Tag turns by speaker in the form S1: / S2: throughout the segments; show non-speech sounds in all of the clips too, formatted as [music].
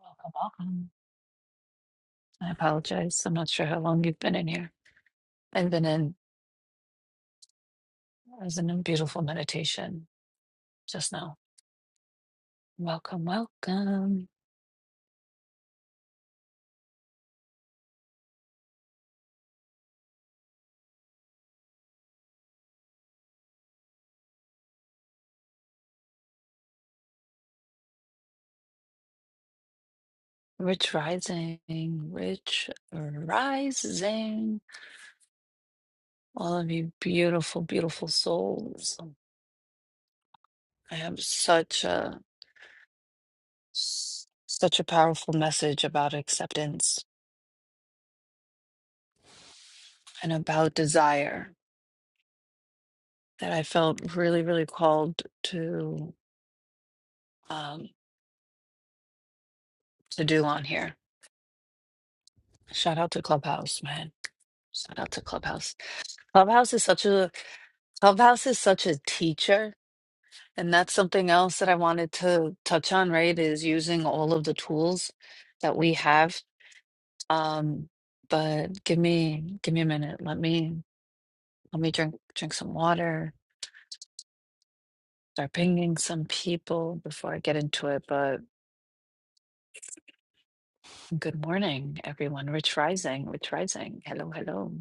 S1: Welcome, welcome. I apologize. I'm not sure how long you've been in here. I've been in, I was in a beautiful meditation just now. Welcome, welcome. Rich rising, rich rising. All of you beautiful, beautiful souls. I have such a, such a powerful message about acceptance and about desire that I felt really, really called to, um, to do on here. Shout out to Clubhouse, man. Shout out to Clubhouse. Clubhouse is such a Clubhouse is such a teacher, and that's something else that I wanted to touch on, right? Is using all of the tools that we have. Um, but give me give me a minute. Let me let me drink drink some water. Start pinging some people before I get into it. But good morning, everyone. Rich Rising, Rich Rising. Hello, hello.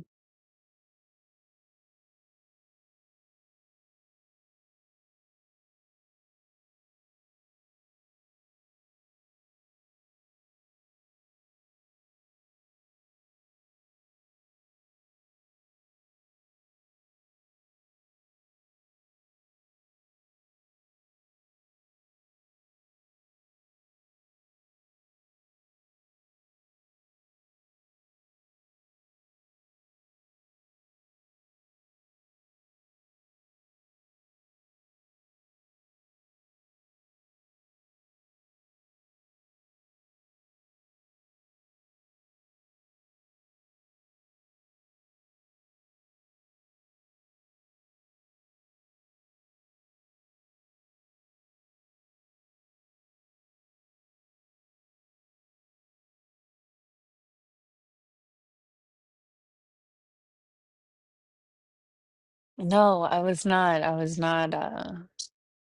S1: No, I was not. I was not. Uh,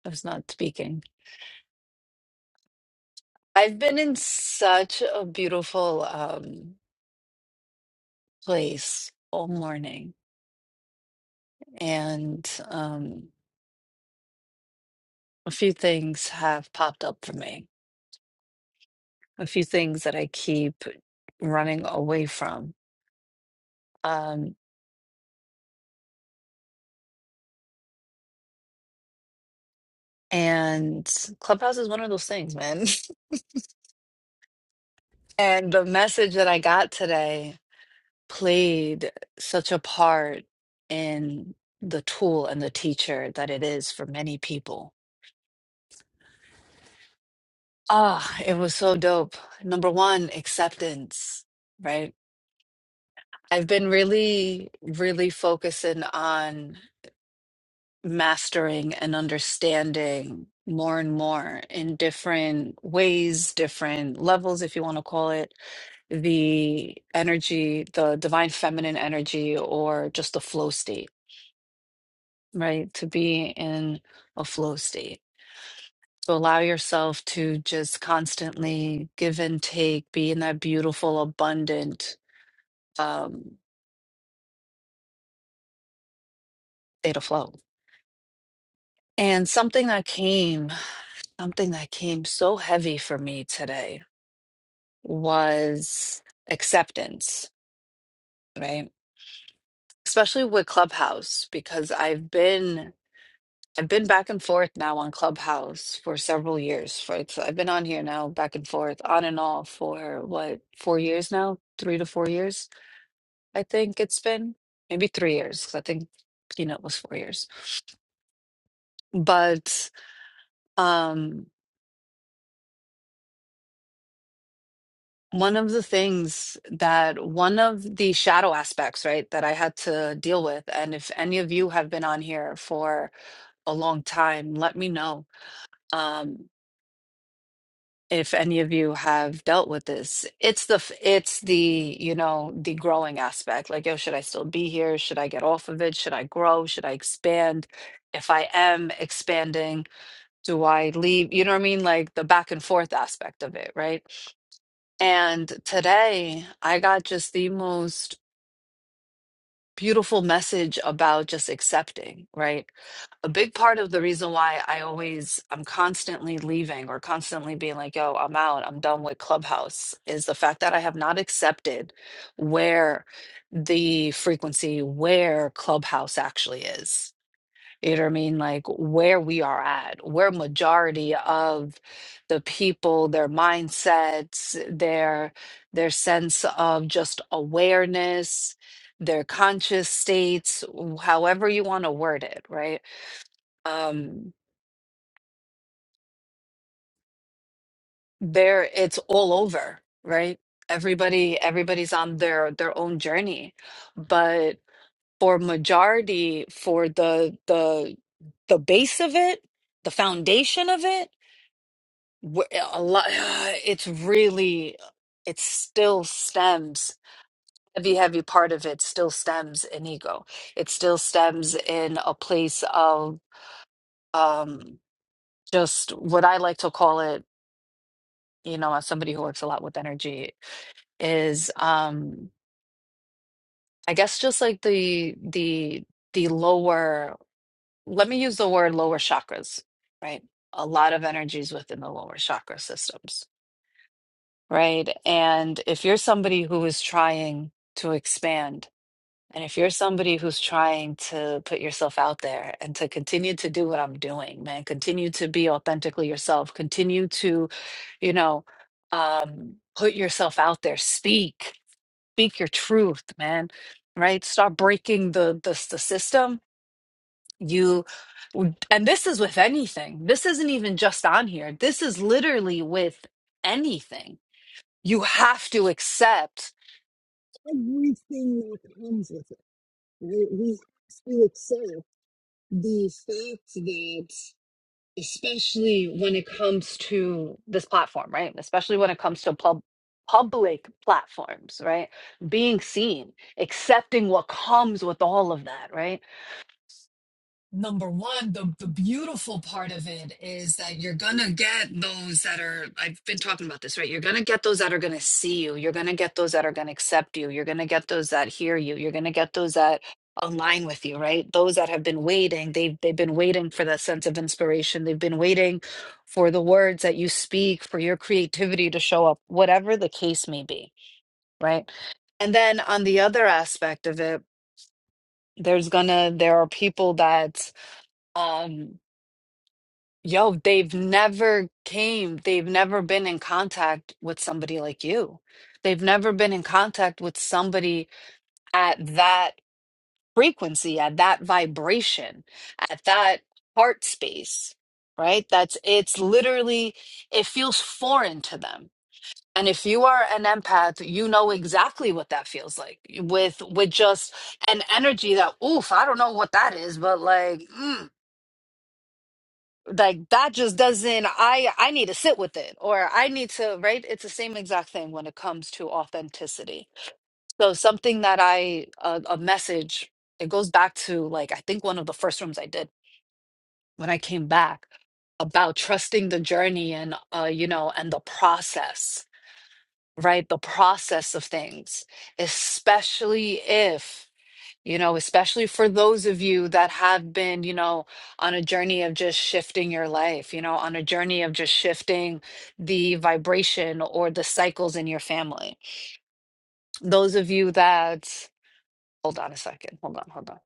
S1: I was not speaking. I've been in such a beautiful um, place all morning, and um, a few things have popped up for me, a few things that I keep running away from. Um, and Clubhouse is one of those things, man. [laughs] And the message that I got today played such a part in the tool and the teacher that it is for many people Ah, it was so dope. Number one, acceptance, right? I've been really, really focusing on mastering and understanding more and more in different ways, different levels, if you want to call it, the energy, the divine feminine energy, or just the flow state, right? To be in a flow state. So allow yourself to just constantly give and take, be in that beautiful, abundant um, state of flow. And something that came, something that came so heavy for me today was acceptance, right? Especially with Clubhouse, because I've been I've been back and forth now on Clubhouse for several years. For it's, I've been on here now back and forth, on and off for what, four years now, three to four years I think it's been maybe three years. 'cause I think Peanut was four years. But um, one of the things that one of the shadow aspects, right, that I had to deal with, and if any of you have been on here for a long time, let me know um, if any of you have dealt with this. It's the f- it's the you know the growing aspect. Like, yo, should I still be here? Should I get off of it? Should I grow? Should I expand? If I am expanding do I leave? You know what I mean? Like the back and forth aspect of it, right? And today I got just the most beautiful message about just accepting, right? A big part of the reason why I always, I'm constantly leaving or constantly being like, yo, I'm out, I'm done with Clubhouse is the fact that I have not accepted where the frequency, where Clubhouse actually is you know what I mean? Like where we are at, where majority of the people, their mindsets, their their sense of just awareness, their conscious states, w- however you want to word it, right? Um, there it's all over, right? Everybody, everybody's on their their own journey. But for majority, for the the the base of it, the foundation of it Wh- a lot [sighs] it's really it still stems heavy heavy part of it still stems in ego it still stems in a place of um just what i like to call it you know as somebody who works a lot with energy is um i guess just like the the the lower let me use the word lower chakras right a lot of energies within the lower chakra systems right? And if you're somebody who is trying to expand, and if you're somebody who's trying to put yourself out there and to continue to do what I'm doing, man, continue to be authentically yourself, continue to, you know, um, put yourself out there, speak, speak your truth, man, right? start breaking the the, the system. You and this is with anything. This isn't even just on here. This is literally with anything you have to accept. everything that comes with it, right? We have to accept the fact that, Especially when it comes to this platform, right? Especially when it comes to pub public platforms, right? Being seen, accepting what comes with all of that, right? number one, the, the beautiful part of it is that you're going to get those that are, I've been talking about this, right? You're going to get those that are going to see you. You're going to get those that are going to accept you. You're going to get those that hear you. You're going to get those that align with you, right? Those that have been waiting, they've, they've been waiting for that sense of inspiration. They've been waiting for the words that you speak, for your creativity to show up, whatever the case may be, right? And then on the other aspect of it, there's gonna, there are people that, um. Yo, they've never came, they've never been in contact with somebody like you. They've never been in contact with somebody at that frequency, at that vibration, at that heart space, right? That's it's literally, it feels foreign to them. And if you are an empath, you know exactly what that feels like with with just an energy that, oof, I don't know what that is, but like, mm like that just doesn't i i need to sit with it or i need to right it's the same exact thing when it comes to authenticity so something that i a, a message it goes back to like i think one of the first rooms i did when i came back about trusting the journey and uh you know and the process right the process of things especially if you know, especially for those of you that have been, you know, on a journey of just shifting your life, you know, on a journey of just shifting the vibration or the cycles in your family. Those of you that, hold on a second, hold on, hold on.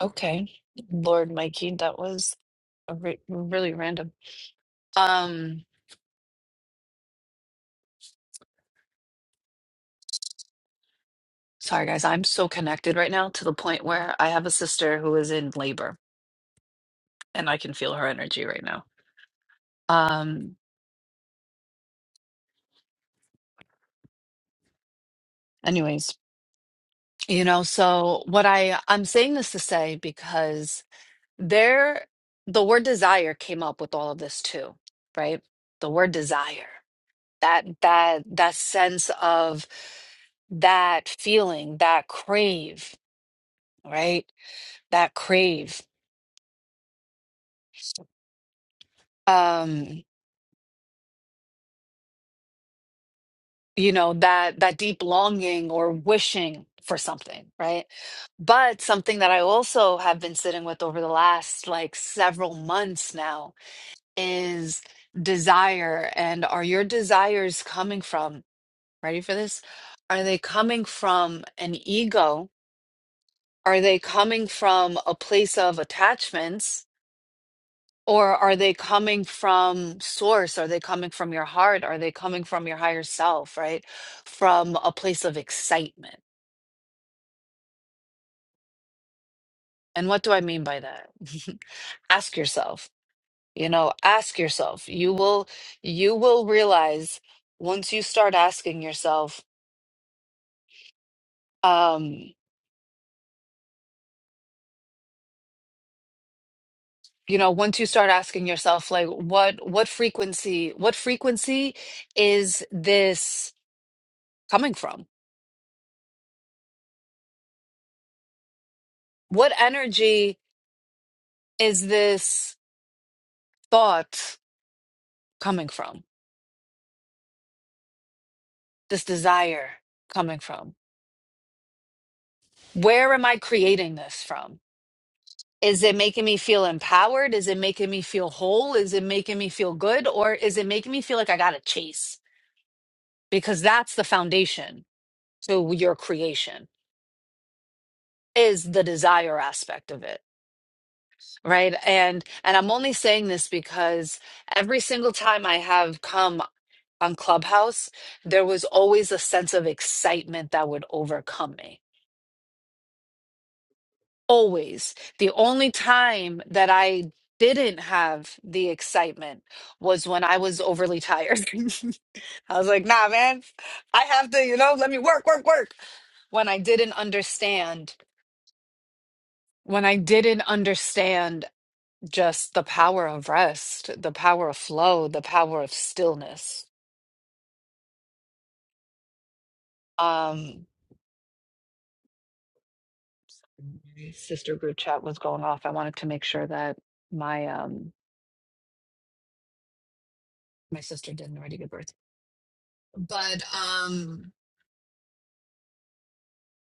S1: Okay. Lord Mikey, that was a re- really random. Um, sorry guys, I'm so connected right now to the point where I have a sister who is in labor and I can feel her energy right now. Um, anyways, You know, so what I I'm saying this to say because there the word desire came up with all of this too, right? The word desire. That that that sense of that feeling, that crave, right? That crave. Um, you know, that that deep longing or wishing for something, right? But something that I also have been sitting with over the last like several months now is desire and are your desires coming from, ready for this? Are they coming from an ego? Are they coming from a place of attachments? Or are they coming from source? Are they coming from your heart? Are they coming from your higher self, right? From a place of excitement. And what do I mean by that? [laughs] ask yourself, you know, ask yourself. You will you will realize once you start asking yourself um you know once you start asking yourself like what what frequency what frequency is this coming from what energy is this thought coming from this desire coming from where am i creating this from is it making me feel empowered is it making me feel whole is it making me feel good or is it making me feel like i got to chase because that's the foundation to your creation is the desire aspect of it Right. And and I'm only saying this because every single time I have come on Clubhouse, there was always a sense of excitement that would overcome me. Always. The only time that I didn't have the excitement was when I was overly tired. [laughs] I was like, nah, man, I have to, you know, let me work, work, work when I didn't understand, when I didn't understand just the power of rest, the power of flow, the power of stillness. Um, my sister group chat was going off. I wanted to make sure that my um my sister didn't already give birth. But um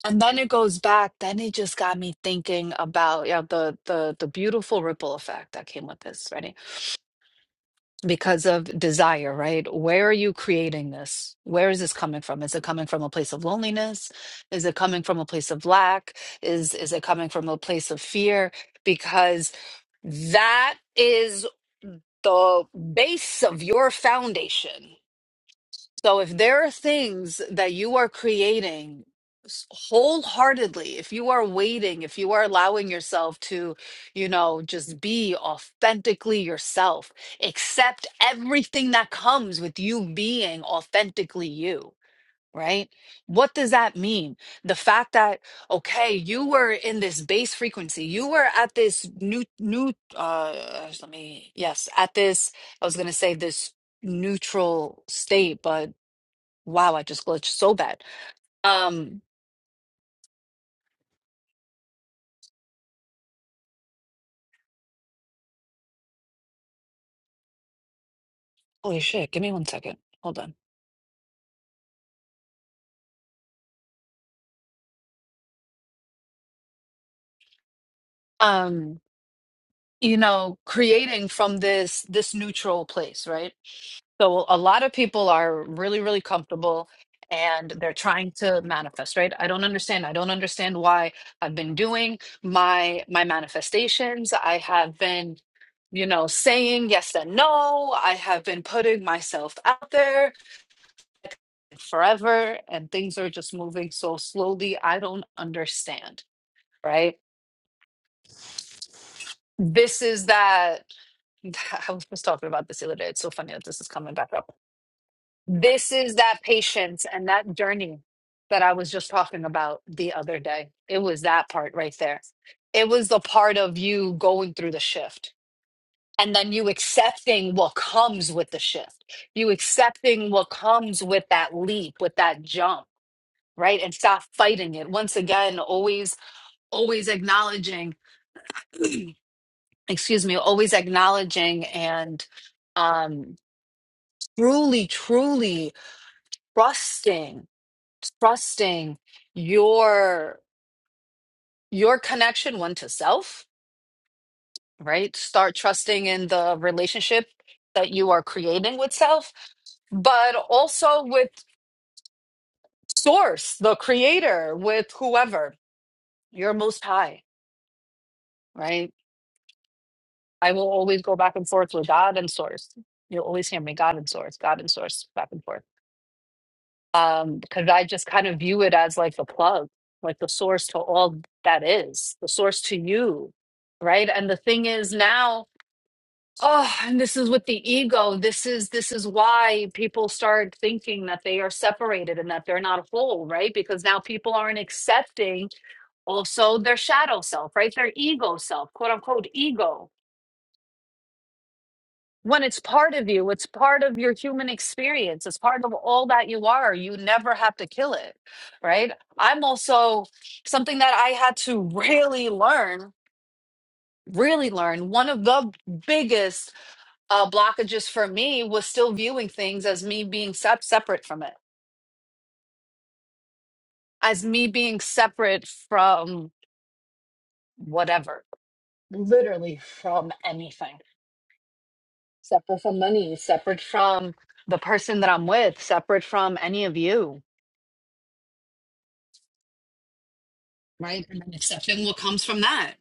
S1: and then it goes back, then it just got me thinking about yeah, the the the beautiful ripple effect that came with this, right? because of desire, right? Where are you creating this? Where is this coming from? Is it coming from a place of loneliness? Is it coming from a place of lack? Is is it coming from a place of fear? Because that is the base of your foundation. So if there are things that you are creating s- wholeheartedly, if you are waiting, if you are allowing yourself to, you know, just be authentically yourself, accept everything that comes with you being authentically you. Right? What does that mean? The fact that okay, you were in this base frequency, you were at this new new uh let me yes, at this I was going to say this neutral state, but Wow, I just glitched so bad. Um, holy shit, give me one second. Hold on. Um, you know, creating from this this neutral place, right? So a lot of people are really, really comfortable and they're trying to manifest, right? I don't understand. I don't understand why I've been doing my my manifestations. I have been, you know, saying yes and no. I have been putting myself out there forever and things are just moving so slowly. I don't understand, right? This is that [laughs] I was just talking about this the other day. It's so funny that this is coming back up. This is that patience and that journey that I was just talking about the other day. It was that part right there. It was the part of you going through the shift and then you accepting what comes with the shift, you accepting what comes with that leap, with that jump right? And stop fighting it. Once again, always, always acknowledging, [clears throat] excuse me, always acknowledging and um, truly, truly trusting, trusting your your connection one to self, right? Start trusting in the relationship that you are creating with self, but also with source, the creator, with whoever, your most high, right? I will always go back and forth with God and source. You'll always hear me, God and source, God and source, back and forth. Um, because I just kind of view it as like the plug, like the source to all that is, the source to you, right? And the thing is now, oh, and this is with the ego. This is this is why people start thinking that they are separated and that they're not whole, right? Because now people aren't accepting also their shadow self, right? Their ego self, quote unquote ego when it's part of you, it's part of your human experience, it's part of all that you are. You never have to kill it, right? I'm also something that I had to [laughs] really learn, really learn. One of the biggest uh, blockages for me was still viewing things as me being sep- separate from it, as me being separate from whatever, literally from anything, separate from money, separate from the person that I'm with, separate from any of you right? And then accepting what comes from that.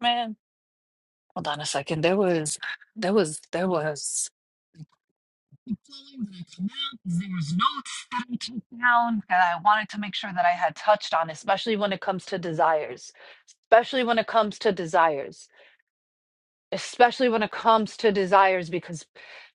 S1: Man, hold on a second. There was, there was, there was. [laughs] flowing that I come out. 'cause There was notes that I took down that I wanted to make sure that I had touched on, especially when it comes to desires. Especially when it comes to desires. especially when it comes to desires because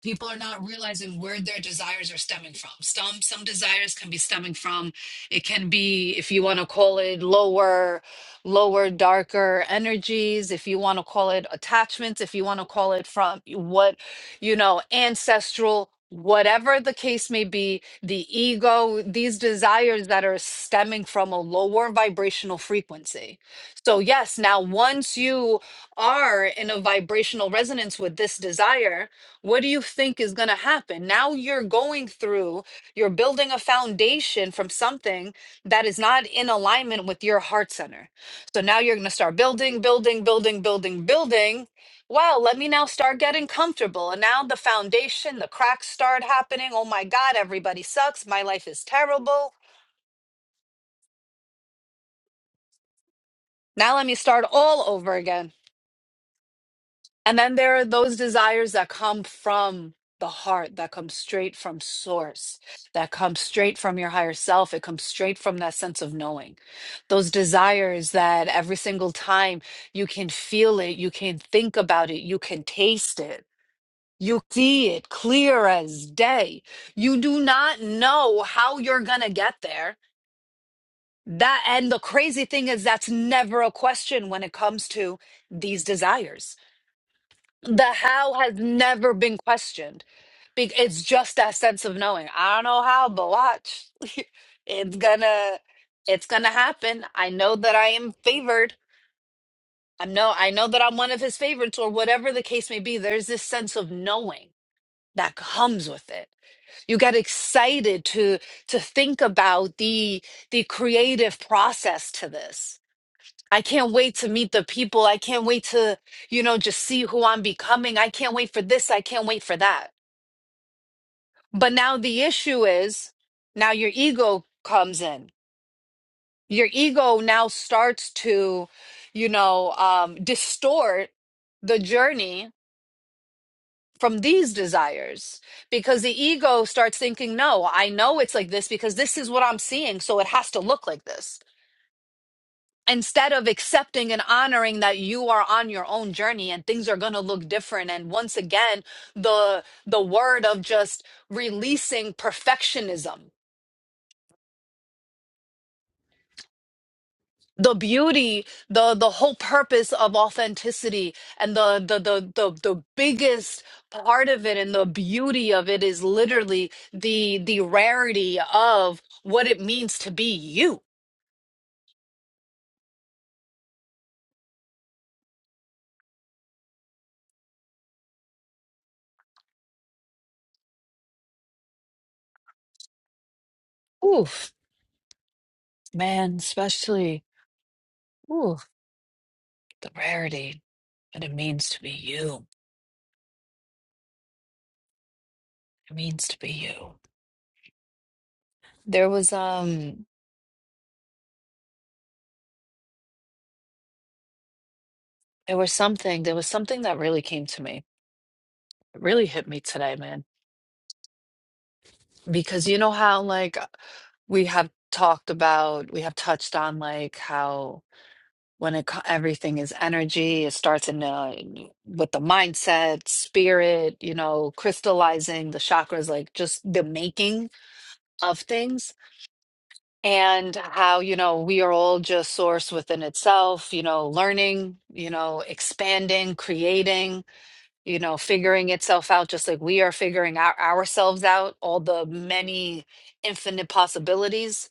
S1: people are not realizing where their desires are stemming from some some desires can be stemming from it can be if you want to call it lower lower darker energies if you want to call it attachments if you want to call it from what you know ancestral whatever the case may be the ego these desires that are stemming from a lower vibrational frequency so yes now once you are in a vibrational resonance with this desire, what do you think is going to happen? Now you're going through, you're building a foundation from something that is not in alignment with your heart center. So now you're going to start building, building, building, building, building. Wow, let me now start getting comfortable. And now the foundation, the cracks start happening. Oh my God, everybody sucks. My life is terrible. Now let me start all over again. And then there are those desires that come from the heart, that come straight from source, that come straight from your higher self. It comes straight from that sense of knowing. Those desires that every single time you can feel it, you can think about it, you can taste it. You see it clear as day. You do not know how you're going to get there. That and the crazy thing is that's never a question when it comes to these desires the how has never been questioned. Be- It's just that sense of knowing. I don't know how, but watch. [laughs] It's gonna it's gonna happen. I know that I am favored. I know I know that I'm one of his favorites or whatever the case may be. There's this sense of knowing that comes with it. You get excited to to think about the the creative process to this. I can't wait to meet the people. I can't wait to, you know, just see who I'm becoming. I can't wait for this. I can't wait for that. But now the issue is now your ego comes in. Your ego now starts to, you know, um, distort the journey from these desires because the ego starts thinking, no, I know it's like this because this is what I'm seeing. So it has to look like this. instead of accepting and honoring that you are on your own journey and things are going to look different and once again the the word of just releasing perfectionism the beauty the the whole purpose of authenticity and the the the the, the biggest part of it and the beauty of it is literally the the rarity of what it means to be you oof man especially oof the rarity that it means to be you It means to be you. There was um there was something there was something that really came to me. It really hit me today, man. Because you know how like we have talked about we have touched on like how when it co- everything is energy, it starts in uh, with the mindset, spirit, you know, crystallizing the chakras, like just the making of things and how you know we are all just source within itself you know learning you know expanding creating you know figuring itself out just like we are figuring out ourselves out all the many infinite possibilities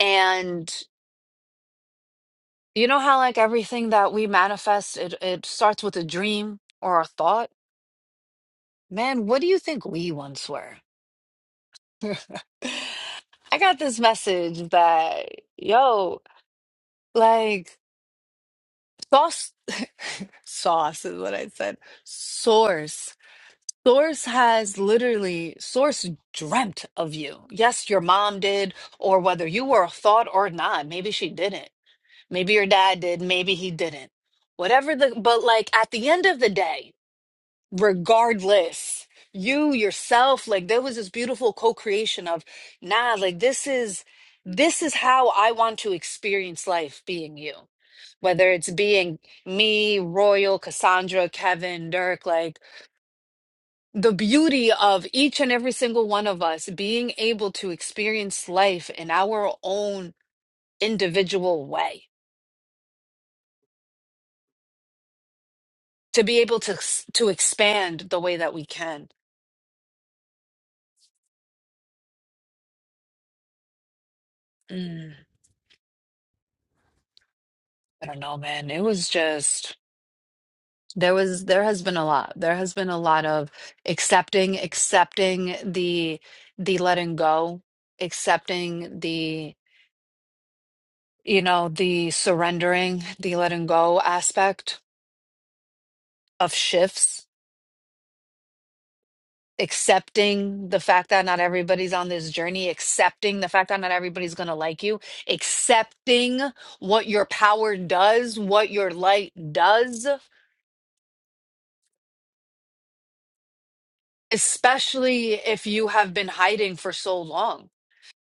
S1: and you know how like everything that we manifest it, it starts with a dream or a thought man what do you think we once were [laughs] i got this message that yo like Sauce, [laughs] sauce is what I said. Source. Source has literally, Source dreamt of you. Yes, your mom did, or whether you were a thought or not, maybe she didn't. Maybe your dad did, maybe he didn't. Whatever the, but like at the end of the day, regardless you yourself like there was this beautiful co-creation of nah like this is this is how i want to experience life being you whether it's being me royal cassandra kevin dirk like the beauty of each and every single one of us being able to experience life in our own individual way to be able to to expand the way that we can Mm, i don't know man it was just There was there has been a lot. There has been a lot of accepting, accepting the the letting go, accepting the you know, the surrendering, the letting go aspect of shifts, accepting the fact that not everybody's on this journey, accepting the fact that not everybody's going to like you, accepting what your power does, what your light does, especially if you have been hiding for so long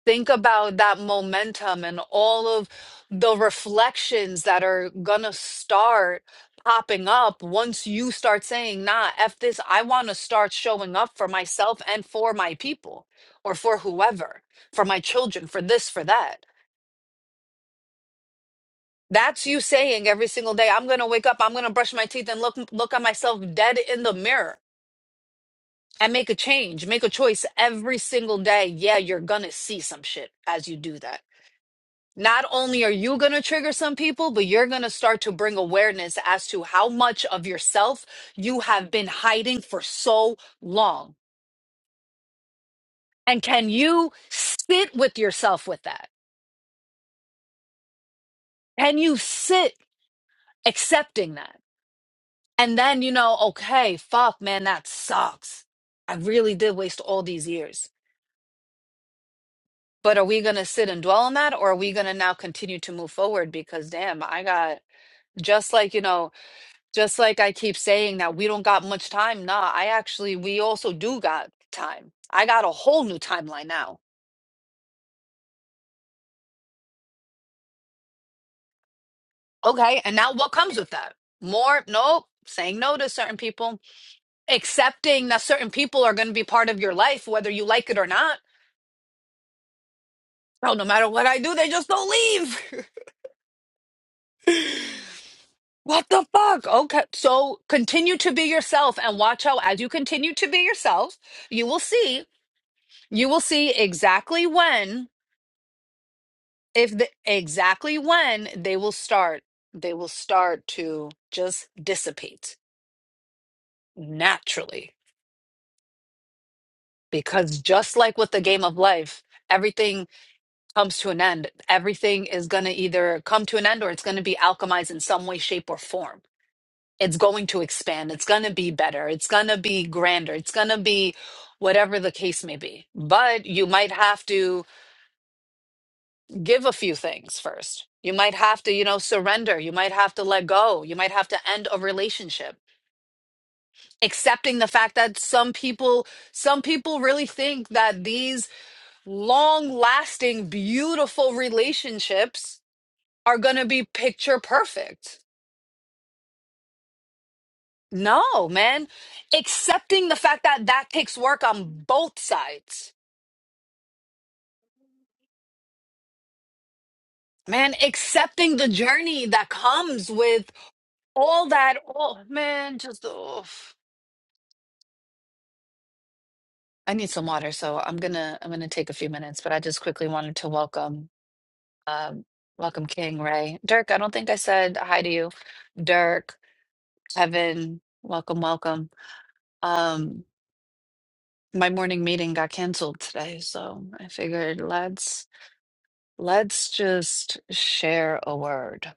S1: Think about that momentum and all of the reflections that are gonna start popping up once you start saying, nah, F this, I wanna start showing up for myself and for my people or for whoever, for my children, for this, for that. That's you saying every single day, I'm gonna wake up, I'm gonna brush my teeth and look look at myself dead in the mirror and make a change, make a choice every single day. Yeah, you're gonna see some shit as you do that not only are you going to trigger some people, but you're going to start to bring awareness as to how much of yourself you have been hiding for so long. And can you sit with yourself with that? Can you sit accepting that? And then you know, okay, fuck, man, that sucks. I really did waste all these years. But are we going to sit and dwell on that? Or are we going to now continue to move forward? Because damn, I got just like, you know, Just like I keep saying that we don't got much time. Nah, I actually, we also do got time. I got a whole new timeline now. Okay. And now what comes with that? More, nope, saying no to certain people, accepting that certain people are going to be part of your life, whether you like it or not. No, no matter what I do, they just don't leave. [laughs] what the fuck? Okay. So continue to be yourself and watch how, as you continue to be yourself, you will see, you will see exactly when. if the, exactly when they will start they will start to just dissipate naturally because just like with the game of life everything comes to an end everything is going to either come to an end or it's going to be alchemized in some way shape or form it's going to expand it's going to be better it's going to be grander it's going to be whatever the case may be but you might have to give a few things first. You might have to, you know, surrender. You might have to let go. You might have to end a relationship. Accepting the fact that some people, some people really think that these long lasting, beautiful relationships are going to be picture perfect. No, man. Accepting the fact that that takes work on both sides. Man, accepting the journey that comes with all that. Oh, man, just, oh. I need some water, so I'm gonna I'm gonna take a few minutes, but I just quickly wanted to welcome um welcome King Ray. Dirk, I don't think I said hi to you. Dirk, Evan, welcome, welcome. Um my morning meeting got canceled today, so I figured let's let's just share a word.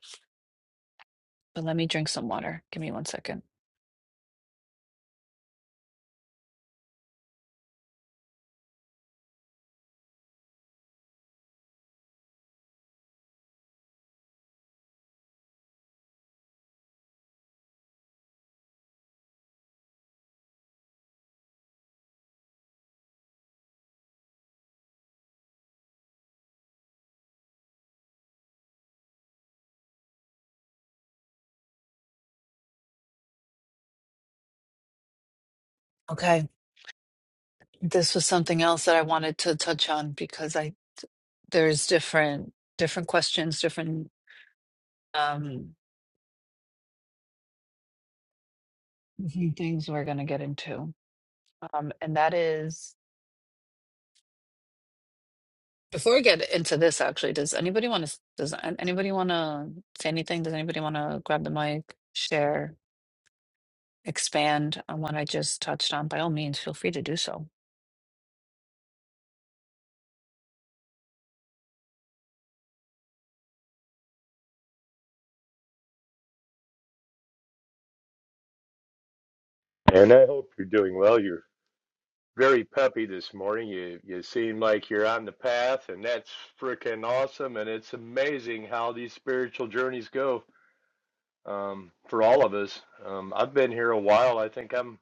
S1: But let me drink some water. Give me one second. Okay. This was something else that I wanted to touch on because I there's different different questions, different um few things we're going to get into. Um, and that is before we get into this, actually, does anybody want to, does an- anybody want to say anything? Does anybody want to grab the mic, share, expand on what I just touched on? By all means, feel free to do so.
S2: And I hope you're doing well. You're very peppy this morning. You you seem like you're on the path, and that's freaking awesome. And it's amazing how these spiritual journeys go um, for all of us. Um, I've been here a while. I think I'm.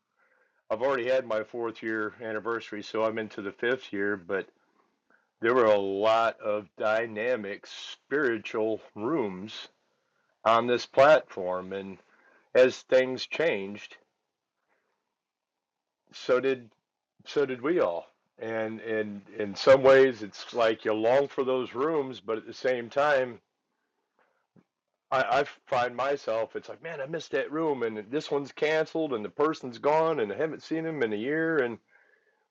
S2: I've already had my fourth year anniversary, so I'm into the fifth year. But there were a lot of dynamic spiritual rooms on this platform, and as things changed, so did So did we all. And and in some ways, it's like you long for those rooms, but at the same time, I, I find myself, it's like, man, I missed that room, and this one's canceled, and the person's gone, and I haven't seen him in a year, and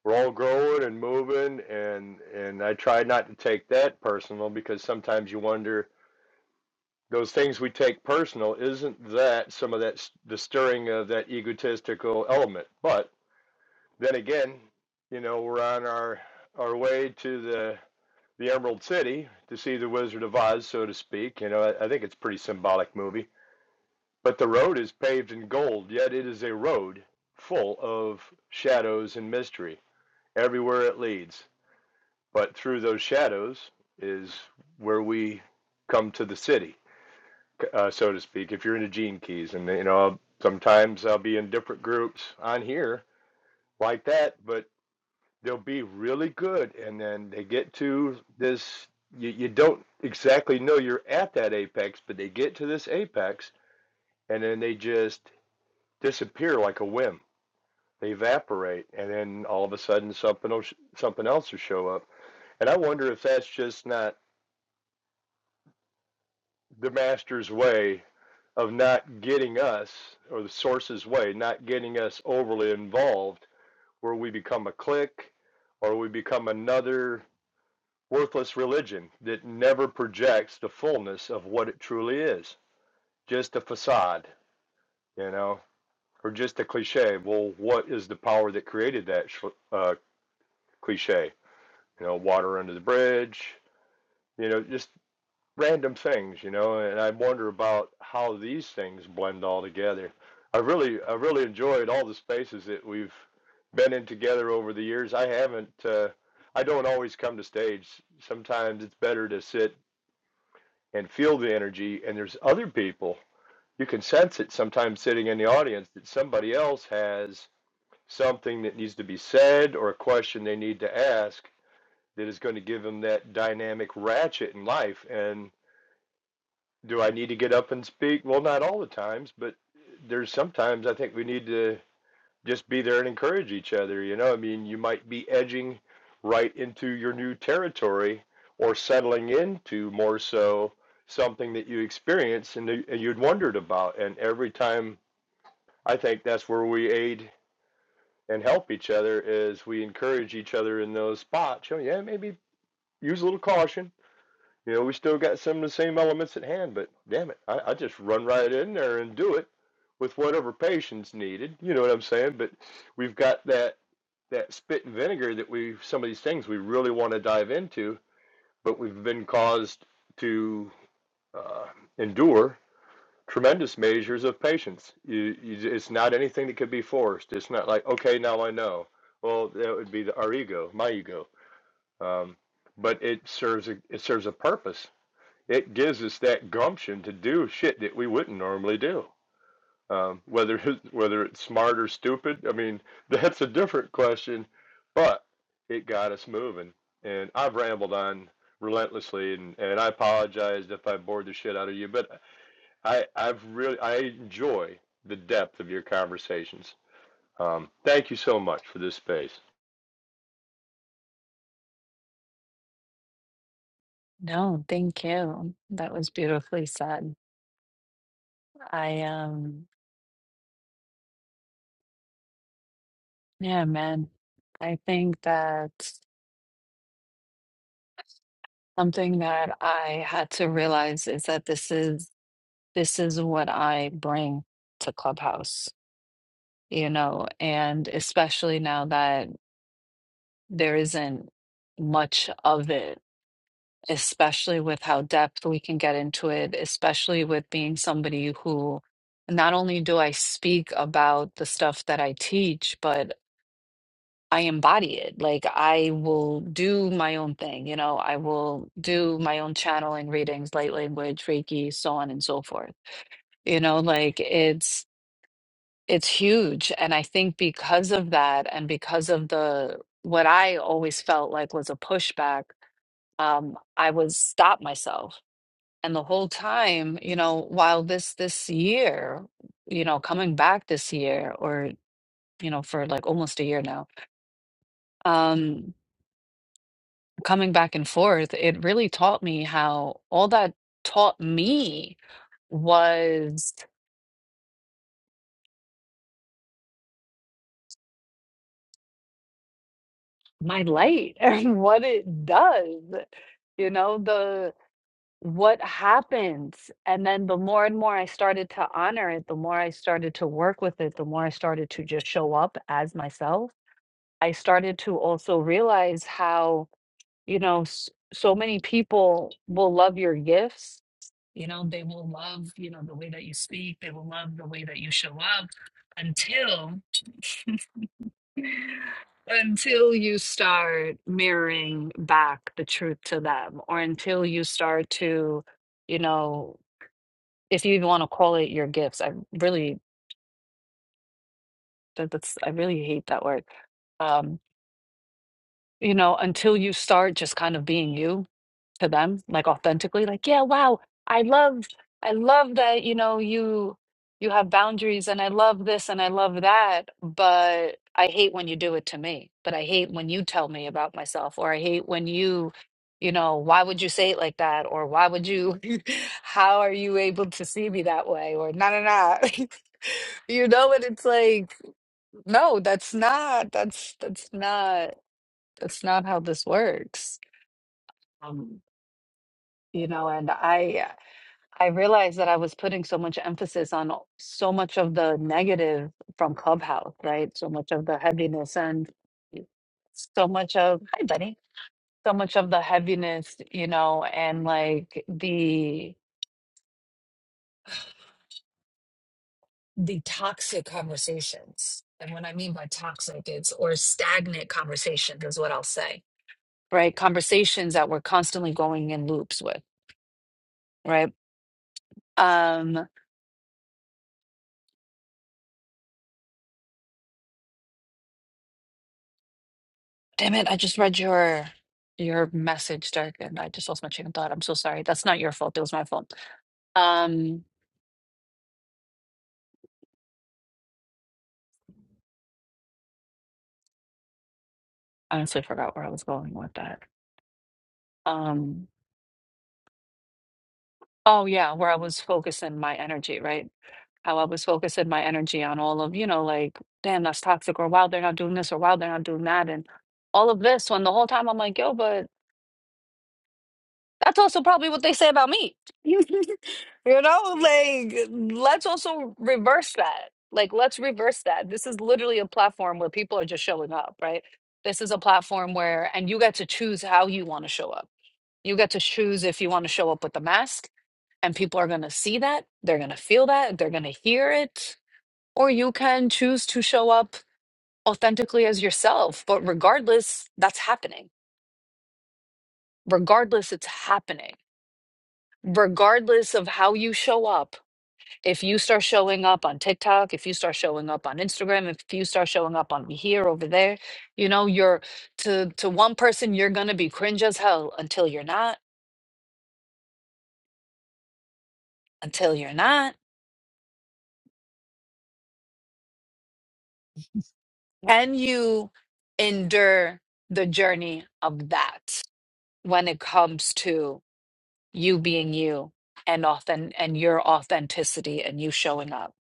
S2: we're all growing and moving, and and I try not to take that personal because sometimes you wonder those things we take personal, isn't that some of that the stirring of that egotistical element? But then again, you know, we're on our our way to the the Emerald City to see the Wizard of Oz, so to speak. You know, I, I think it's a pretty symbolic movie. But the road is paved in gold, yet it is a road full of shadows and mystery everywhere it leads. But through those shadows is where we come to the city, uh, so to speak. If you're into Gene Keys, and you know, sometimes I'll be in different groups on here like that, but they'll be really good and then they get to this you, you don't exactly know you're at that apex but they get to this apex and then they just disappear like a whim they evaporate and then all of a sudden something else, something else will show up and i wonder if that's just not the master's way of not getting us or the source's way not getting us overly involved where we become a clique or we become another worthless religion that never projects the fullness of what it truly is. Just a facade, you know, or just a cliche. Well, what is the power that created that uh, cliche? You know, water under the bridge, you know, just random things, you know, and I wonder about how these things blend all together. I really, I really enjoyed all the spaces that we've been in together over the years. I haven't, uh, I don't always come to stage. Sometimes it's better to sit and feel the energy. And there's other people, you can sense it sometimes sitting in the audience that somebody else has something that needs to be said or a question they need to ask that is going to give them that dynamic ratchet in life. And do I need to get up and speak? Well, not all the times, but there's sometimes I think we need to just be there and encourage each other. You know, I mean, you might be edging right into your new territory or settling into more so something that you experienced and, you- and you'd wondered about. And every time I think that's where we aid and help each other is we encourage each other in those spots. Oh, yeah, maybe use a little caution you know, we still got some of the same elements at hand, but damn it, I, I just run right in there and do it with whatever patient's needed. You know what I'm saying? But we've got that that spit and vinegar that we some of these things we really want to dive into, but we've been caused to uh, endure tremendous measures of patience. You, you, it's not anything that could be forced. It's not like okay, now I know. Well, that would be the, our ego, my ego. Um, but it serves a, it serves a purpose it gives us that gumption to do shit that we wouldn't normally do. Um, whether [laughs] whether it's smart or stupid, I mean that's a different question, but it got us moving. And I've rambled on relentlessly, and, and I apologize if I bored the shit out of you, but I I've really I enjoy the depth of your conversations. Um, thank you so much for this space.
S1: No, thank you. That was beautifully said. I, um, yeah, man, I think that something that I had to realize is that this is, this is what I bring to Clubhouse you know, and especially now that there isn't much of it, especially with how depth we can get into it, especially with being somebody who not only do I speak about the stuff that I teach, but I embody it. Like I will do my own thing, you know, I will do my own channeling readings, light language, Reiki, so on and so forth. You know, like it's It's huge. And I think because of that, and because of the what I always felt like was a pushback, um, I was stop myself. And the whole time, you know, while this this year, you know, coming back this year or, you know, for like almost a year now, um, coming back and forth, it really taught me how all that taught me was my light [laughs] and what it does. You know, what happens? And then the more and more I started to honor it, the more I started to work with it, the more I started to just show up as myself. I started to also realize how, you know, s- so many people will love your gifts. You know, they will love, you know, the way that you speak, they will love the way that you show up until [laughs] until you start mirroring back the truth to them or until you start to you know if you even want to call it your gifts. I really that, that's I really hate that word. Um, you know, until you start just kind of being you to them, like authentically, like, yeah, wow, I love, I love that, you know, you you have boundaries and I love this and I love that, but I hate when you do it to me. But I hate when you tell me about myself, or I hate when you, you know, why would you say it like that? Or why would you, [laughs] how are you able to see me that way? Or no, no, no. [laughs] You know, and it's like, no, that's not, that's that's not, that's not how this works. Um, you know, and I I realized that I was putting so much emphasis on all- so much of the negative from Clubhouse, right? So much of the heaviness and so much of, hi, buddy, so much of the heaviness, you know, and like the, the toxic conversations. And what I mean by toxic is or stagnant conversations is what I'll say. Right? Conversations that we're constantly going in loops with, right? Um Damn it, I just read your your message, Dirk, and I just lost my chicken thought. I'm so sorry. That's not your fault. It was my fault. Um, I honestly forgot where I was going with that. Um, oh yeah, where I was focusing my energy, right? How I was focusing my energy on all of, you know, like, damn, that's toxic, or wow, they're not doing this, or wow, they're not doing that, and all of this. When the whole time I'm like, yo, but That's also probably what they say about me. [laughs] you know, like let's also reverse that. Like let's reverse that. This is literally a platform where people are just showing up, right? This is a platform where and you get to choose how you want to show up. You get to choose if you want to show up with a mask and people are going to see that, they're going to feel that, they're going to hear it, or you can choose to show up authentically as yourself. But regardless, that's happening. Regardless, it's happening regardless of how you show up, if you start showing up on TikTok, if you start showing up on Instagram, if you start showing up on here over there, you know, you're to to one person you're going to be cringe as hell until you're not, until you're not. Can you endure the journey of that when it comes to you being you and often and your authenticity and you showing up?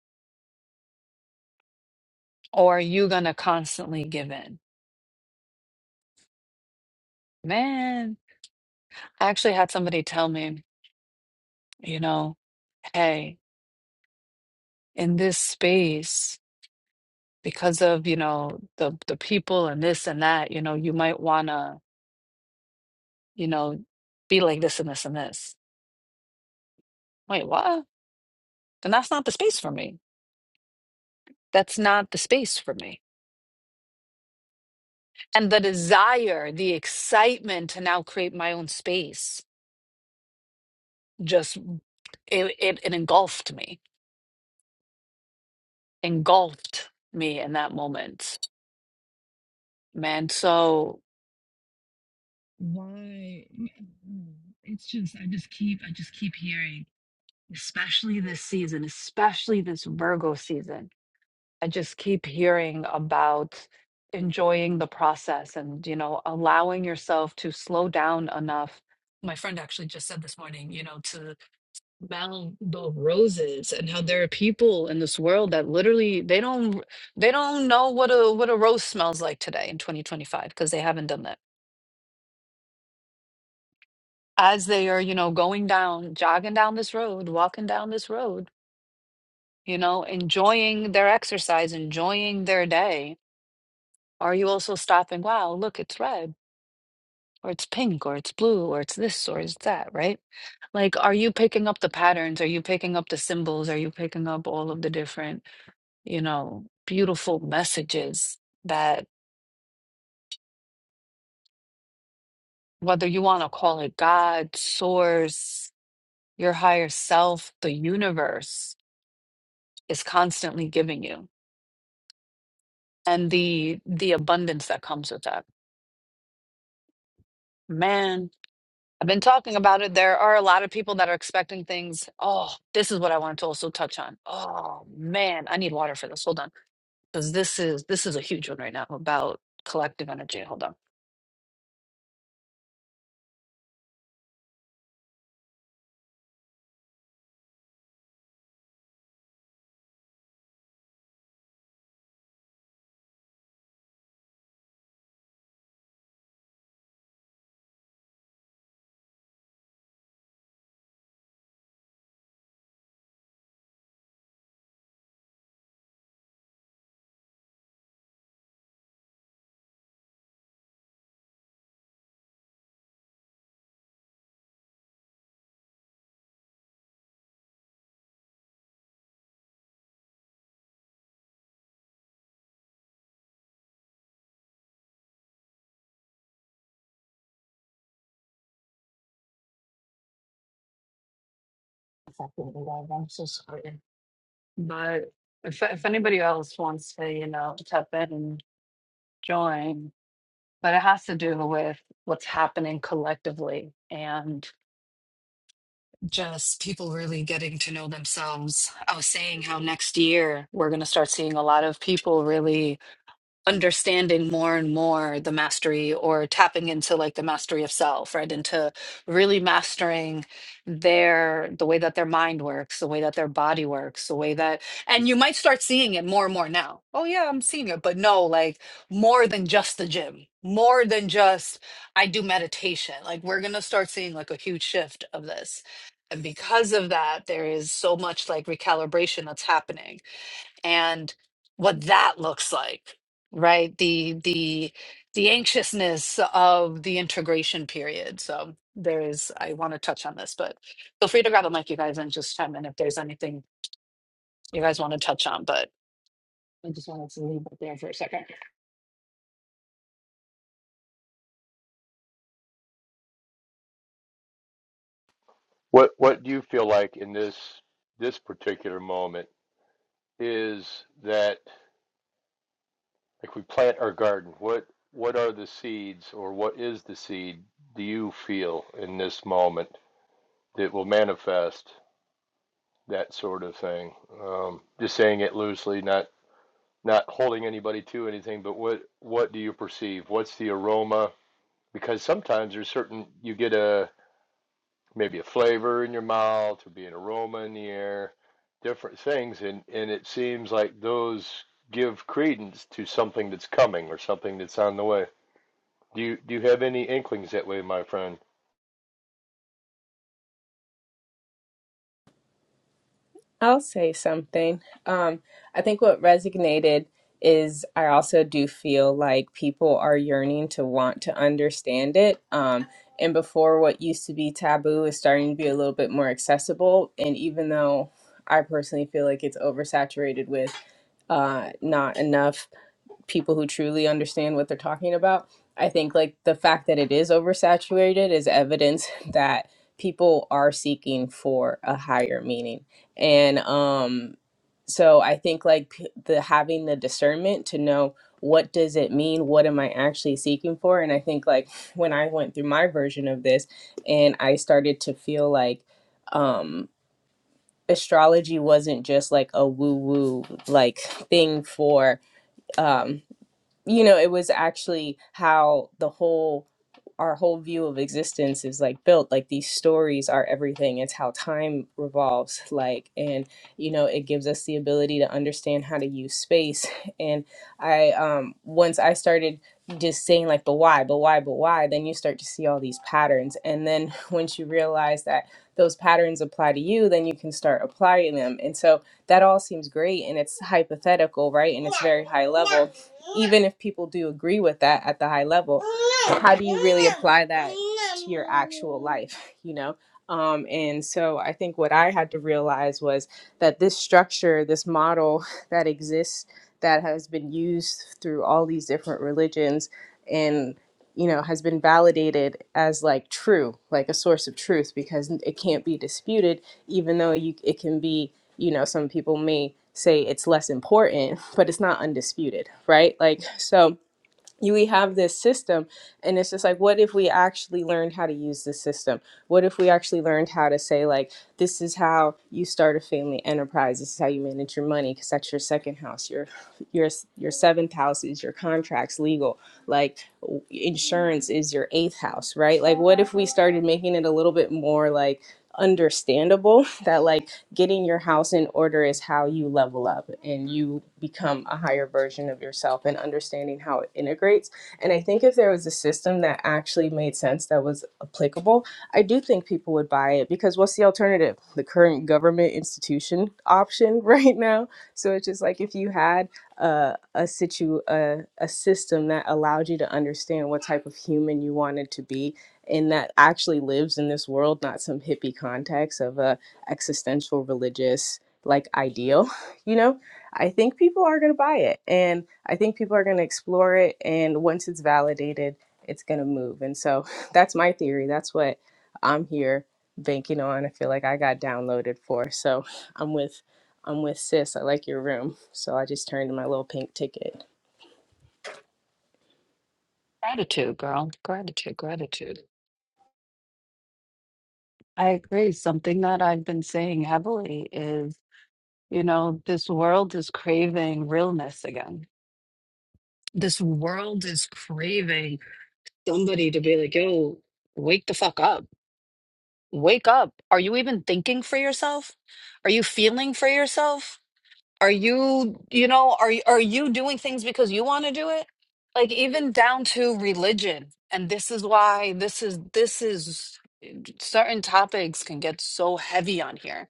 S1: Or are you going to constantly give in? Man, I actually had somebody tell me you know, hey, in this space, because of, you know, the the people and this and that, you know, you might wanna, you know, be like this and this and this. Wait, what? Then that's not the space for me. That's not the space for me. And the desire, the excitement to now create my own space just mm, it it, it engulfed me, engulfed me in that moment, man. So Why? It's just I just keep I just keep hearing. especially this season, especially this Virgo season. I just keep hearing about enjoying the process and, you know, allowing yourself to slow down enough. My friend actually just said this morning, you know, to smell the roses and how there are people in this world that literally they don't they don't know what a what a rose smells like today in 2025 because they haven't done that. As they are, you know, going down, jogging down this road, walking down this road, you know, enjoying their exercise, enjoying their day? Are you also stopping, wow, look, it's red, or it's pink, or it's blue, or it's this, or it's that, right? Like, are you picking up the patterns? Are you picking up the symbols? Are you picking up all of the different, you know, beautiful messages that, whether you want to call it God, source, your higher self, the universe is constantly giving you, and the the abundance that comes with that. Man, I've been talking about it. There are a lot of people that are expecting things. Oh, this is what I wanted to also touch on. Oh man, I need water for this. Hold on, because this is this is a huge one right now about collective energy. Hold on. I'm so sorry. But if if anybody else wants to, you know, tap in and join, but it has to do with what's happening collectively and just people really getting to know themselves. I was saying how next year we're going to start seeing a lot of people really understanding more and more the mastery or tapping into like the mastery of self right into really mastering their the way that their mind works the way that their body works the way that and you might start seeing it more and more now oh yeah i'm seeing it but no like more than just the gym more than just i do meditation like we're going to start seeing like a huge shift of this and because of that there is so much like recalibration that's happening and what that looks like right the the the anxiousness of the integration period so there is i want to touch on this but feel free to grab a mic you guys and just chime in if there's anything you guys want to touch on but i just wanted to leave it there for a second
S2: What what do you feel like in this this particular moment is that Like we plant our garden, what what are the seeds or what is the seed do you feel in this moment that will manifest that sort of thing? Um, just saying it loosely, not not holding anybody to anything, but what what do you perceive? What's the aroma? Because sometimes there's certain you get a maybe a flavor in your mouth or be an aroma in the air, different things, and and it seems like those give credence to something that's coming or something that's on the way. Do you do you have any inklings that way, my friend?
S3: I'll say something. Um, I think what resonated is I also do feel like people are yearning to want to understand it. Um, and before what used to be taboo is starting to be a little bit more accessible. And even though I personally feel like it's oversaturated with uh, not enough people who truly understand what they're talking about. I think like the fact that it is oversaturated is evidence [laughs] that people are seeking for a higher meaning. And um so I think like p- the having the discernment to know what does it mean? What am I actually seeking for? And I think like when I went through my version of this and I started to feel like um astrology wasn't just like a woo woo like thing for um you know, it was actually how the whole our whole view of existence is like built. Like these stories are everything. It's how time revolves. Like and you know, it gives us the ability to understand how to use space. [laughs] And I um once I started just saying like but why, but why, but why, then you start to see all these patterns. And then [laughs] once you realize that those patterns apply to you, then you can start applying them. And so that all seems great and it's hypothetical, right? And it's very high level. Even if people do agree with that at the high level, how do you really apply that to your actual life, [laughs] you know? Um, and so I think what I had to realize was that this structure, this model [laughs] that exists, that has been used through all these different religions and you know has been validated as like true like a source of truth because it can't be disputed even though you it can be you know, some people may say it's less important, [laughs] but it's not undisputed, right? Like, so you we have this system and it's just like what if we actually learned how to use this system what if we actually learned how to say like this is how you start a family enterprise this is how you manage your money because that's your second house your your your seventh house is your contracts legal like w- insurance is your eighth house right like what if we started making it a little bit more like understandable [laughs] that like getting your house in order is how you level up and you become a higher version of yourself and understanding how it integrates. And I think if there was a system that actually made sense that was applicable, I do think people would buy it because what's the alternative? The current government institution option [laughs] right now. So it's just like if you had a a situ a, a system that allowed you to understand what type of human you wanted to be and that actually lives in this world, not some hippie context of a existential religious like ideal, [laughs] you know, I think people are going to buy it and I think people are going to explore it. And once it's validated, it's going to move. And so [laughs] that's my theory. That's what I'm here banking on. I feel like I got downloaded for. So [laughs] I'm with. I'm with sis. I like your room. So I just turned in my little pink ticket.
S1: gratitude girl gratitude gratitude I agree. Something that I've been saying heavily is, you know, this world is craving realness again. this world is craving somebody to be like, yo, wake the fuck up. Wake up. Are you even thinking for yourself? Are you feeling for yourself? Are you, you know, are y- are you doing things because you want to do it? Like even down to religion. And this is why this is this is certain topics can get so heavy on here.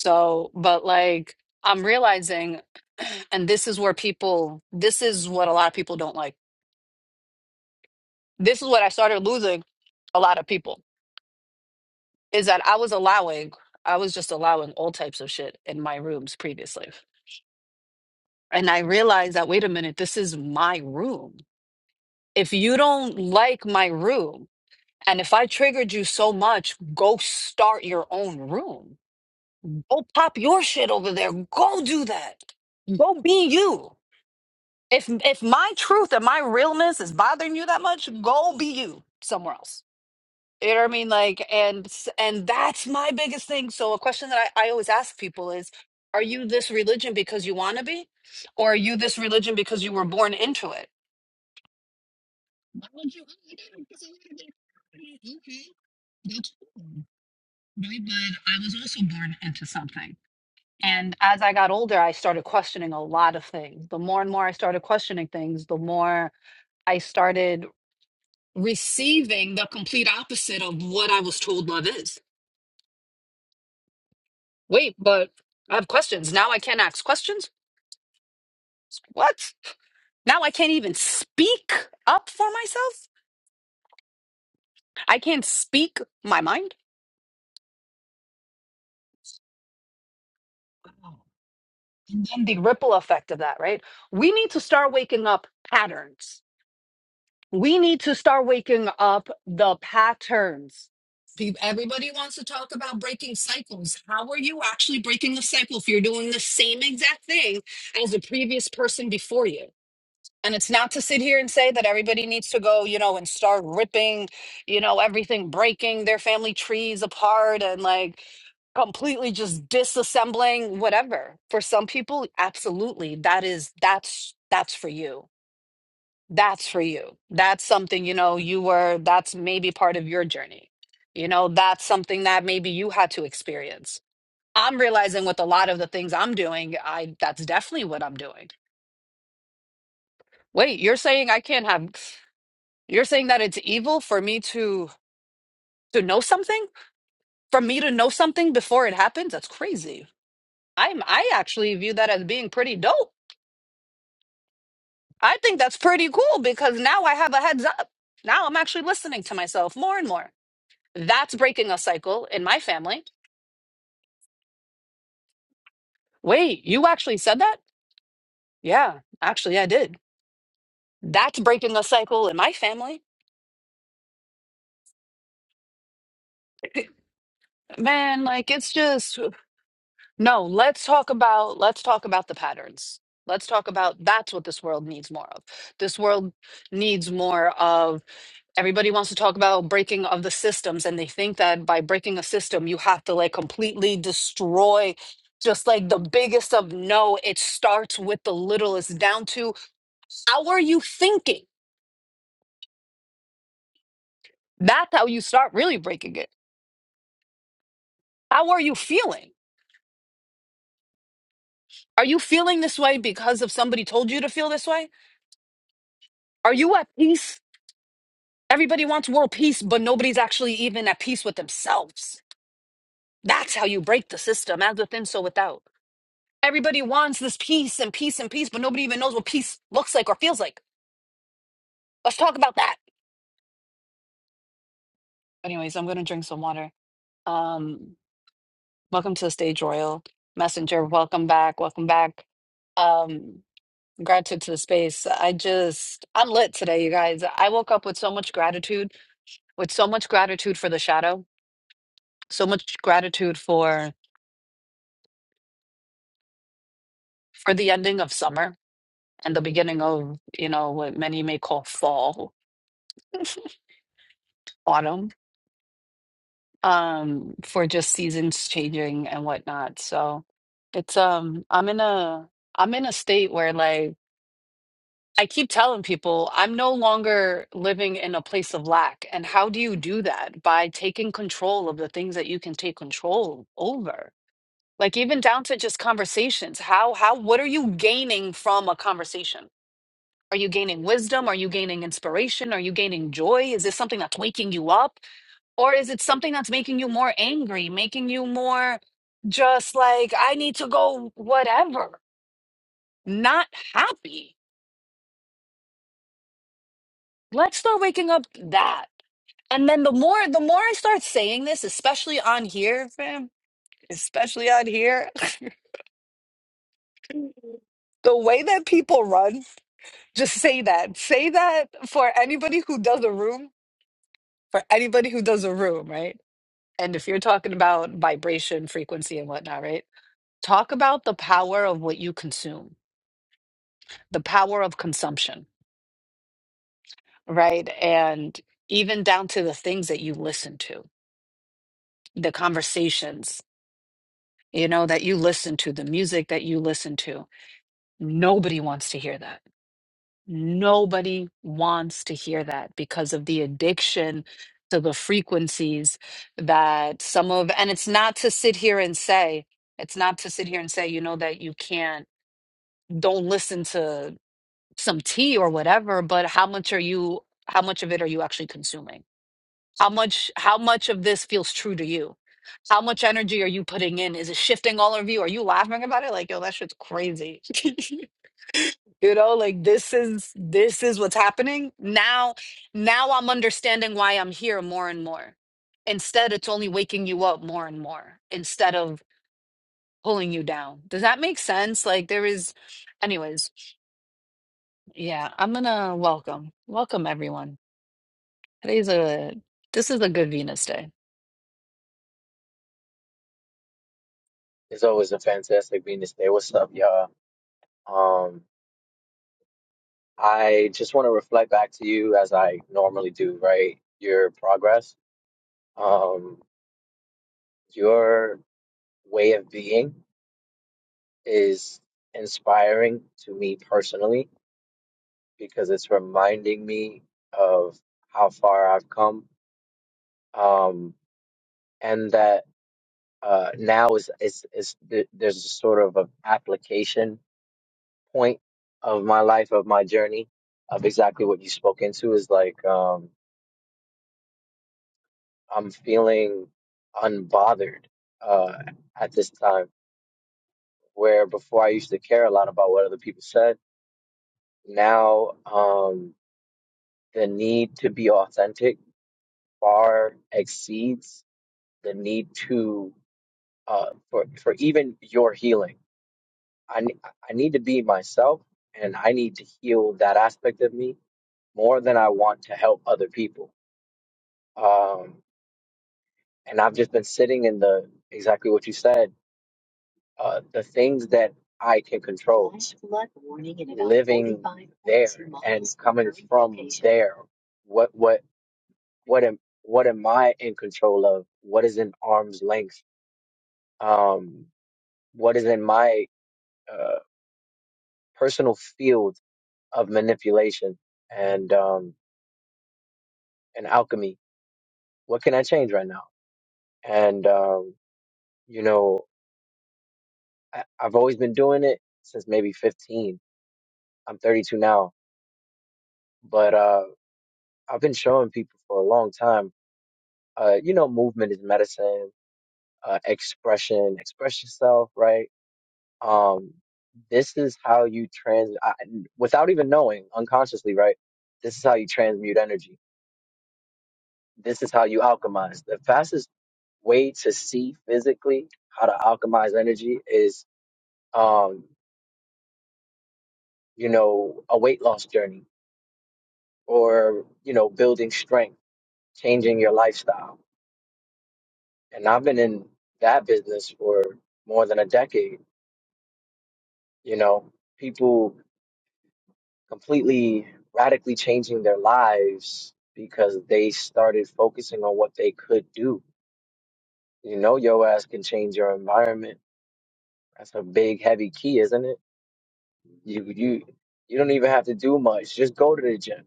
S1: So, but like I'm realizing [clears throat] and this is where people this is what a lot of people don't like. This is what I started losing a lot of people is that I was allowing, I was just allowing all types of shit in my rooms previously. And I realized that, wait a minute, this is my room. If you don't like my room, and if I triggered you so much, go start your own room. Go pop your shit over there. Go do that. Go be you. If if my truth and my realness is bothering you that much, go be you somewhere else You know what I mean? Like, and and that's my biggest thing. So a question that I, I always ask people is, are you this religion because you want to be? Or are you this religion because you were born into it? Why would you oh, I did it because I wanted to Okay. That's cool. Right. But I was also born into something. And as I got older, I started questioning a lot of things. The more and more I started questioning things, the more I started receiving the complete opposite of what I was told love is Wait, but I have questions. Now I can't ask questions? What? Now I can't even speak up for myself? I can't speak my mind? Oh. And then the ripple effect of that, right? We need to start waking up patterns. We need to start waking up the patterns. Pe- Everybody wants to talk about breaking cycles. How are you actually breaking the cycle if you're doing the same exact thing as the previous person before you? And it's not to sit here and say that everybody needs to go, you know, and start ripping, you know, everything, breaking their family trees apart and like completely just disassembling whatever. For some people, absolutely. That is that's that's for you. That's for you. That's something, you know, you were that's maybe part of your journey. You know, that's something that maybe you had to experience. I'm realizing with a lot of the things I'm doing, I that's definitely what I'm doing. Wait, you're saying I can't have You're saying that it's evil for me to to know something? For me to know something before it happens? That's crazy. I'm I actually view that as being pretty dope. I think that's pretty cool because now I have a heads up. Now I'm actually listening to myself more and more. That's breaking a cycle in my family. Wait, you actually said that? Yeah, actually I did. That's breaking a cycle in my family. Man, like it's just No, let's talk about let's talk about the patterns. Let's talk about that's what this world needs more of. This world needs more of everybody wants to talk about breaking of the systems and they think that by breaking a system you have to like completely destroy just like the biggest of no, it starts with the littlest down to how are you thinking? That's how you start really breaking it. How are you feeling? Are you feeling this way because of somebody told you to feel this way? Are you at peace Everybody wants world peace, but nobody's actually even at peace with themselves. That's how you break the system, as within, so without. Everybody wants this peace and peace and peace, but nobody even knows what peace looks like or feels like. Let's talk about that. Anyways, I'm gonna drink some water. Um, welcome to the stage, Royal Messenger. Welcome back. Welcome back. Um, gratitude to the space. I just, I'm lit today, you guys. I woke up with so much gratitude, with so much gratitude for the shadow, so much gratitude for for the ending of summer and the beginning of you know what many may call fall [laughs] autumn um for just seasons changing and whatnot so it's um i'm in a i'm in a state where like i keep telling people i'm no longer living in a place of lack and how do you do that by taking control of the things that you can take control over like even down to just conversations how how what are you gaining from a conversation Are you gaining wisdom? Are you gaining inspiration? Are you gaining joy? Is this something that's waking you up? Or is it something that's making you more angry, making you more just like, I need to go, whatever, not happy? Let's start waking up that. And then the more the more I start saying this, especially on here, fam, especially on here, [laughs] the way that people run, just say that. Say that for anybody who does a room, for anybody who does a room, right? And if you're talking about vibration, frequency, and whatnot, right? Talk about the power of what you consume, the power of consumption, right? And even down to the things that you listen to, the conversations, you know, that you listen to, the music that you listen to. Nobody wants to hear that. Nobody wants to hear that because of the addiction to the frequencies that some of, and it's not to sit here and say, it's not to sit here and say, you know, that you can't don't listen to some tea or whatever, but how much are you how much of it are you actually consuming? How much how much of this feels true to you? How much energy are you putting in? Is it shifting all of you? Are you laughing about it? Like, yo, that shit's crazy. [laughs] you know, like this is this is what's happening. Now now I'm understanding why I'm here more and more. Instead, it's only waking you up more and more instead of pulling you down. Does that make sense? Like there is anyways. Yeah, I'm gonna welcome. Welcome everyone. Today's a this is a good Venus day.
S4: It's always a fantastic being to stay. What's up, y'all? Um, I just want to reflect back to you as I normally do, right? Your progress, um, your way of being is inspiring to me personally because it's reminding me of how far I've come, um, and that uh, now is is is th- there's a sort of a application point of my life of my journey of exactly what you spoke into is like um I'm feeling unbothered uh at this time where before I used to care a lot about what other people said now um the need to be authentic far exceeds the need to uh for for even your healing I ne- I need to be myself and I need to heal that aspect of me more than I want to help other people Um, And I've just been sitting in the exactly what you said. Uh, the things that I can control there. What what what am what am I in control of? What is in arm's length? Um, what is in my uh, personal field of manipulation and um, and alchemy? What can I change right now? And um, you know, I, I've always been doing it since maybe 15. I'm 32 now, but uh, I've been showing people for a long time uh, you know, movement is medicine, uh, expression, express yourself, right? Um, this is how you trans, I, without even knowing, unconsciously, right? This is how you transmute energy. This is how you alchemize. The fastest way to see physically how to alchemize energy is, um, you know, a weight loss journey or, you know, building strength, changing your lifestyle. And I've been in that business for more than a decade you know, people completely radically changing their lives because they started focusing on what they could do. You know, your ass can change your environment. That's a big, heavy key, isn't it? You you you don't even have to do much. Just go to the gym.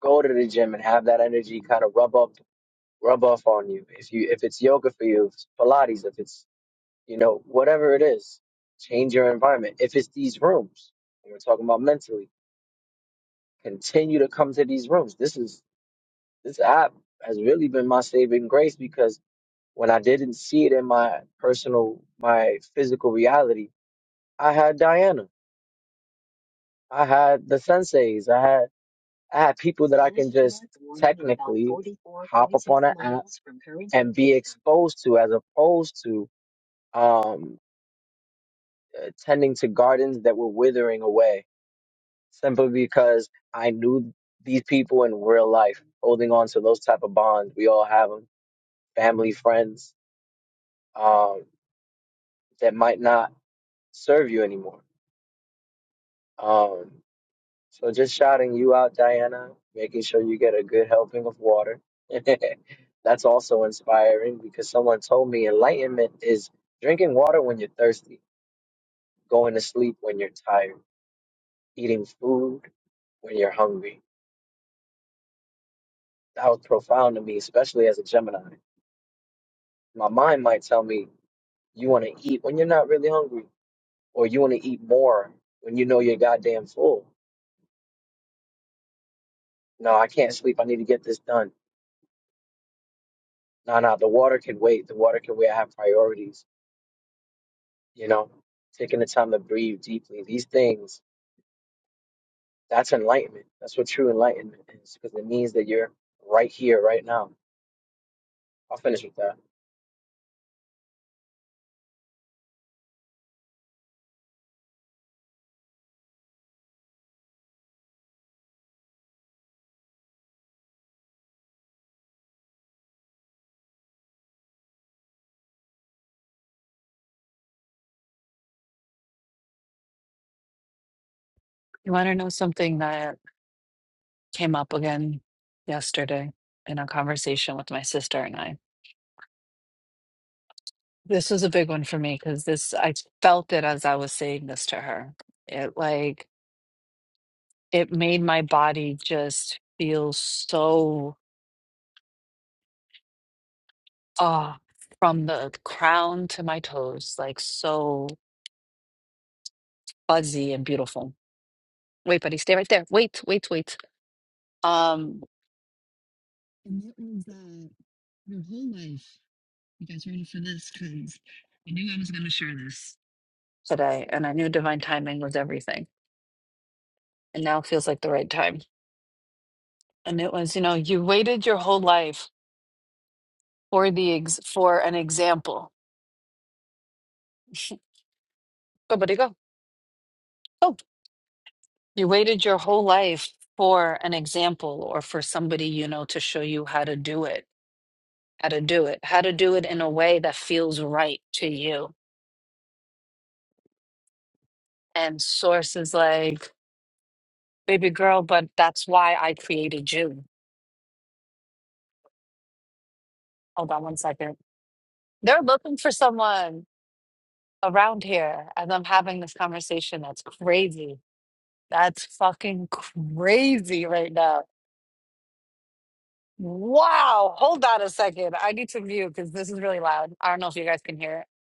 S4: Go to the gym and have that energy kind of rub up, rub off on you. If you if it's yoga for you, if it's Pilates, if it's you know whatever it is, change your environment. If it's these rooms, and we're talking about mentally continue to come to these rooms. This is this app has really been my saving grace because when I didn't see it in my personal, my physical reality, I had Diana, I had the senseis, I had I had people exposed to as opposed to um tending to gardens that were withering away simply because I knew these people in real life, holding on to those type of bonds. We all have them, family, friends, um, that might not serve you anymore Um, so just shouting you out, Diana, making sure you get a good helping of water. [laughs] That's also inspiring because someone told me enlightenment is drinking water when you're thirsty, going to sleep when you're tired, eating food when you're hungry. That was profound to me, especially as a Gemini. My mind might tell me you want to eat when you're not really hungry, or you want to eat more when you know you're goddamn full. No, I can't sleep. I need to get this done. No, no, the water can wait. The water can wait. I have priorities, you know, taking the time to breathe deeply. These things, that's enlightenment. That's what true enlightenment is, because it means that you're right here, right now. I'll finish with that.
S1: You want to know something that came up again yesterday in a conversation with my sister and I. This was a big one for me because this I felt it as I was saying this to her. It like it made my body just feel so ah from the crown to my toes, like so fuzzy and beautiful. Wait, buddy, stay right there. Wait, wait, wait. Um And that was uh, your whole life. You guys ready for this? Because I knew I was going to share this today, and I knew divine timing was everything. And now feels like the right time. And it was, you know, you waited your whole life for the ex- for an example. [laughs] Go, buddy, go. Oh, you waited your whole life for an example or for somebody you know to show you how to do it, how to do it, how to do it in a way that feels right to you. And source is like. baby girl, but that's why I created you. Hold on one second. They're looking for someone around here, and I'm having this conversation. That's crazy. That's fucking crazy right now. Wow. Hold on a second. I need to mute because this is really loud. I don't know if you guys can hear it.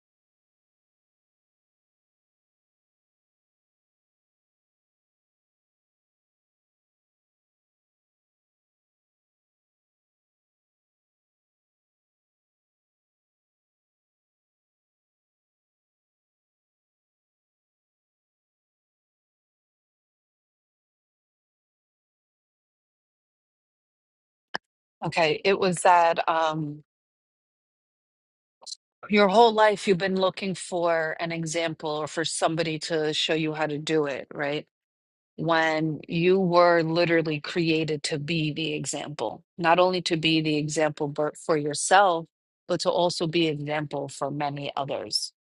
S1: Okay. It was that um, your whole life you've been looking for an example or for somebody to show you how to do it, right? when you were literally created to be the example, not only to be the example but for yourself, but to also be an example for many others.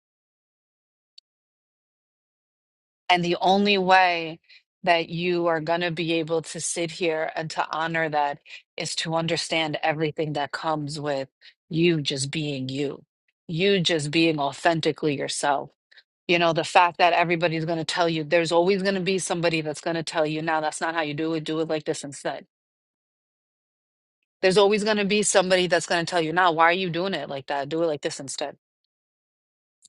S1: And the only way that you are going to be able to sit here and to honor that is to understand everything that comes with you just being you, you just being authentically yourself. You know, the fact that everybody's going to tell you, there's always going to be somebody that's going to tell you, now that's not how you do it, do it like this instead There's always going to be somebody that's going to tell you, nah, why are you doing it like that? Do it like this instead.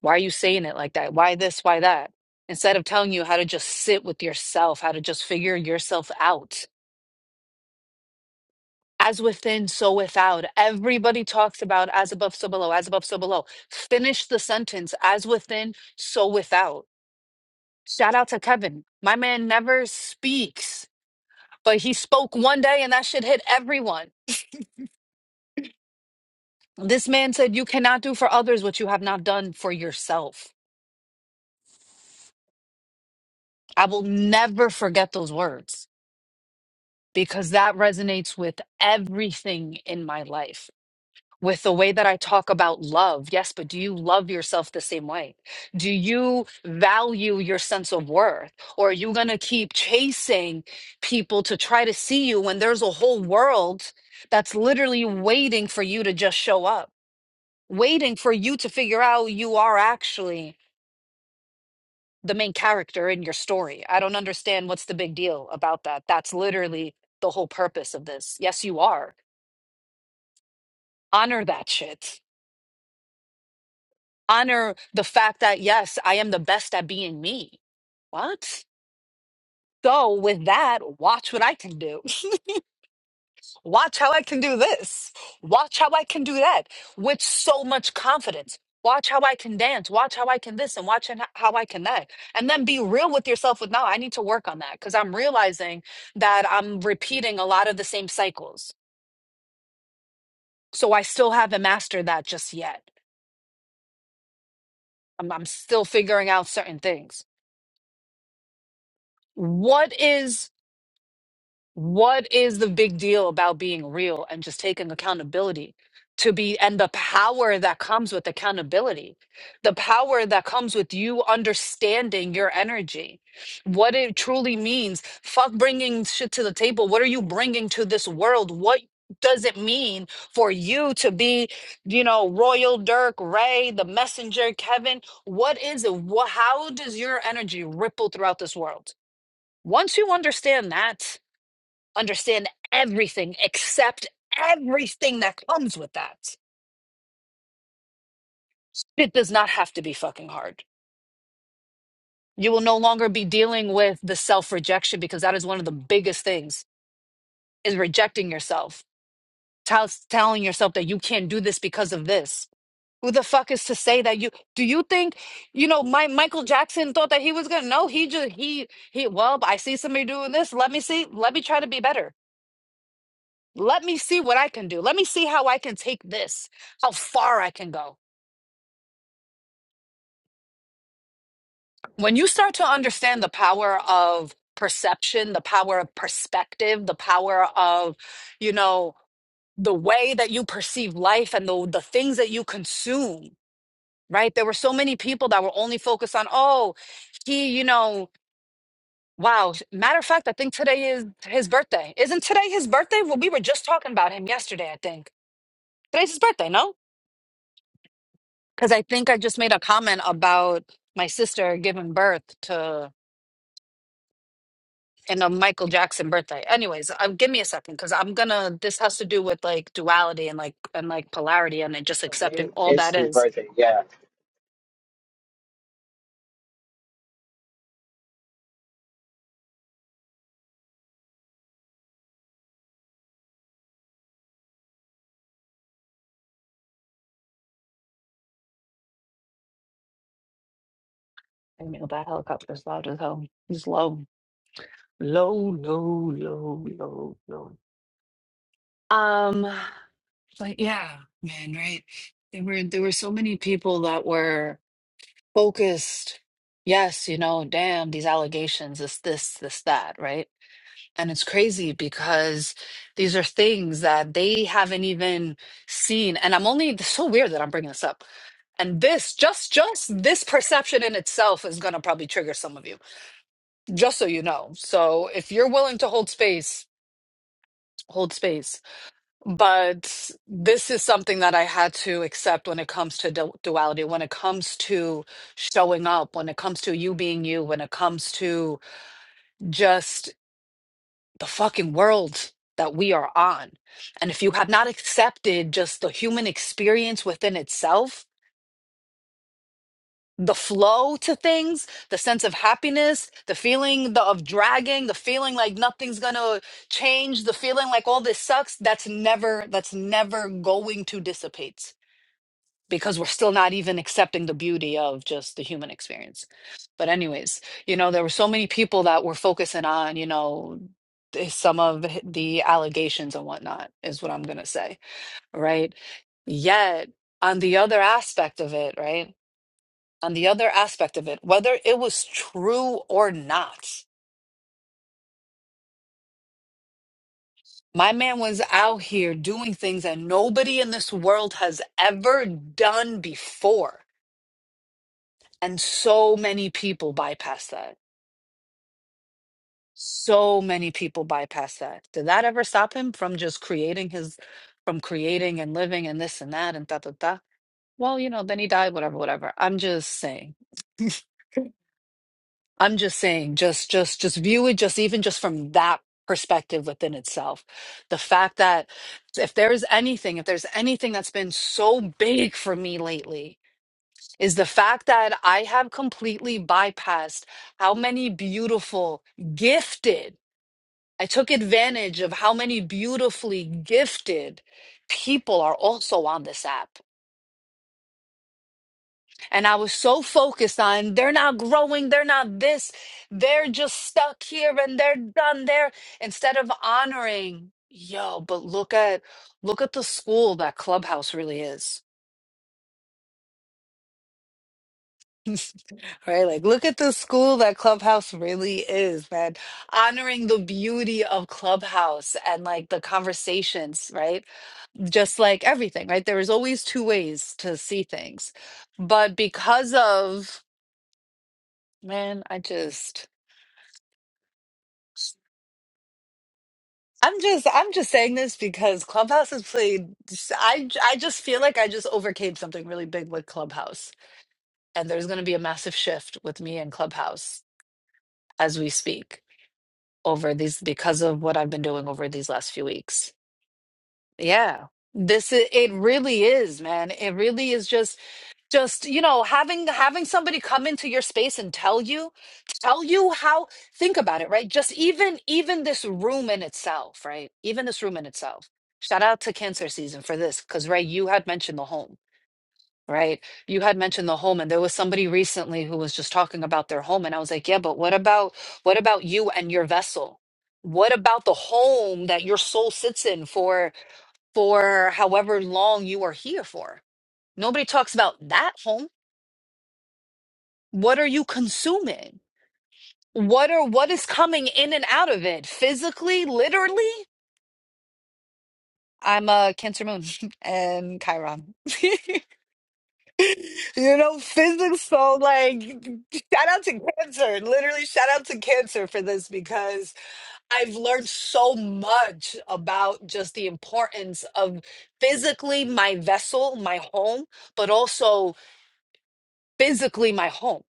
S1: Why are you saying it like that? Why this? Why that? Instead of telling you how to just sit with yourself, how to just figure yourself out. As within, so without. Everybody talks about as above, so below, as above, so below. Finish the sentence as within, so without. Shout out to Kevin. My man never speaks, but he spoke one day and that shit hit everyone. This man said, You cannot do for others what you have not done for yourself. I will never forget those words because that resonates with everything in my life, with the way that I talk about love. Yes, but do you love yourself the same way? Do you value your sense of worth? Or are you going to keep chasing people to try to see you when there's a whole world that's literally waiting for you to just show up, waiting for you to figure out who you are actually? the main character in your story. I don't understand what's the big deal about that. That's literally the whole purpose of this. Yes, you are. Honor that shit. Honor the fact that, yes, I am the best at being me. What? So, with that, watch what I can do. [laughs] Watch how I can do this. Watch how I can do that with so much confidence. Watch how I can dance. Watch how I can this and watch and how I can that. And then be real with yourself with, no, I need to work on that because I'm realizing that I'm repeating a lot of the same cycles. So I still haven't mastered that just yet. I'm, I'm still figuring out certain things. What is What is the big deal about being real and just taking accountability to be and the power that comes with accountability, the power that comes with you understanding your energy, what it truly means? Fuck bringing shit to the table. What are you bringing to this world? What does it mean for you to be, you know, Royal Dirk, Ray, the messenger, Kevin? What is it? What, how does your energy ripple throughout this world? Once you understand that, understand everything, accept everything that comes with that. It does not have to be fucking hard. You will no longer be dealing with the self rejection because that is one of the biggest things is rejecting yourself. Tell telling yourself that you can't do this because of this. Who the fuck is to say that you do you think you know my Michael Jackson thought that he was gonna no he just he he well I see somebody doing this let me see let me try to be better let me see what I can do let me see how I can take this how far I can go when you start to understand the power of perception, the power of perspective, the power of, you know, the way that you perceive life and the, the things that you consume, right? There were so many people that were only focused on, oh, he, you know, wow. Matter of fact, I think today is his birthday. Isn't today his birthday? Well, we were just talking about him yesterday, I think. Today's his birthday, no? Because I think I just made a comment about my sister giving birth to. and a Michael Jackson birthday. Anyways, um, give me a second because I'm gonna. This has to do with like duality and like and like polarity and then just
S4: Today
S1: accepting all
S4: is
S1: that
S4: his
S1: is.
S4: birthday. Yeah,
S1: I mean, that helicopter's loud as hell. It's low, low, low, low, low, low. Um, but yeah, man, right? There were there were so many people that were focused. Yes, you know, damn these allegations, this, this, this, that, right? And it's crazy because these are things that they haven't even seen. And I'm only it's so weird that I'm bringing this up. And this, just just this perception in itself is going to probably trigger some of you, just so you know. So if you're willing to hold space, hold space. But this is something that I had to accept when it comes to du- duality, when it comes to showing up, when it comes to you being you, when it comes to just the fucking world that we are on. And if you have not accepted just the human experience within itself, the flow to things, the sense of happiness, the feeling the, of dragging, the feeling like nothing's gonna change, the feeling like all this sucks, that's never, that's never going to dissipate because we're still not even accepting the beauty of just the human experience. But anyways, you know, there were so many people that were focusing on, you know, th- some of the allegations and whatnot is what I'm gonna say, right? Yet on the other aspect of it, right? On the other aspect of it, whether it was true or not, my man was out here doing things that nobody in this world has ever done before. And so many people bypass that So many people bypass that. Did that ever stop him from just creating his, from creating and living and this and that and da da da? Well, you know, then he died, whatever, whatever. I'm just saying. [laughs] I'm just saying, just just just view it just even just from that perspective within itself. The fact that if there's anything, if there's anything that's been so big for me lately, is the fact that I have completely bypassed how many beautiful, gifted I took advantage of how many beautifully gifted people are also on this app. And I was so focused on they're not growing, they're not this, they're just stuck here and they're done there instead of honoring, yo, but look at look at the school that Clubhouse really is. [laughs] right? Like look at the school that Clubhouse really is, man. Honoring the beauty of Clubhouse and like the conversations, right? just like everything, right? There is always two ways to see things. But because of, man, I just. I'm just I'm just saying this because Clubhouse has played I I just feel like I just overcame something really big with Clubhouse and there's going to be a massive shift with me and Clubhouse as we speak over these because of what I've been doing over these last few weeks. Yeah. This is it really is, man. It really is just. just you know having having somebody come into your space and tell you tell you how think about it right just even even this room in itself right even this room in itself shout out to cancer season for this because right you had mentioned the home right you had mentioned the home and there was somebody recently who was just talking about their home and i was like yeah but what about what about you and your vessel what about the home that your soul sits in for for however long you are here for nobody talks about that home what are you consuming what are what is coming in and out of it physically literally i'm a cancer moon [laughs] and chiron [laughs] you know physics so like shout out to cancer literally shout out to cancer for this because i've learned so much about just the importance of physically my vessel my home but also physically my home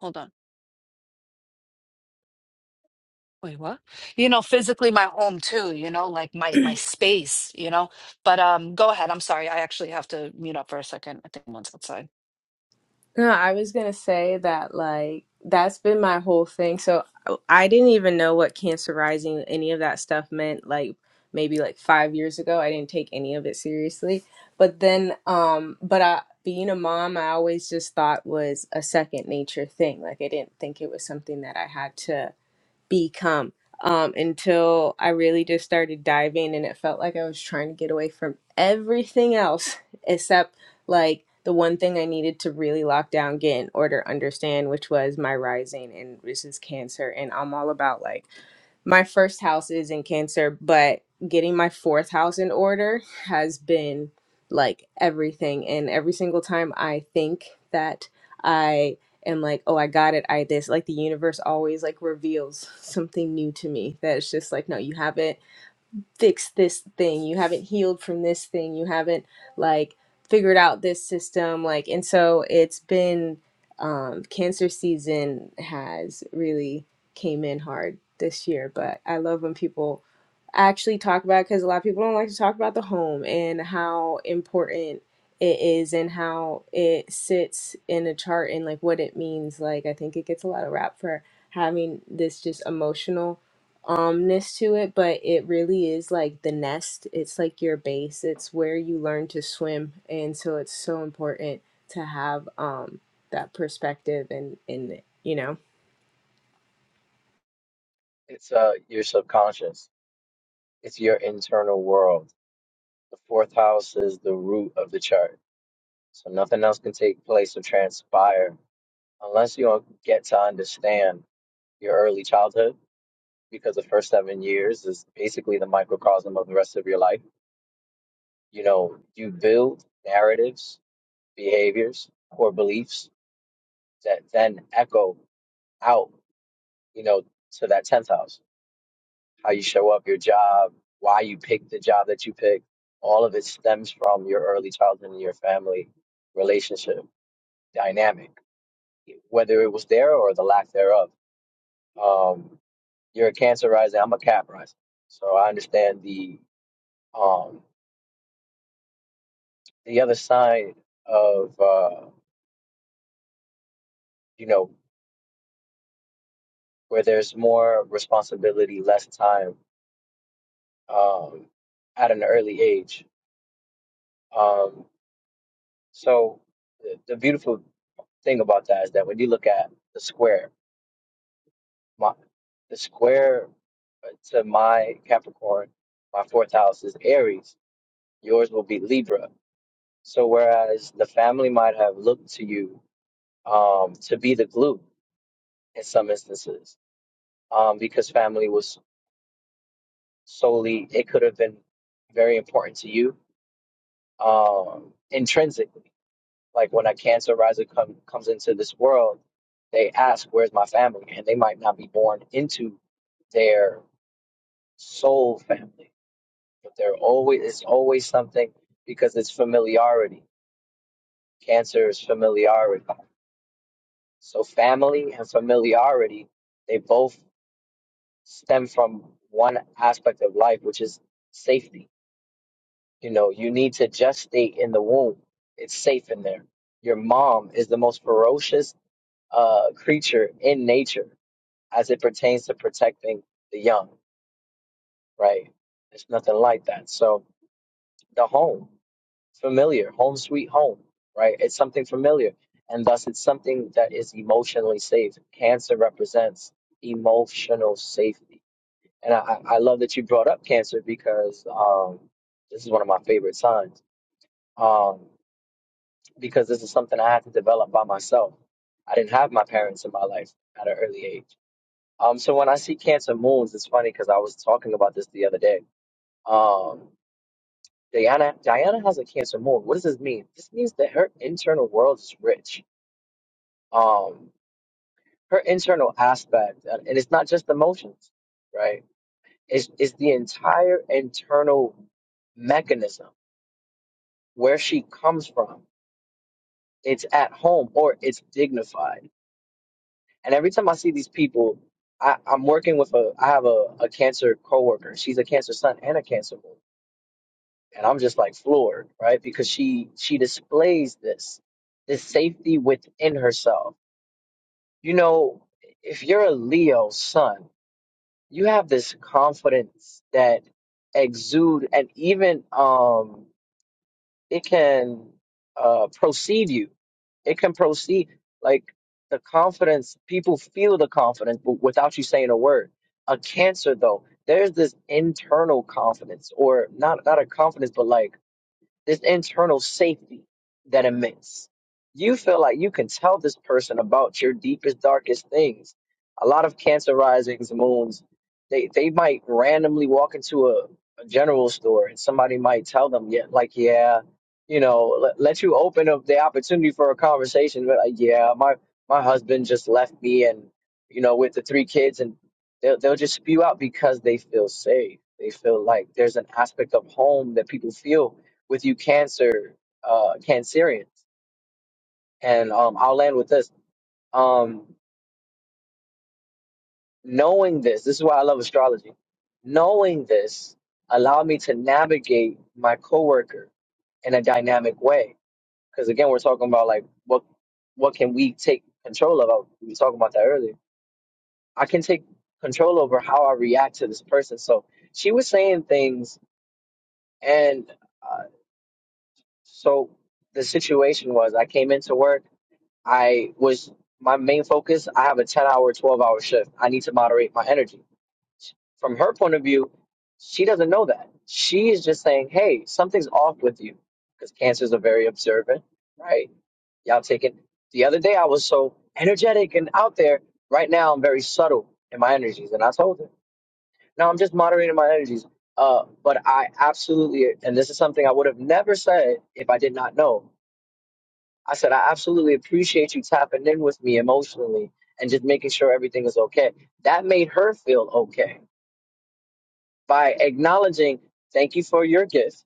S1: hold on Wait, what? You know, physically my home too, you know, like my my space, you know. But um go ahead. I'm sorry. I actually have to mute up for a second. I think one's outside.
S3: No, I was gonna say that like that's been my whole thing. So uh, I didn't even know what cancer rising, any of that stuff meant. Like maybe like five years ago, I didn't take any of it seriously. But then, um, but I, being a mom, I always just thought was a second nature thing. Like I didn't think it was something that I had to become um, until I really just started diving and it felt like I was trying to get away from everything else [laughs] except like the one thing I needed to really lock down, get in order, understand, which was my rising and which is cancer. And I'm all about like my first house is in cancer, but getting my fourth house in order has been like everything. And every single time I think that. I and like oh i got it i this like the universe always like reveals something new to me that it's just like no you haven't fixed this thing you haven't healed from this thing you haven't like figured out this system like and so it's been um cancer season has really came in hard this year but i love when people actually talk about it, because a lot of people don't like to talk about the home and how important it is and how it sits in a chart and like what it means like i think it gets a lot of rap for having this just emotional umness to it, but it really is like the nest. It's like your base. It's where you learn to swim, and so it's so important to have um that perspective and and you know.
S4: it's uh your subconscious. It's your internal world. The fourth house is the root of the chart. So nothing else can take place or transpire unless you get to understand your early childhood because the first seven years is basically the microcosm of the rest of your life. You know, you build narratives, behaviors, core beliefs that then echo out, you know, to that 10th house. How you show up, your job, why you pick the job that you pick. All of it stems from your early childhood and your family relationship dynamic, whether it was there or the lack thereof. Um, you're a cancer rising, I'm a cap rising. So I understand the, um, the other side of uh, you know where there's more responsibility, less time um, at an early age. Um, so the, the beautiful thing about that is that when you look at the square, my, the square uh, to my Capricorn, my fourth house is Aries. Yours will be Libra. So whereas the family might have looked to you um, to be the glue in some instances, um, because family was solely it could have been very important to you um intrinsically like when a cancer riser come, comes into this world they ask where's my family and they might not be born into their soul family but they're always it's always something because it's familiarity cancer is familiarity so family and familiarity they both stem from one aspect of life which is safety You know, you need to just stay in the womb. It's safe in there. Your mom is the most ferocious uh, creature in nature as it pertains to protecting the young, right? It's nothing like that. So the home, familiar, home sweet home, right? It's something familiar. And thus it's something that is emotionally safe. Cancer represents emotional safety. And I, I I love that you brought up cancer because um, this is one of my favorite signs. Um, because this is something I had to develop by myself. I didn't have my parents in my life at an early age. Um, so when I see Cancer moons, it's funny because I was talking about this the other day. Um, Diana, Diana has a Cancer moon. What does this mean? This means that her internal world is rich. Um, her internal aspect, and and it's not just emotions, right? It's, it's the entire internal mechanism where she comes from. It's at home or it's dignified And every time I see these people, I, I'm working with a, I have a, a cancer coworker. She's a cancer son and a cancer woman. And I'm just like floored, right? Because she, she displays this, this safety within herself. You know, if you're a Leo son, you have this confidence that exude and even, um, it can uh, proceed you. It can proceed like the confidence. People feel the confidence, but without you saying a word. A cancer, though, there's this internal confidence, or not not a confidence, but like this internal safety that emits. You feel like you can tell this person about your deepest, darkest things. A lot of cancer risings, moons, they, they might randomly walk into a, a general store and somebody might tell them, yeah, like, yeah, you know, let, let you open up the opportunity for a conversation. But like, yeah, my, my husband just left me and, you know, with the three kids and they'll, they'll just spew out because they feel safe. They feel like there's an aspect of home that people feel with you cancer uh cancerians and um i'll land with this um knowing this this is why i love astrology knowing this allowed me to navigate my coworker in a dynamic way because again we're talking about like what what can we take control of we were talking about that earlier i can take control over how i react to this person so she was saying things and uh, so the situation was i came into work I was my main focus. I have a 10 hour, 12 hour shift. I need to moderate my energy. From her point of view, she doesn't know that. She is just saying, hey, something's off with you because cancers are very observant, right? Y'all taking the other day, I was so energetic and out there. Right now, I'm very subtle in my energies. And I told her, now I'm just moderating my energies. Uh, but I absolutely, and this is something I would have never said if I did not know. I said, I absolutely appreciate you tapping in with me emotionally and just making sure everything is okay. That made her feel okay by acknowledging, thank you for your gift.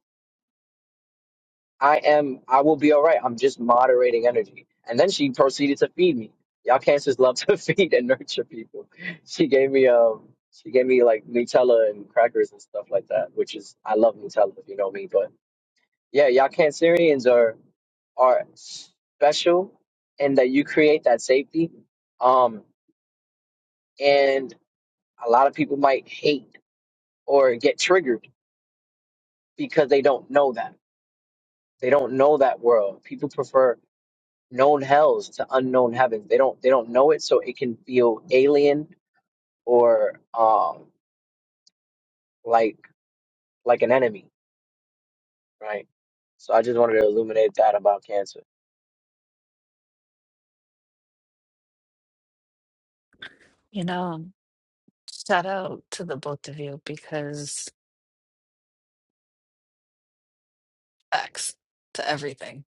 S4: I am, I will be all right. I'm just moderating energy. And then she proceeded to feed me. Y'all cancers love to [laughs] feed and nurture people. She gave me, um, she gave me like Nutella and crackers and stuff like that, which is, I love Nutella, if you know me. But yeah, y'all cancerians are. are special and that you create that safety. Um, and a lot of people might hate or get triggered because they don't know that. They don't know that world. People prefer known hells to unknown heavens. They don't they don't know it, so it can feel alien or um like like an enemy, right? So I just wanted to illuminate that about cancer.
S1: You know, shout out to the both of you because X to everything.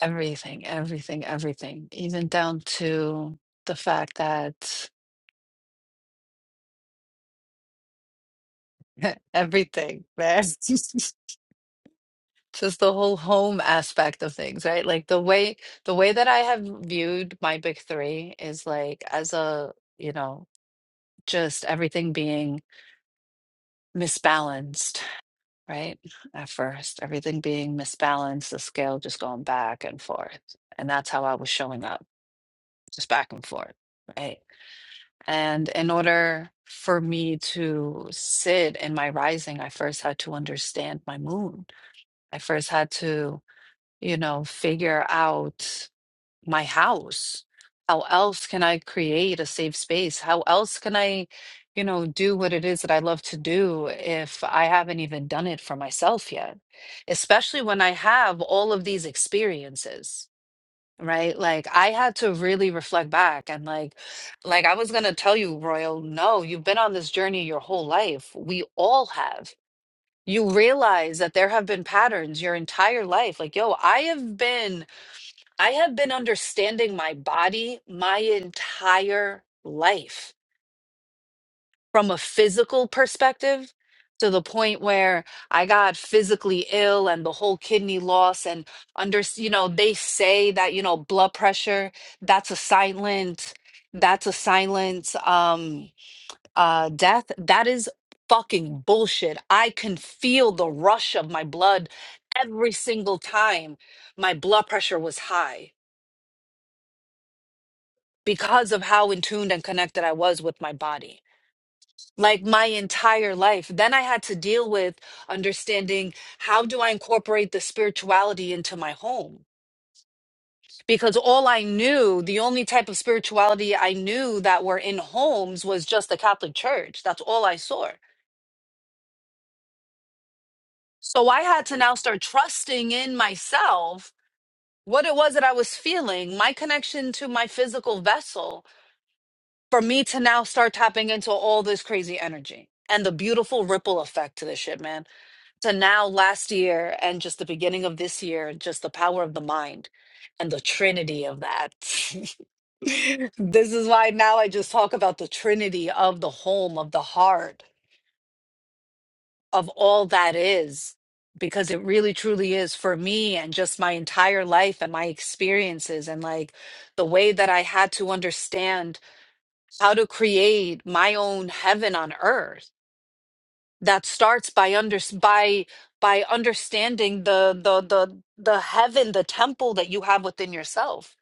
S1: Everything, everything, everything. Even down to the fact that [laughs] everything, man. [laughs] just the whole home aspect of things right like the way the way that i have viewed my big three is like as a you know just everything being misbalanced right at first everything being misbalanced the scale just going back and forth and that's how i was showing up just back and forth right and in order for me to sit in my rising i first had to understand my moon i first had to you know figure out my house. How else can I create a safe space? How else can I, you know, do what it is that I love to do if I haven't even done it for myself yet? Especially when I have all of these experiences, right? Like I had to really reflect back and like like I was going to tell you, Royal, no, you've been on this journey your whole life. We all have. You realize that there have been patterns your entire life. Like, yo, I have been I have been understanding my body my entire life from a physical perspective to the point where I got physically ill and the whole kidney loss and under you know they say that you know blood pressure that's a silent that's a silent um uh death that is fucking bullshit. I can feel the rush of my blood every single time my blood pressure was high because of how in tuned and connected I was with my body. Like my entire life. Then I had to deal with understanding how do I incorporate the spirituality into my home? Because all I knew, the only type of spirituality I knew that were in homes was just the Catholic Church. That's all I saw. So I had to now start trusting in myself what it was that I was feeling, my connection to my physical vessel, for me to now start tapping into all this crazy energy and the beautiful ripple effect to this shit, man. To now last year and just the beginning of this year, just the power of the mind and the trinity of that. [laughs] [laughs] this is why now I just talk about the trinity of the home, of the heart, of all that is, because it really truly is for me and just my entire life and my experiences and like the way that I had to understand how to create my own heaven on earth that starts by under by by understanding the the the the heaven the temple that you have within yourself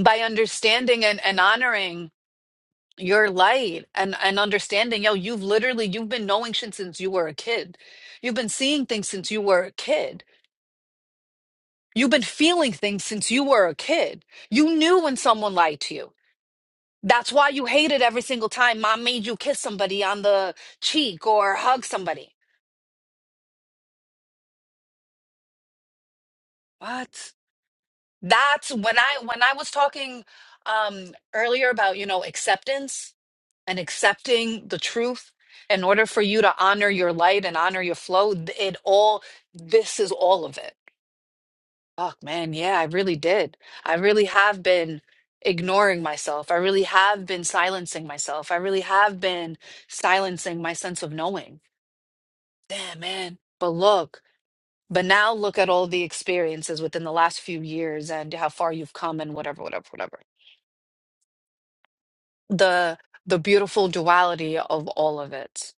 S1: by understanding and, and honoring your light and and understanding yo you've literally you've been knowing shit since you were a kid you've been seeing things since you were a kid you've been feeling things since you were a kid you knew when someone lied to you That's why you hate it every single time mom made you kiss somebody on the cheek or hug somebody. What? That's when I when I was talking um earlier about, you know, acceptance and accepting the truth in order for you to honor your light and honor your flow, th- it all this is all of it. Fuck, man, yeah, I really did. I really have been ignoring myself. I really have been silencing myself. I really have been silencing my sense of knowing. Damn, man. But look, but now look at all the experiences within the last few years and how far you've come and whatever, whatever, whatever. The the beautiful duality of all of it.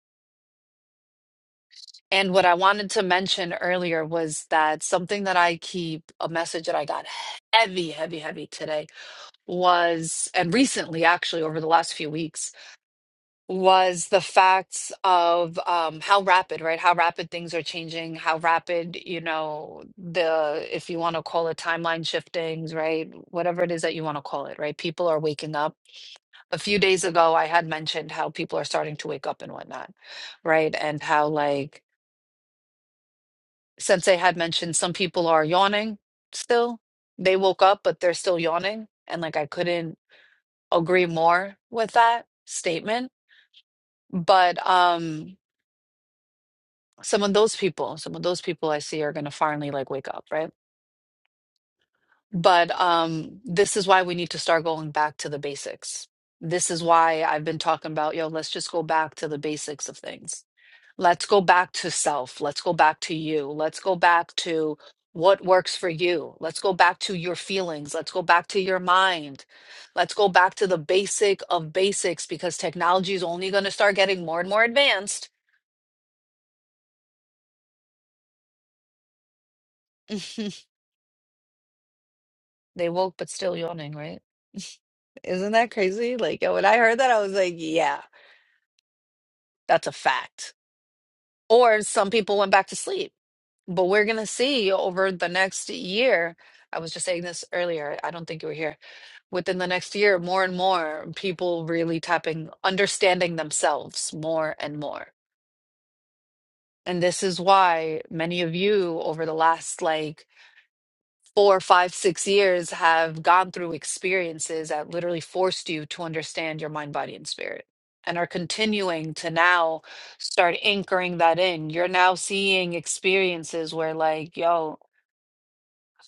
S1: And what I wanted to mention earlier was that something that I keep, a message that I got heavy, heavy, heavy today was, and recently actually over the last few weeks, was the facts of um, how rapid, right? How rapid things are changing, how rapid, you know, the, if you want to call it timeline shiftings, right? Whatever it is that you want to call it, right? People are waking up. A few days ago, I had mentioned how people are starting to wake up and whatnot, right? And how, like, Sensei had mentioned some people are yawning still. They woke up, but they're still yawning. And like, I couldn't agree more with that statement. But, um, some of those people some of those people i see are going to finally like wake up right but um this is why we need to start going back to the basics this is why i've been talking about yo let's just go back to the basics of things let's go back to self let's go back to you let's go back to what works for you let's go back to your feelings let's go back to your mind let's go back to the basic of basics because technology is only going to start getting more and more advanced [laughs] they woke but still yawning right Isn't that crazy? Like when I heard that, I was like, yeah, that's a fact. Or some people went back to sleep. But we're going to see over the next year. I was just saying this earlier. I don't think you were here. Within the next year, more and more people really tapping, understanding themselves more and more. And this is why many of you over the last like four, five, six years have gone through experiences that literally forced you to understand your mind, body, and spirit, and are continuing to now start anchoring that in. You're now seeing experiences where, like, yo,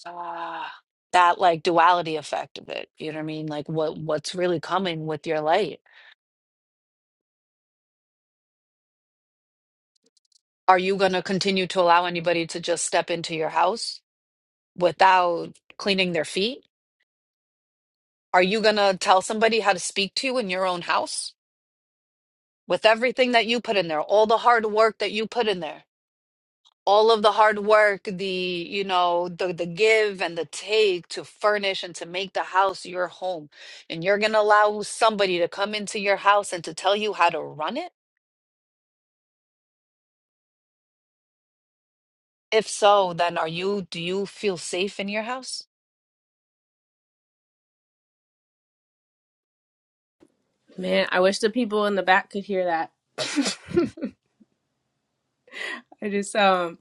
S1: ah, that like duality effect of it. You know what I mean? Like, what what's really coming with your light? Are you gonna continue to allow anybody to just step into your house without cleaning their feet? Are you gonna tell somebody how to speak to you in your own house? with everything that you put in there, all the hard work that you put in there, all of the hard work, the, you know, the the give and the take to furnish and to make the house your home. And you're going to allow somebody to come into your house and to tell you how to run it? If so, then are you do you feel safe in your house?
S3: Man, I wish the people in the back could hear that. [laughs] I just um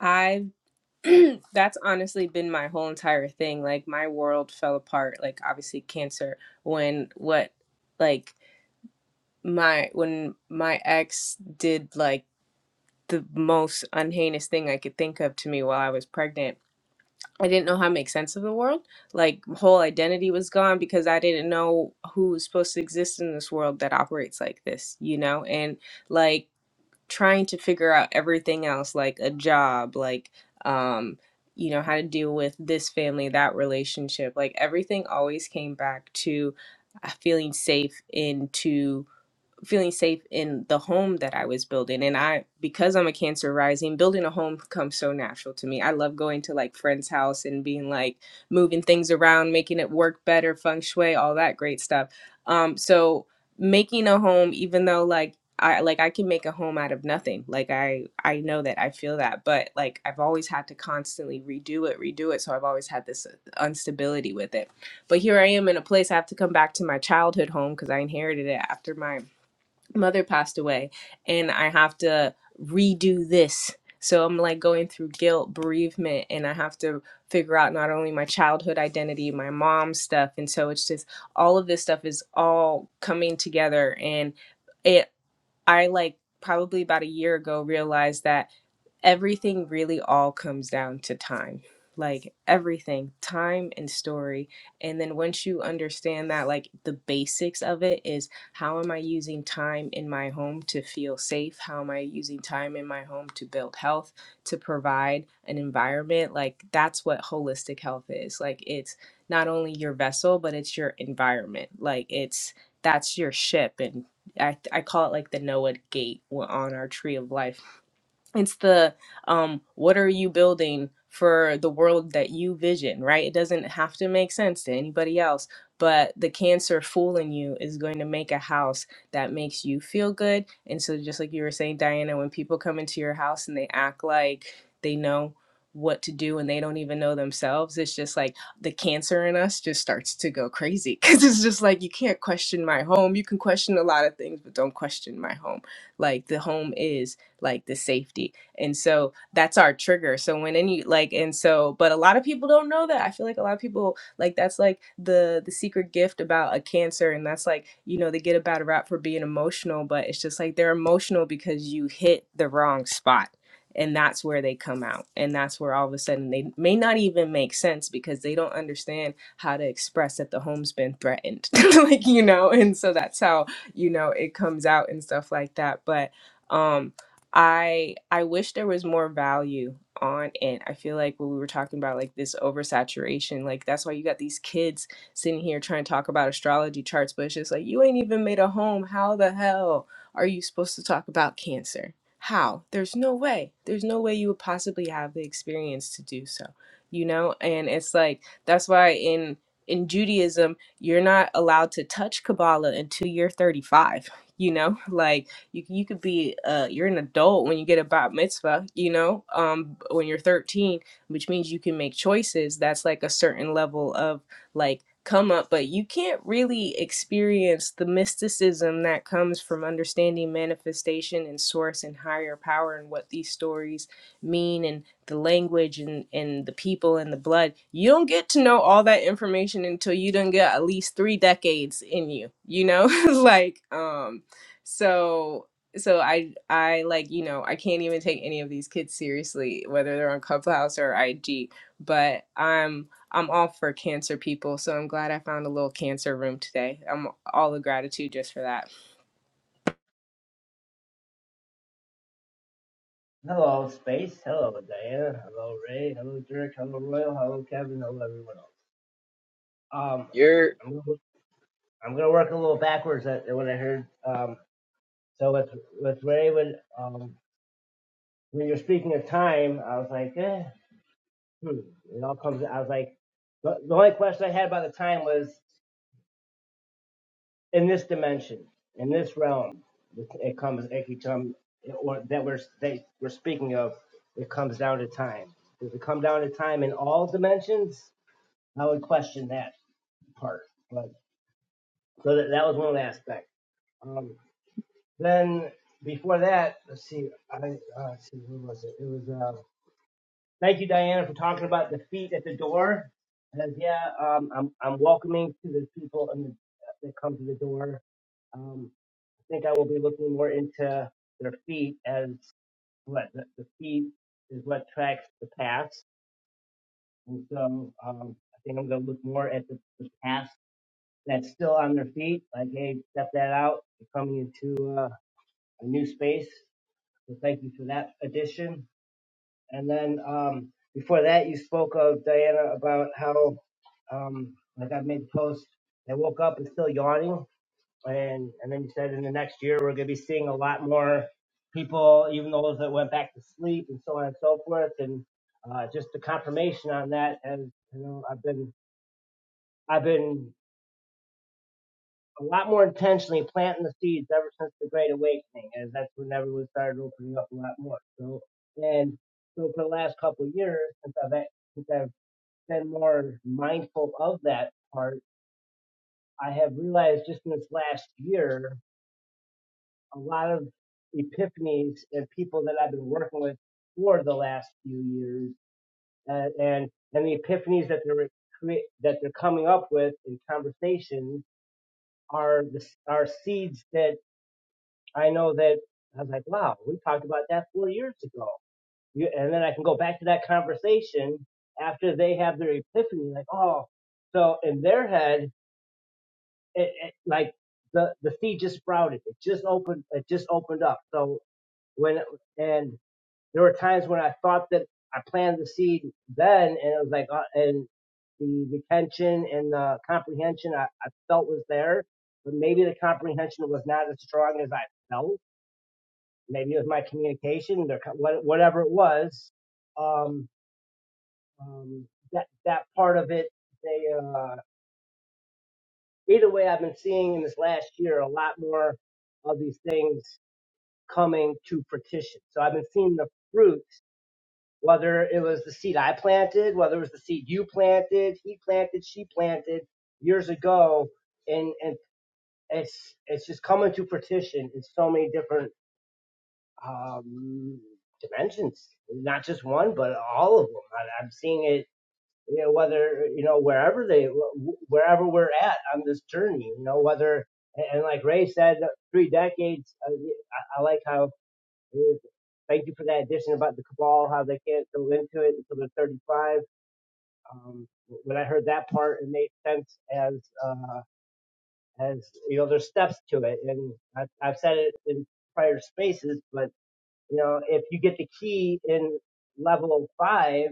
S3: I [clears throat] that's honestly been my whole entire thing. Like my world fell apart, like obviously cancer when what like my when my ex did like the most unheinous thing I could think of to me while I was pregnant. I didn't know how to make sense of the world. Like whole identity was gone because I didn't know who was supposed to exist in this world that operates like this, you know? And like trying to figure out everything else, like a job, like um, you know, how to deal with this family, that relationship. Like everything always came back to uh, feeling safe into feeling safe in the home that I was building. And I, because I'm a Cancer rising, building a home comes so natural to me. I love going to like friends' house and being like moving things around, making it work better, feng shui, all that great stuff. Um, so making a home, even though like I like I can make a home out of nothing. Like I I know that I feel that, but like I've always had to constantly redo it, redo it. So I've always had this uh, instability with it but here I am in a place I have to come back to my childhood home because I inherited it after my mother passed away and I have to redo this. So I'm like going through guilt, bereavement, and I have to figure out not only my childhood identity, my mom stuff. And so it's just all of this stuff is all coming together. And it, I like probably about a year ago realized that everything really all comes down to time like everything time and story and then once you understand that like the basics of it is how am i using time in my home to feel safe how am i using time in my home to build health to provide an environment like that's what holistic health is like it's not only your vessel but it's your environment like it's that's your ship and I, I call it like the Noah gate on our tree of life it's the um what are you building for the world that you vision right it doesn't have to make sense to anybody else but the cancer fool in you is going to make a house that makes you feel good and so just like you were saying diana when people come into your house and they act like they know what to do and they don't even know themselves it's just like the cancer in us just starts to go crazy [laughs] because it's just like you can't question my home you can question a lot of things but don't question my home like the home is like the safety. And so that's our trigger. So when any like and so but a lot of people don't know that. I feel like a lot of people like that's like the the secret gift about a cancer and that's like, you know, they get a bad rap for being emotional, but it's just like they're emotional because you hit the wrong spot. And that's where they come out. And that's where all of a sudden they may not even make sense because they don't understand how to express that the home's been threatened. [laughs] like, you know, and so that's how, you know, it comes out and stuff like that. But um I I wish there was more value on it. I feel like what we were talking about, like this oversaturation, like that's why you got these kids sitting here trying to talk about astrology charts, but it's just like you ain't even made a home. How the hell are you supposed to talk about cancer? How? There's no way. There's no way you would possibly have the experience to do so. You know? And it's like that's why in in Judaism, you're not allowed to touch Kabbalah until you're 35, you know? [laughs] Like you you could be uh you're an adult when you get a bat mitzvah, you know, um when you're 13, which means you can make choices. That's like a certain level of like come up, but you can't really experience the mysticism that comes from understanding manifestation and source and higher power and what these stories mean and the language and, and the people and the blood. You don't get to know all that information until you done got at least three decades in you, you know? [laughs] like, um, so so I I like you know I can't even take any of these kids seriously whether they're on Clubhouse or IG but I'm I'm all for cancer people so I'm glad I found a little cancer room today I'm all the gratitude just for that
S5: Hello, Space. Hello, Diana. Hello, Ray. Hello, Dirk. Hello, Royal. Hello, Kevin. Hello, everyone else. Um,
S4: You're
S5: I'm gonna, I'm gonna work a little backwards at at what I heard. Um, so with with Ray, when um when you're speaking of time, I was like, eh, hmm. it all comes. I was like, the, the only question I had about the time was in this dimension, in this realm, it it comes, it could come, or that we're that we're speaking of, it comes down to time. Does it come down to time in all dimensions? I would question that part, but so that, that was one aspect. Um, then before that, let's see, I uh, let's see who was it? It was uh, thank you, Diana, for talking about the feet at the door. Because yeah, um, I'm I'm welcoming to the people and the, that come to the door. Um, I think I will be looking more into their feet as what the, the feet is what tracks the paths, and so um, I think I'm going to look more at the, the paths that's still on their feet. Like, hey, step that out. You're coming into uh, a new space. So thank you for that addition. And then um, before that, you spoke of Diana about how, um, like I made the post, I woke up and still yawning. And, and then you said in the next year, we're going to be seeing a lot more people, even those that went back to sleep and so on and so forth. And uh, just the confirmation on that, as you know, I've been I've been a lot more intentionally planting the seeds ever since the Great Awakening, as that's when everyone started opening up a lot more. So, and so for the last couple of years, since I've since I've been more mindful of that part, I have realized just in this last year a lot of epiphanies and people that I've been working with for the last few years, uh, and and the epiphanies that they're that they're coming up with in conversations are the are seeds that I know that I was like, wow, we talked about that four years ago. You, and then I can go back to that conversation after they have their epiphany, like, oh, so in their head, it, it, like the, the seed just sprouted. It just opened, it just opened up. So when, and there were times when I thought that I planted the seed then and it was like, uh, and the retention and the comprehension I, I felt was there, but maybe the comprehension was not as strong as I felt maybe it was my communication, whatever it was. Um, um, that that part of it, they uh, either way, I've been seeing in this last year a lot more of these things coming to fruition. So I've been seeing the fruit, whether it was the seed I planted, whether it was the seed you planted, he planted, she planted years ago, and and it's it's just coming to fruition in so many different um, dimensions, not just one, but all of them. I, I'm seeing it, you know, whether you know wherever they, wherever we're at on this journey, you know, whether and like Ray said, three decades. uh, I, I like how. uh, Thank you for that addition about the cabal, how they can't go into it until they're 35. Um, when I heard that part, it made sense as uh, as you know, there's steps to it, and I, I've said it in prior spaces, but you know, if you get the key in level five,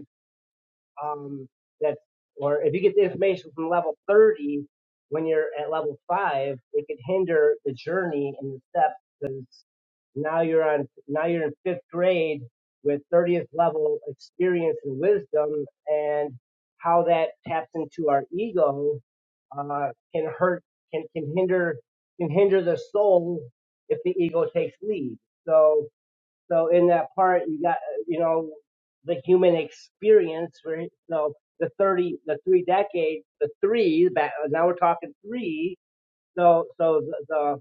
S5: um, that, or if you get the information from level 30, when you're at level five, it could hinder the journey and the steps because now you're on, now you're in fifth grade with 30th level experience and wisdom and how that taps into our ego, uh, can hurt, can, can hinder, can hinder the soul if the ego takes lead. So, so in that part, you got uh, you know the human experience. Right? So the thirty, the three decades, the three. Back, now we're talking three. So so the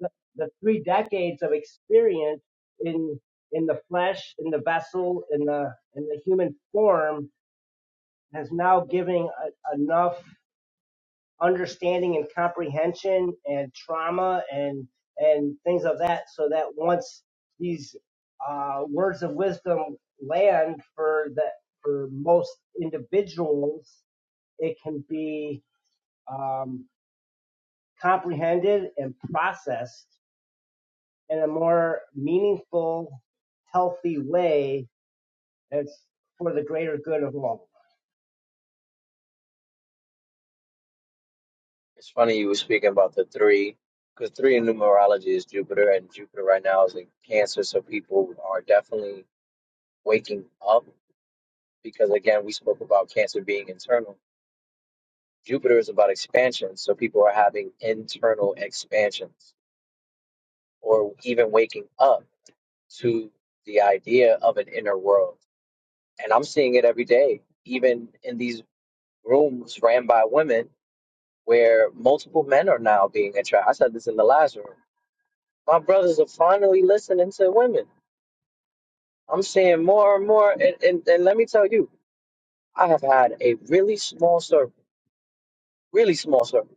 S5: the, the three decades of experience in in the flesh, in the vessel, in the in the human form has now giving a, enough understanding and comprehension and trauma and and things of that so that once these uh, words of wisdom land for the for most individuals it can be um, comprehended and processed in a more meaningful healthy way that's for the greater good of all
S4: It's funny you were speaking about the three, because three in numerology is Jupiter, and Jupiter right now is in Cancer, so people are definitely waking up. Because again, we spoke about Cancer being internal. Jupiter is about expansion, so people are having internal expansions, or even waking up to the idea of an inner world. And I'm seeing it every day, even in these rooms ran by women, where multiple men are now being attracted. I said this in the last room My brothers are finally listening to women. I'm seeing more and more. And, and, and let me tell you, I have had a really small circle, really small circle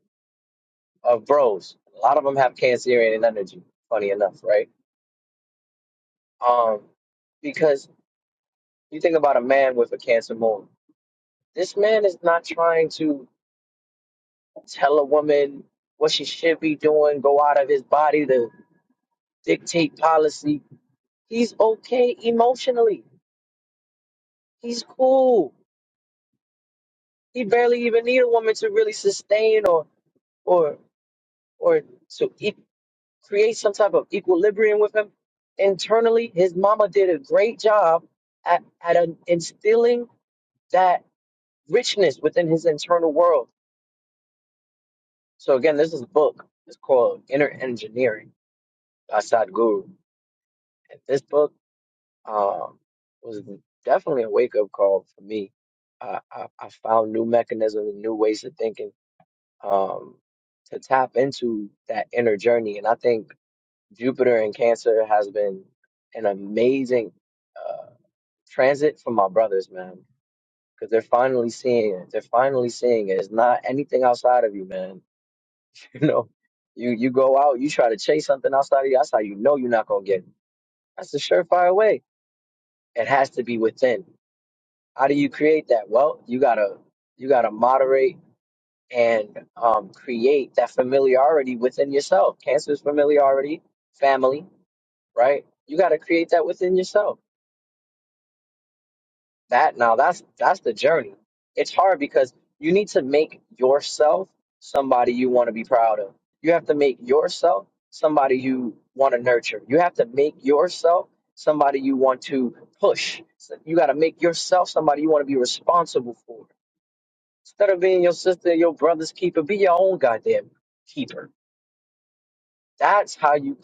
S4: of bros. A lot of them have Cancerian energy, funny enough, right? Um, because you think about a man with a Cancer moon. This man is not trying to tell a woman what she should be doing, go out of his body to dictate policy. He's okay emotionally. He's cool. He barely even need a woman to really sustain or or or to e- create some type of equilibrium with him internally. His mama did a great job at at an, instilling that richness within his internal world. So again, this is a book. It's called Inner Engineering by Sadhguru. And this book um, was definitely a wake up call for me. I, I, I found new mechanisms, new ways of thinking um, to tap into that inner journey. And I think Jupiter and Cancer has been an amazing uh, transit for my brothers, man, because they're finally seeing it. They're finally seeing it. It's not anything outside of you, man. [laughs] You know, you you go out, you try to chase something outside of you. That's how you know you're not gonna get it. That's the surefire way. It has to be within. How do you create that? Well, you gotta you gotta moderate and um, create that familiarity within yourself. Cancer is familiarity, family, right? You got to create that within yourself. That now, that's that's the journey. It's hard because you need to make yourself somebody you want to be proud of. You have to make yourself somebody you want to nurture. You have to make yourself somebody you want to push. So you got to make yourself somebody you want to be responsible for. Instead of being your sister, your brother's keeper, be your own goddamn keeper That's how you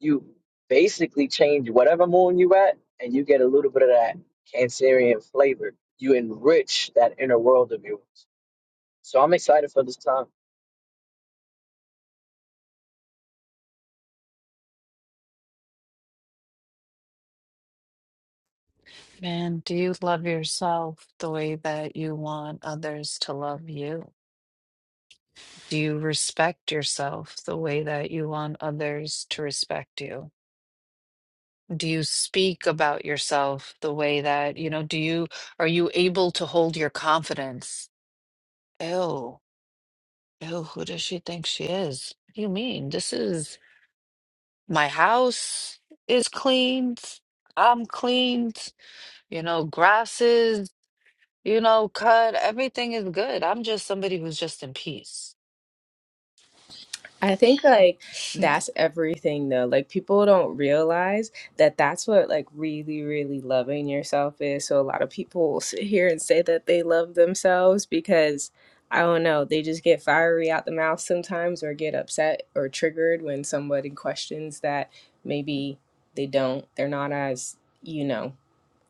S4: you basically change whatever moon you at, and you get a little bit of that Cancerian flavor. You enrich that inner world of yours. So I'm excited for this time.
S1: Man, do you love yourself the way that you want others to love you? Do you respect yourself the way that you want others to respect you? do you speak about yourself the way that you know do you are you able to hold your confidence oh oh who does she think she is what do you mean this is my house is cleaned i'm cleaned you know grasses. you know cut everything is good i'm just somebody who's just in peace [laughs]
S3: I think like that's everything though. Like people don't realize that that's what like really really loving yourself is. So a lot of people [laughs] will sit here and say that they love themselves because I don't know, they just get fiery out the mouth sometimes or get upset or triggered when somebody questions that maybe they don't they're not as, you know,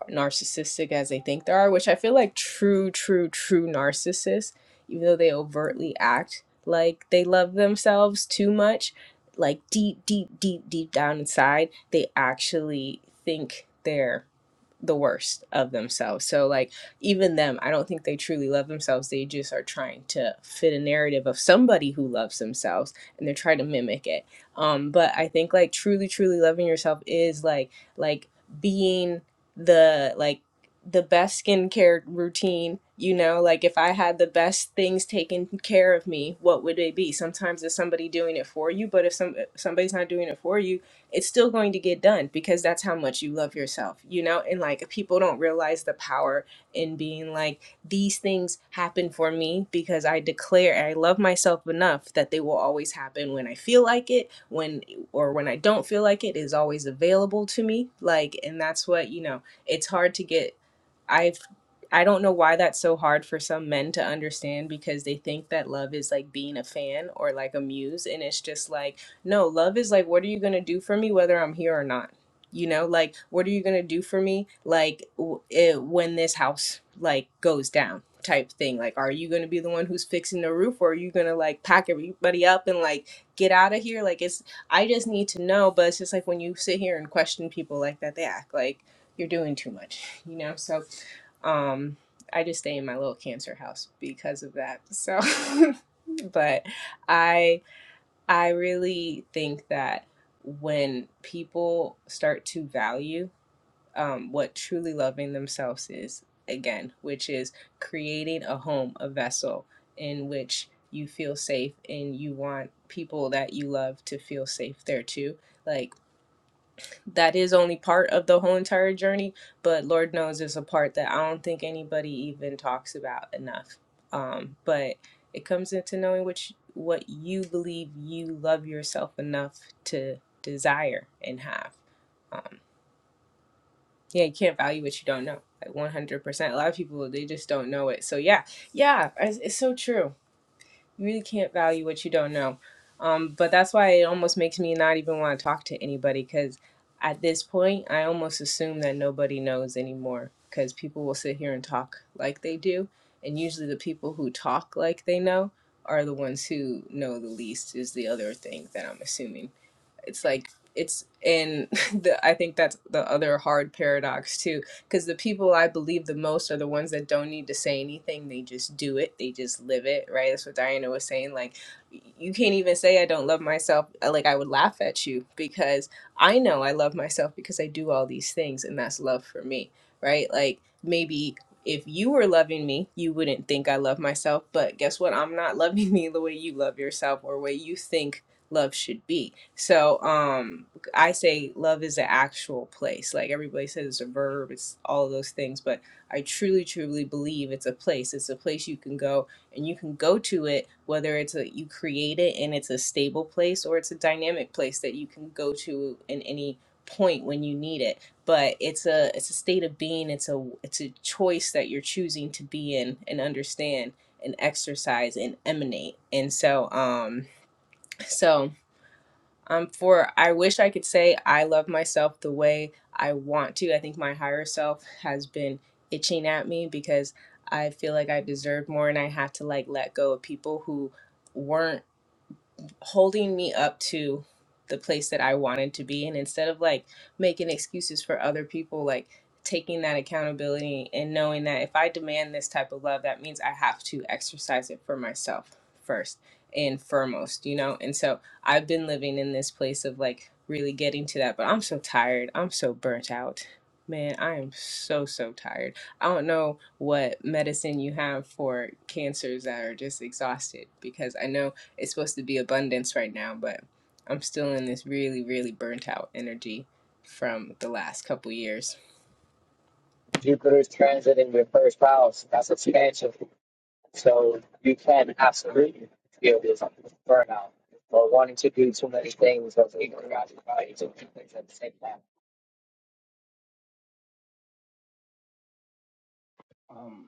S3: narcissistic as they think they are, which I feel like true, true, true narcissists, even though they overtly act like they love themselves too much, like deep, deep, deep, deep down inside, they actually think they're the worst of themselves. So, like, even them, I don't think they truly love themselves. They just are trying to fit a narrative of somebody who loves themselves and they're trying to mimic it. Um, but I think, like, truly, truly loving yourself is like, like, being the like the best skincare routine you know like if i had the best things taken care of me what would they be sometimes it's somebody doing it for you but if some somebody's not doing it for you it's still going to get done because that's how much you love yourself you know and like people don't realize the power in being like these things happen for me because i declare i love myself enough that they will always happen when i feel like it when or when i don't feel like it is always available to me like and that's what you know it's hard to get I've I don't know why that's so hard for some men to understand because they think that love is like being a fan or like a muse and it's just like no, love is like what are you going to do for me whether I'm here or not? You know, like what are you going to do for me like w- it, when this house like goes down type thing. Like are you going to be the one who's fixing the roof or are you going to like pack everybody up and like get out of here? Like it's I just need to know, but it's just like when you sit here and question people like that, they act like you're doing too much, you know? So um I just stay in my little cancer house because of that. So [laughs] but I I really think that when people start to value um what truly loving themselves is again, which is creating a home, a vessel in which you feel safe and you want people that you love to feel safe there too. Like that is only part of the whole entire journey, but Lord knows it's a part that I don't think anybody even talks about enough. Um, but it comes into knowing which what you believe you love yourself enough to desire and have. Um, yeah, you can't value what you don't know. Like one hundred percent. A lot of people they just don't know it. So yeah, yeah, it's, it's so true you really can't value what you don't know. Um, but that's why it almost makes me not even want to talk to anybody because at this point, I almost assume that nobody knows anymore because people will sit here and talk like they do. And usually, the people who talk like they know are the ones who know the least, is the other thing that I'm assuming it's like it's and [laughs] the I think that's the other hard paradox too because the people I believe the most are the ones that don't need to say anything they just do it they just live it right that's what Diana was saying like y- you can't even say I don't love myself uh, like I would laugh at you because I know I love myself because I do all these things and that's love for me right like maybe if you were loving me, you wouldn't think I love myself. But guess what? I'm not loving [laughs] me the way you love yourself or way you think love should be. So um I say love is an actual place. Like everybody says it's a verb, it's all of those things, but I truly truly believe it's a place. It's a place you can go and you can go to it whether it's a you create it and it's a stable place or it's a dynamic place that you can go to in any point when you need it but it's a it's a state of being it's a it's a choice that you're choosing to be in and understand and exercise and emanate and so um so um, for I wish I could say I love myself the way I want to. I think my higher self has been itching at me because I feel like I deserve more and I had to like let go of people who weren't holding me up to the place that I wanted to be. And instead of like making excuses for other people, like taking that accountability and knowing that if I demand this type of love, that means I have to exercise it for myself first and foremost, you know? And so I've been living in this place of like really getting to that, but I'm so tired. I'm so burnt out. Man, I am so, so tired. I don't know what medicine you have for cancers that are just exhausted because I know it's supposed to be abundance right now, but I'm still in this really, really burnt out energy from the last couple years.
S4: Jupiter is transiting your first house. That's expansion. So you can absolutely feel this burnout or wanting to do too many things or thinking about it, too many things at the same time.
S5: um,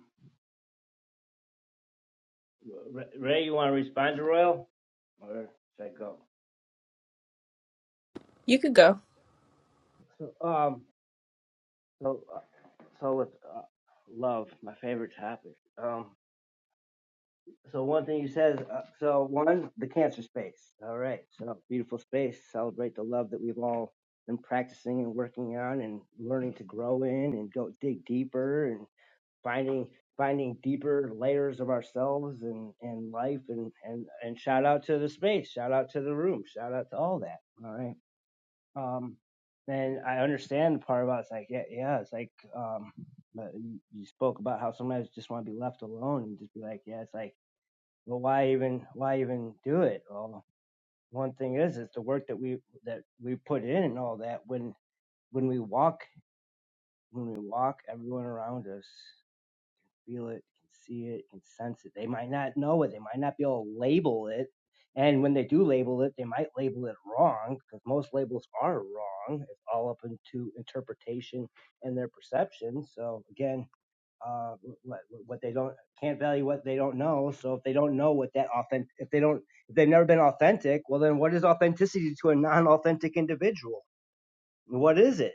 S5: Ray, you want to respond to Royal, or should I
S3: You could go.
S5: go? Um, So, uh, so with uh, love, my favorite topic. Um, so one thing you said, is, uh, so one, the cancer space. All right, so beautiful space. Celebrate the love that we've all been practicing and working on, and learning to grow in, and go dig deeper, and finding finding deeper layers of ourselves and and life, and and and shout out to the space, shout out to the room, shout out to all that. All right. Um, and I understand the part about it's like, yeah, yeah, it's like, um, but you spoke about how sometimes you just want to be left alone and just be like, yeah, it's like, well, why even, why even do it? Well, one thing is, it's the work that we that we put in and all that. When when we walk, when we walk, everyone around us feel it, can see it, can sense it. They might not know it. They might not be able to label it. And when they do label it, they might label it wrong because most labels are wrong. It's all up into interpretation and their perception. So again, uh, what, what they don't can't value what they don't know. So if they don't know what that authentic, if they don't, if they've never been authentic, well then what is authenticity to a non-authentic individual? What is it?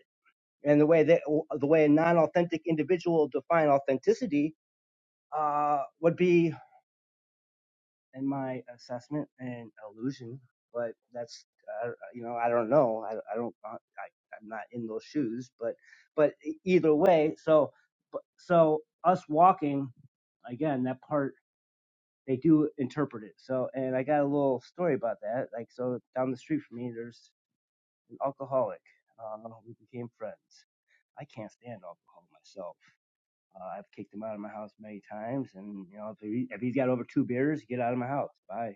S5: And the way that the way a non-authentic individual will define authenticity uh, would be, in my assessment, an illusion. But that's, uh, you know, I don't know. I, I don't. uh, I, I'm not in those shoes. But, but e- either way, so, but- so us walking, again, that part they do interpret it. So, and I got a little story about that. Like, so down the street from me, there's an alcoholic. Uh, we became friends. I can't stand alcohol myself Uh, I've kicked him out of my house many times, and you know if, he, if he's got over two beers, get out of my house. Bye.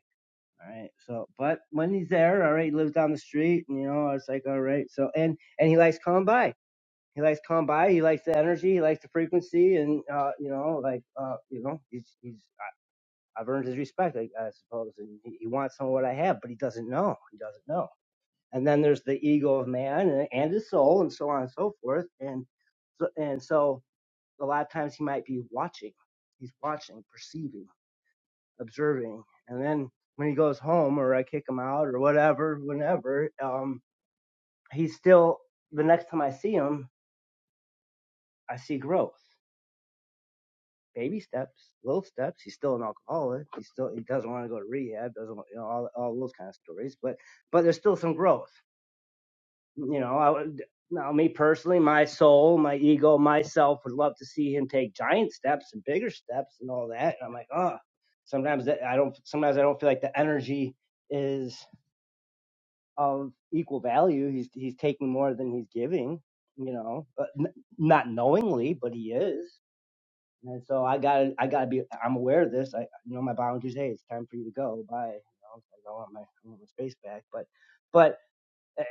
S5: All right. So, but when he's there, all right, he lives down the street, and you know it's like all right. So and and he likes coming by. He likes coming by. He likes the energy. He likes the frequency, and uh, you know, like uh, you know, he's he's I, I've earned his respect, I, I suppose, and he, he wants some of what I have, but he doesn't know. He doesn't know. And then there's the ego of man and, and his soul, and so on and so forth, and so, and so a lot of times he might be watching. He's watching, perceiving, observing. And then when he goes home or I kick him out or whatever, whenever, um, he's still, the next time I see him, I see growth. Baby steps, little steps. He's still an alcoholic. He still he doesn't want to go to rehab. Doesn't want, you know all all those kind of stories. But but there's still some growth. You know, I would, now me personally, my soul, my ego, myself would love to see him take giant steps and bigger steps and all that. And I'm like, oh, sometimes that, I don't. Sometimes I don't feel like the energy is of equal value. He's he's taking more than he's giving. You know, but n- not knowingly, but he is. And so I got to I got to be. I'm aware of this. I you know my boundaries. Hey, it's time for you to go. Bye. You know, I want my I want my space back. But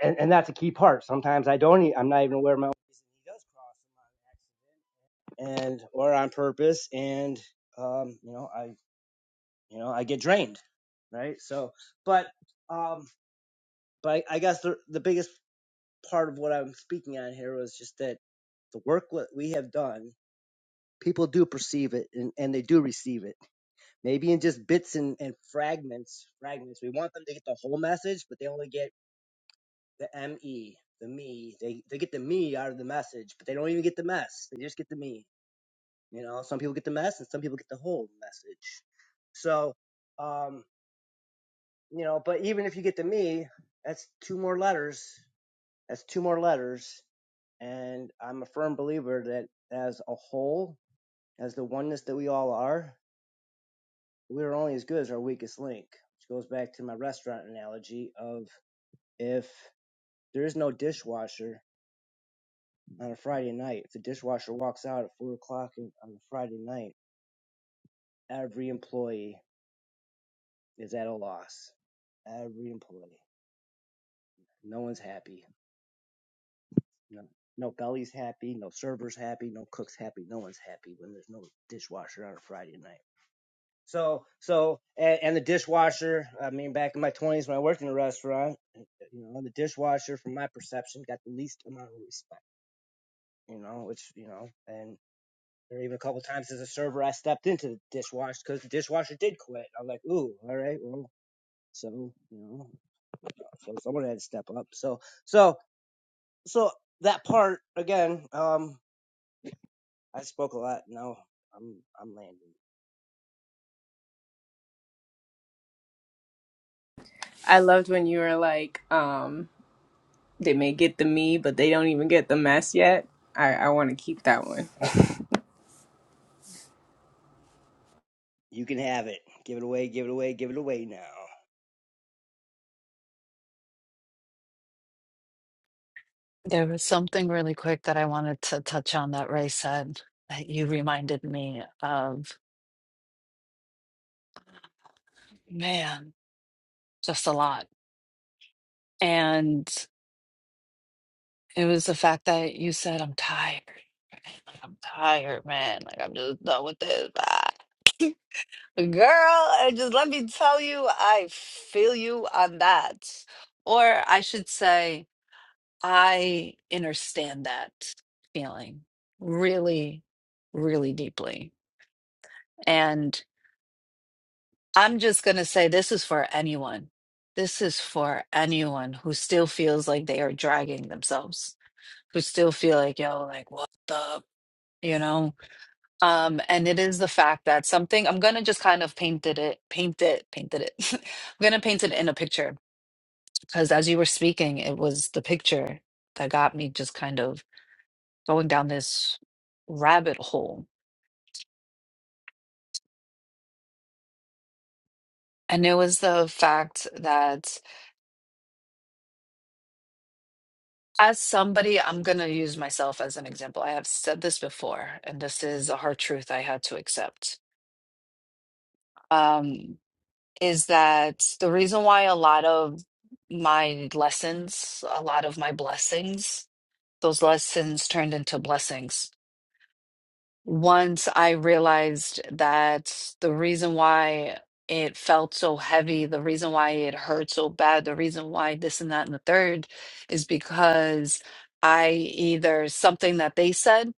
S5: and, and that's a key part. Sometimes I don't. i I'm not even aware of my own. reason He does cross on accident and or on purpose, and um, you know, I you know I get drained, right? So, but um, but I guess the the biggest part of what I'm speaking on here was just that the work what we have done, people do perceive it and, and they do receive it. Maybe in just bits and, and fragments, fragments. We want them to get the whole message, but they only get the me, the me. They they get the me out of the message, but they don't even get the mess. They just get the me. You know, some people get the mess, and some people get the whole message. So, um, you know, but even if you get the me, that's two more letters. That's two more letters, and I'm a firm believer that as a whole, as the oneness that we all are, we are only as good as our weakest link. Which goes back to my restaurant analogy of if there is no dishwasher, on a Friday night, if the dishwasher walks out at four o'clock on a Friday night, every employee is at a loss. Every employee. No one's happy. No, no belly's happy. No server's happy. No cook's happy. No one's happy when there's no dishwasher on a Friday night. So, so, and, and the dishwasher, I mean, back in my 20s when I worked in a restaurant, you know, the dishwasher, from my perception, got the least amount of respect, you know, which, you know, and Or even a couple times as a server, I stepped into the dishwasher because the dishwasher did quit. I'm like, ooh, all right, well, so you know, so someone had to step up. So, so, so that part again. Um, I spoke a lot. Now I'm, I'm landing.
S3: I loved when you were like, um, they may get the me, but they don't even get the mess yet. I, I want to keep that one.
S5: You can have it. Give it away. Give it away. Give it away now.
S1: there was something really quick that i wanted to touch on that ray said that you reminded me of man just a lot And it was the fact that you said, I'm tired. Like, I'm tired, man. Like, I'm just done with this. Ah. [laughs] Girl, and just let me tell you, I feel you on that. Or I should say, I understand that feeling really, really deeply. And I'm just going to say this is for anyone. This is for anyone who still feels like they are dragging themselves who still feel like, yo, like, what the, you know? Um, and it is the fact that something, I'm gonna just kind of painted it, paint it, painted it. [laughs] I'm gonna paint it in a picture because as you were speaking, it was the picture that got me just kind of going down this rabbit hole. And it was the fact that as somebody, I'm gonna use myself as an example. I have said this before, and this is a hard truth I had to accept. Um, is that the reason why a lot of my lessons, a lot of my blessings, those lessons turned into blessings. Once I realized that the reason why it felt so heavy, the reason why it hurt so bad, the reason why this and that and the third is because I either something that they said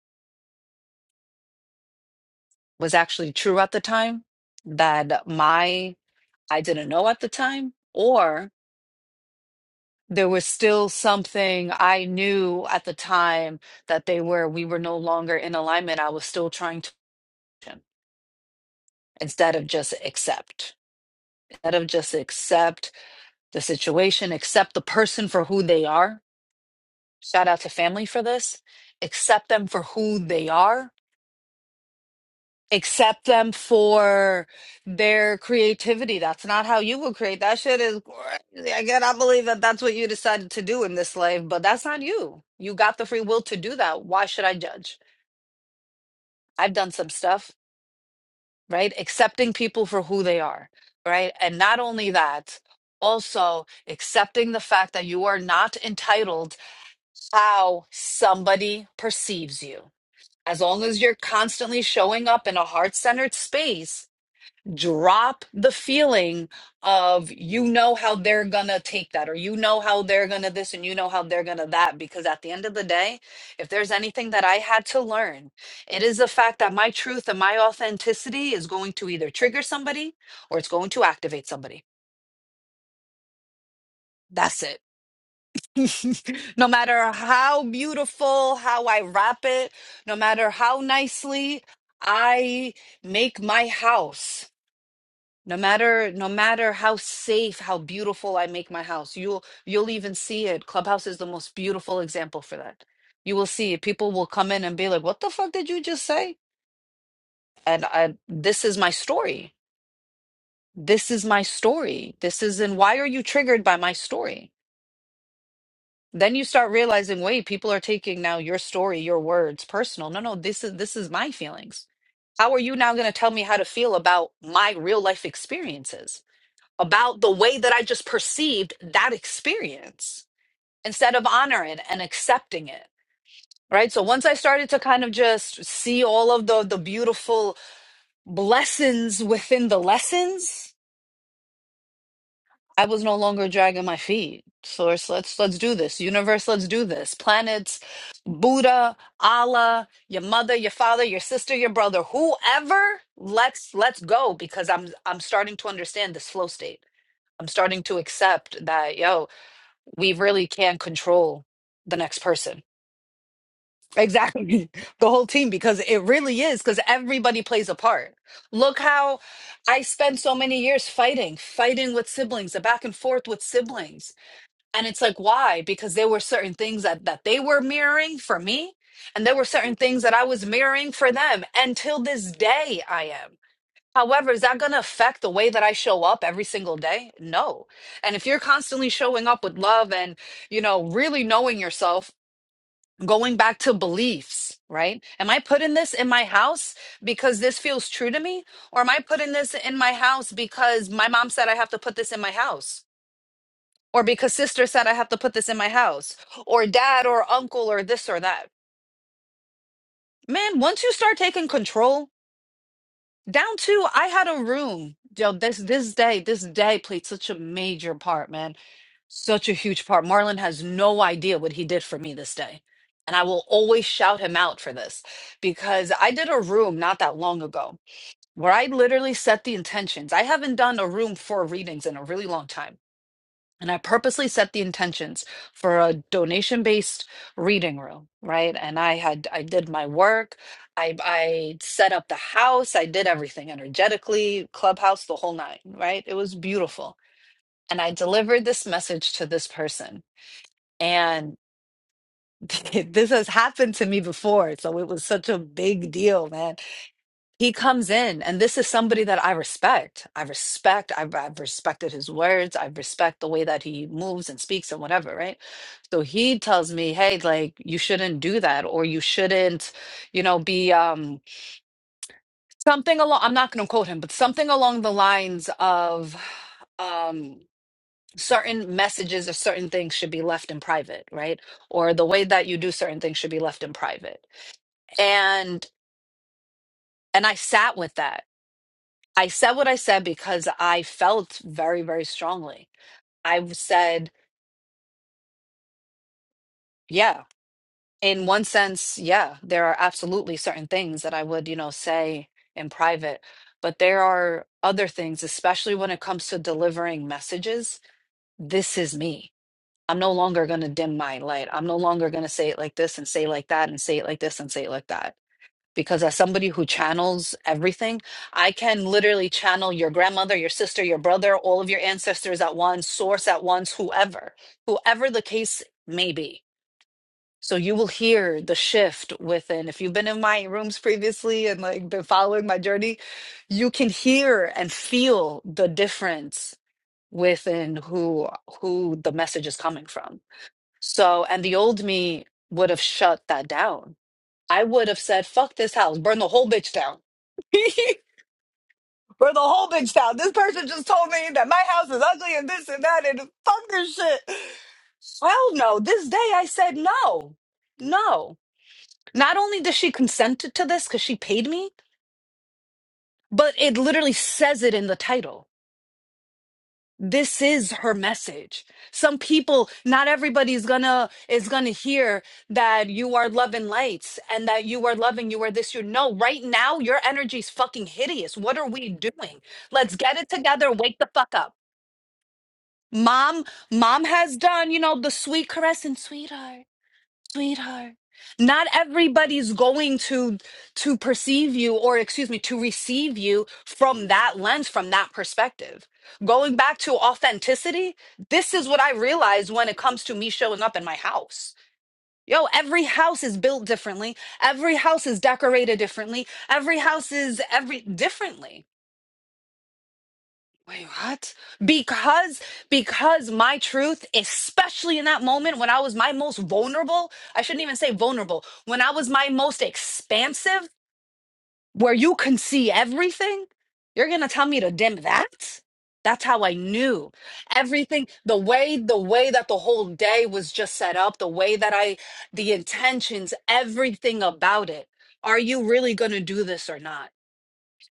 S1: was actually true at the time that my I didn't know at the time, or there was still something I knew at the time that they were, we were no longer in alignment. I was still trying to instead of just accept, instead of just accept the situation, accept the person for who they are. Shout out to family for this. Accept them for who they are accept them for their creativity. That's not how you would create. That shit is crazy. I cannot believe that that's what you decided to do in this life, but that's not you. You got the free will to do that. Why should I judge? I've done some stuff, right? Accepting people for who they are, right? And not only that, also accepting the fact that you are not entitled how somebody perceives you. As long as you're constantly showing up in a heart centered space, drop the feeling of you know how they're gonna take that or you know how they're gonna this and you know how they're gonna that because at the end of the day if there's anything that i had to learn it is the fact that my truth and my authenticity is going to either trigger somebody or it's going to activate somebody that's it [laughs] no matter how beautiful how i wrap it no matter how nicely i make my house No matter no matter how safe, how beautiful I make my house, you'll you'll even see it. Clubhouse is the most beautiful example for that. You will see it. People will come in and be like, "What the fuck did you just say?" And I, this is my story. This is my story. This is and why are you triggered by my story? Then you start realizing, wait, people are taking now your story, your words personal. No, no, this is this is my feelings. How are you now going to tell me how to feel about my real life experiences? about the way that I just perceived that experience instead of honoring it and accepting it. Right. So once I started to kind of just see all of the the beautiful blessings within the lessons, I was no longer dragging my feet. Source, let's let's do this. Universe, let's do this. Planets, Buddha, Allah, your mother, your father, your sister, your brother, whoever, let's let's go because I'm I'm starting to understand this flow state. I'm starting to accept that, yo, we really can control the next person. Exactly. [laughs] The whole team, because it really is, because everybody plays a part. Look how I spent so many years fighting, fighting with siblings, the back and forth with siblings. And it's like, why? Because there were certain things that, that they were mirroring for me, and there were certain things that I was mirroring for them. And till this day, I am. However, is that going to affect the way that I show up every single day? No. And if you're constantly showing up with love and, you know, really knowing yourself, going back to beliefs, right? Am I putting this in my house because this feels true to me? Or am I putting this in my house because my mom said I have to put this in my house? Or because sister said I have to put this in my house? Or dad or uncle or this or that? Man, once you start taking control Down to I had a room. Yo, this this day, this day played such a major part, man. Such a huge part. Marlon has no idea what he did for me this day. And I will always shout him out for this because I did a room not that long ago where I literally set the intentions. I haven't done a room for readings in a really long time. And I purposely set the intentions for a donation based reading room, right? And I had, I did my work. I, I set up the house. I did everything energetically, clubhouse, the whole nine, right? It was beautiful. And I delivered this message to this person. And [laughs] this has happened to me before. So it was such a big deal, man he comes in and this is somebody that i respect i respect I've, I've respected his words i respect the way that he moves and speaks and whatever right so he tells me hey like you shouldn't do that or you shouldn't you know be um something along i'm not going to quote him but something along the lines of um certain messages or certain things should be left in private right or the way that you do certain things should be left in private and and i sat with that I said what I said because I felt very, very strongly. I said, yeah, in one sense, yeah, there are absolutely certain things that I would, you know, say in private, but there are other things, especially when it comes to delivering messages. This is me. I'm no longer going to dim my light. I'm no longer going to say it like this and say it like that and say it like this and say it like that. because as somebody who channels everything, I can literally channel your grandmother, your sister, your brother, all of your ancestors at once, source at once, whoever, whoever the case may be. So you will hear the shift within. If you've been in my rooms previously and like been following my journey, you can hear and feel the difference within who who the message is coming from. So, and the old me would have shut that down I would have said, fuck this house, burn the whole bitch down. [laughs] burn the whole bitch down. This person just told me that my house is ugly and this and that and fuck this shit. Hell no. This day I said no. No. Not only does she consent to this because she paid me, but it literally says it in the title. this is her message some people not everybody's gonna is gonna hear that you are loving lights and that you are loving you are this you know right now your energy's fucking hideous what are we doing let's get it together wake the fuck up mom mom has done you know the sweet caress and sweetheart sweetheart not everybody's going to to perceive you or excuse me to receive you from that lens from that perspective going back to authenticity this is what i realized when it comes to me showing up in my house yo every house is built differently every house is decorated differently every house is every differently Wait, what? Because because my truth, especially in that moment when I was my most vulnerable, I shouldn't even say vulnerable, when I was my most expansive, where you can see everything, you're gonna tell me to dim that? That's how I knew everything. The way, the way that the whole day was just set up, the way that I, the intentions, everything about it. Are you really gonna do this or not?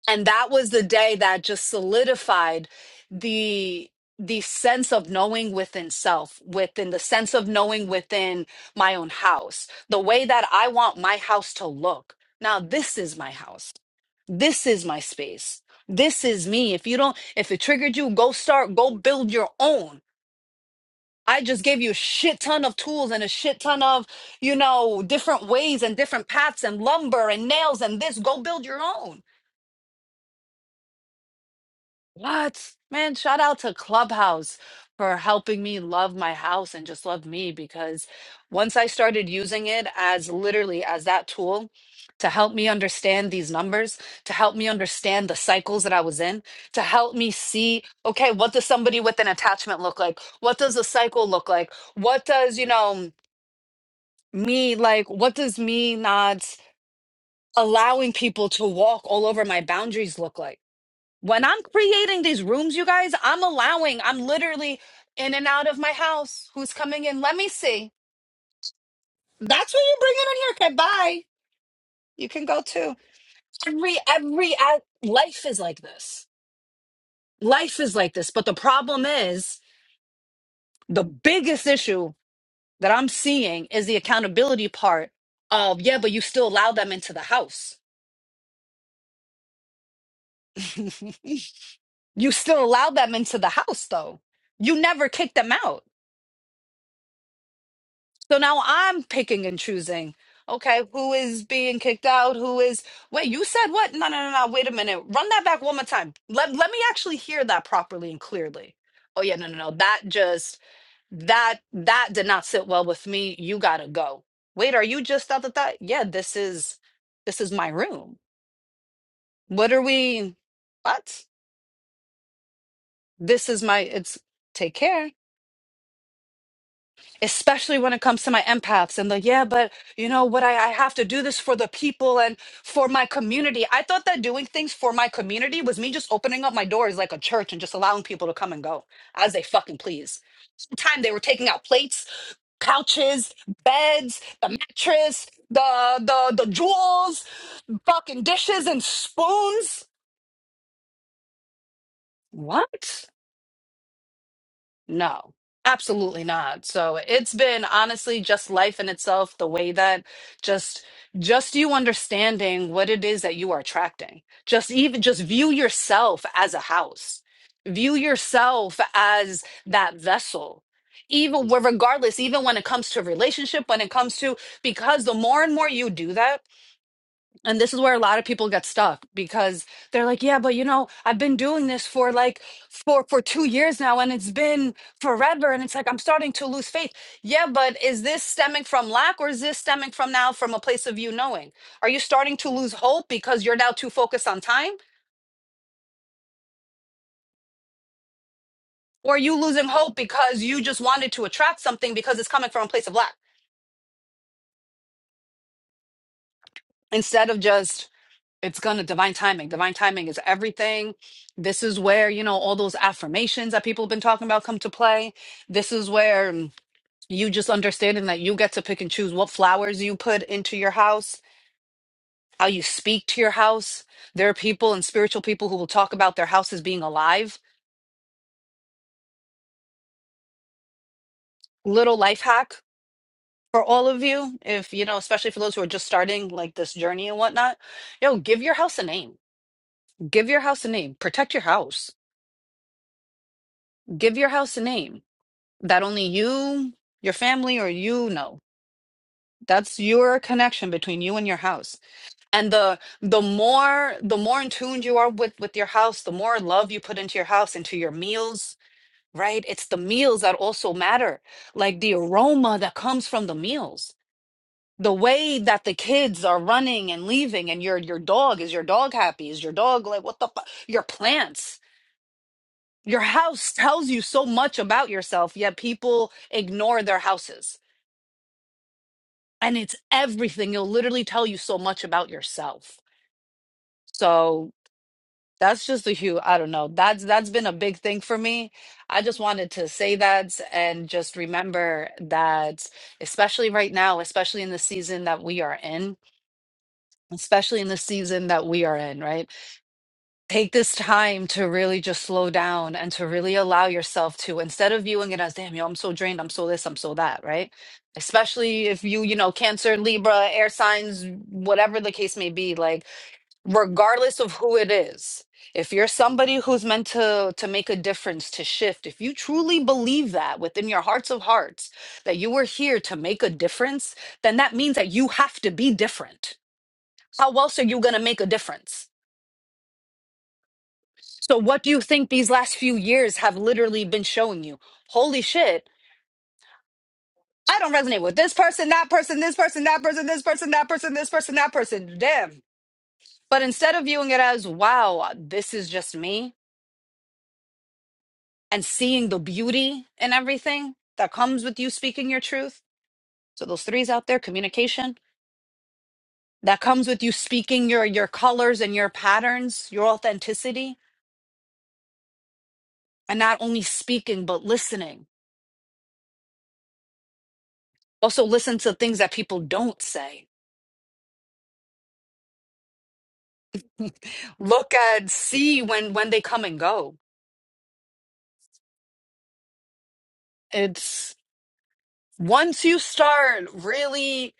S1: and that was the day that just solidified the the sense of knowing within self within the sense of knowing within my own house the way that i want my house to look now this is my house this is my space this is me if you don't if it triggered you go start go build your own i just gave you a shit ton of tools and a shit ton of you know different ways and different paths and lumber and nails and this go build your own What? Man, shout out to Clubhouse for helping me love my house and just love me because once I started using it as literally as that tool to help me understand these numbers, to help me understand the cycles that I was in, to help me see, okay, what does somebody with an attachment look like? What does a cycle look like? What does, you know, me like, what does me not allowing people to walk all over my boundaries look like? When I'm creating these rooms, you guys, I'm allowing, I'm literally in and out of my house. Who's coming in? Let me see. That's what you bring in on here. Okay, bye. You can go too. Every, every, uh, life is like this. Life is like this. But the problem is, the biggest issue that I'm seeing is the accountability part of, yeah, but you still allow them into the house. [laughs] you still allow them into the house, though. You never kick them out. So now I'm picking and choosing. Okay, who is being kicked out? Who is wait, you said what? No, no, no, no. Wait a minute. Run that back one more time. Let let me actually hear that properly and clearly. Oh yeah, no, no, no. That just that that did not sit well with me. You gotta go. Wait, are you just out of that? Yeah, this is this is my room. What are we what? This is my it's take care. especially when it comes to my empaths and the yeah but you know what I, I have to do this for the people and for my community i thought that doing things for my community was me just opening up my doors like a church and just allowing people to come and go as they fucking please time they were taking out plates couches beds the mattress the the the jewels fucking dishes and spoons what No, absolutely not. So it's been honestly just life in itself, the way that just just you understanding what it is that you are attracting. Just even just view yourself as a house. View yourself as that vessel. Even where regardless, even when it comes to relationship, when it comes to because the more and more you do that, and this is where a lot of people get stuck because they're like, yeah, but you know, I've been doing this for like for for 2 years now and it's been forever and it's like I'm starting to lose faith. Yeah, but is this stemming from lack or is this stemming from now from a place of you knowing? Are you starting to lose hope because you're now too focused on time or are you losing hope because you just wanted to attract something because it's coming from a place of lack instead of just it's gonna divine timing. Divine timing is everything. This is where, you know, all those affirmations that people have been talking about come to play. This is where mm, you just understanding that you get to pick and choose what flowers you put into your house, how you speak to your house. There are people and spiritual people who will talk about their houses being alive. Little life hack for all of you, if you know, especially for those who are just starting like this journey and whatnot, yo, give your house a name. Give your house a name. Protect your house. Give your house a name that only you, your family, or you know. That's your connection between you and your house. And the the more the more in tune you are with with your house, the more love you put into your house, into your meals, right? It's the meals that also matter. Like the aroma that comes from the meals. The way that the kids are running and leaving, and your your dog, is your dog happy? Is your dog like what the fu- your plants? Your house tells you so much about yourself, yet people ignore their houses and it's everything. It'll literally tell you so much about yourself. So that's just a huge, I don't know. That's that's been a big thing for me. I just wanted to say that and just remember that, especially right now, especially in the season that we are in, especially in the season that we are in, right? take this time to really just slow down and to really allow yourself to instead of viewing it as damn yo i'm so drained i'm so this i'm so that right especially if you you know cancer libra air signs whatever the case may be like regardless of who it is if you're somebody who's meant to to make a difference to shift if you truly believe that within your hearts of hearts that you were here to make a difference then that means that you have to be different how else are you going to make a difference So, what do you think these last few years have literally been showing you? Holy shit. I don't resonate with this person, that person, this person, that person, this person, that person, this person, that person. Damn. But instead of viewing it as, wow, this is just me, and seeing the beauty and everything that comes with you speaking your truth. So, those threes out there, communication that comes with you speaking your your colors and your patterns, your authenticity, and not only speaking but listening. Also listen to things that people don't say look at see when when they come and go it's once you start really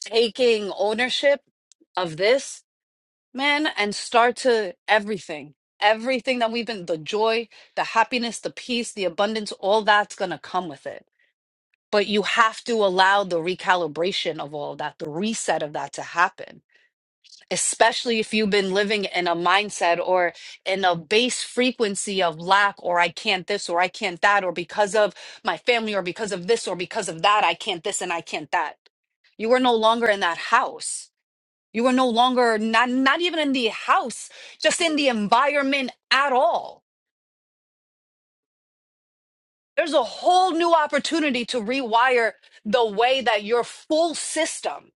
S1: taking ownership of this man and start to everything everything that we've been the joy the happiness the peace the abundance all that's going to come with it but you have to allow the recalibration of all that the reset of that to happen especially if you've been living in a mindset or in a base frequency of lack or I can't this or I can't that or because of my family or because of this or because of that I can't this and I can't that. You are no longer in that house. You are no longer not not even in the house, just in the environment at all There's a whole new opportunity to rewire the way that your full system,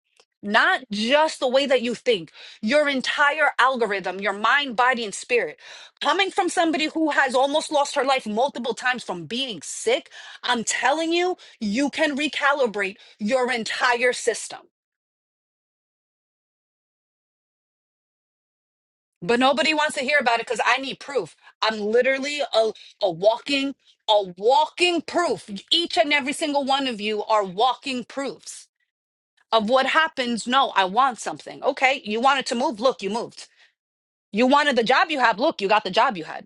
S1: not just the way that you think, your entire algorithm, your mind, body, and spirit. Coming from somebody who has almost lost her life multiple times from being sick, I'm telling you, you can recalibrate your entire system. But nobody wants to hear about it because I need proof. I'm literally a, a walking, a walking proof. Each and every single one of you are walking proofs. of what happens. No, I want something. Okay, you wanted to move. Look, you moved. You wanted the job you had. Look, you got the job you had.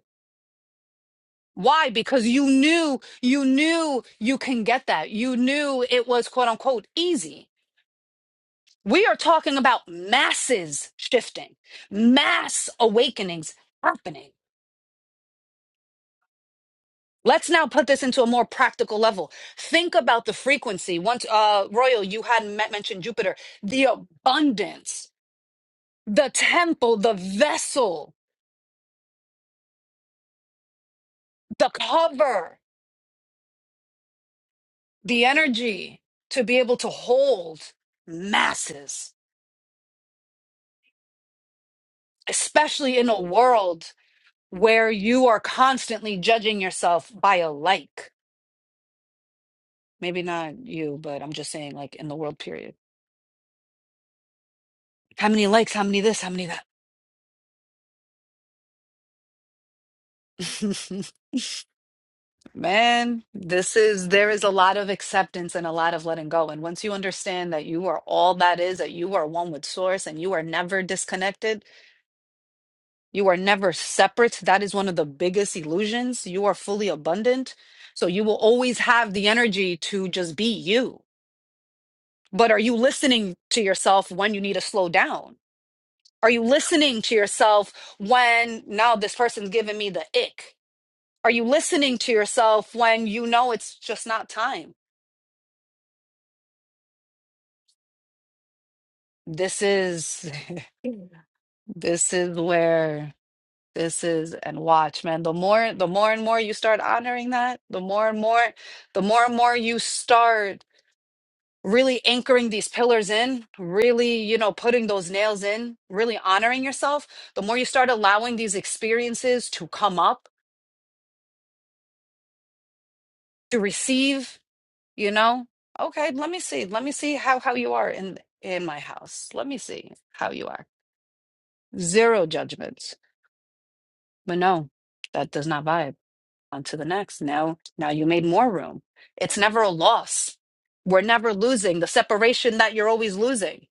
S1: Why? Because you knew, you knew you can get that. You knew it was quote unquote easy. We are talking about masses shifting, mass awakenings happening. Let's now put this into a more practical level. Think about the frequency. Once, uh, Royal, you had me- mentioned Jupiter, the abundance, the temple, the vessel the cover, the energy to be able to hold masses, especially in a world where you are constantly judging yourself by a like. Maybe not you, but I'm just saying, like, in the world, period. How many likes? How many this? How many that? [laughs] Man, this is, there is a lot of acceptance and a lot of letting go. And once you understand that you are all that is, that you are one with source and you are never disconnected, You are never separate. That is one of the biggest illusions. You are fully abundant. So you will always have the energy to just be you. But are you listening to yourself when you need to slow down? Are you listening to yourself when now this person's giving me the ick? Are you listening to yourself when you know it's just not time? This is [laughs] this is where This is and watch, man. The more, the more and more you start honoring that, the more and more, the more and more you start really anchoring these pillars in, really, you know, putting those nails in, really honoring yourself, the more you start allowing these experiences to come up, to receive, you know, okay, let me see. Let me see how how you are in in my house. Let me see how you are. Zero judgments. But no, that does not vibe. on to the next now now you made more room it's never a loss we're never losing the separation that you're always losing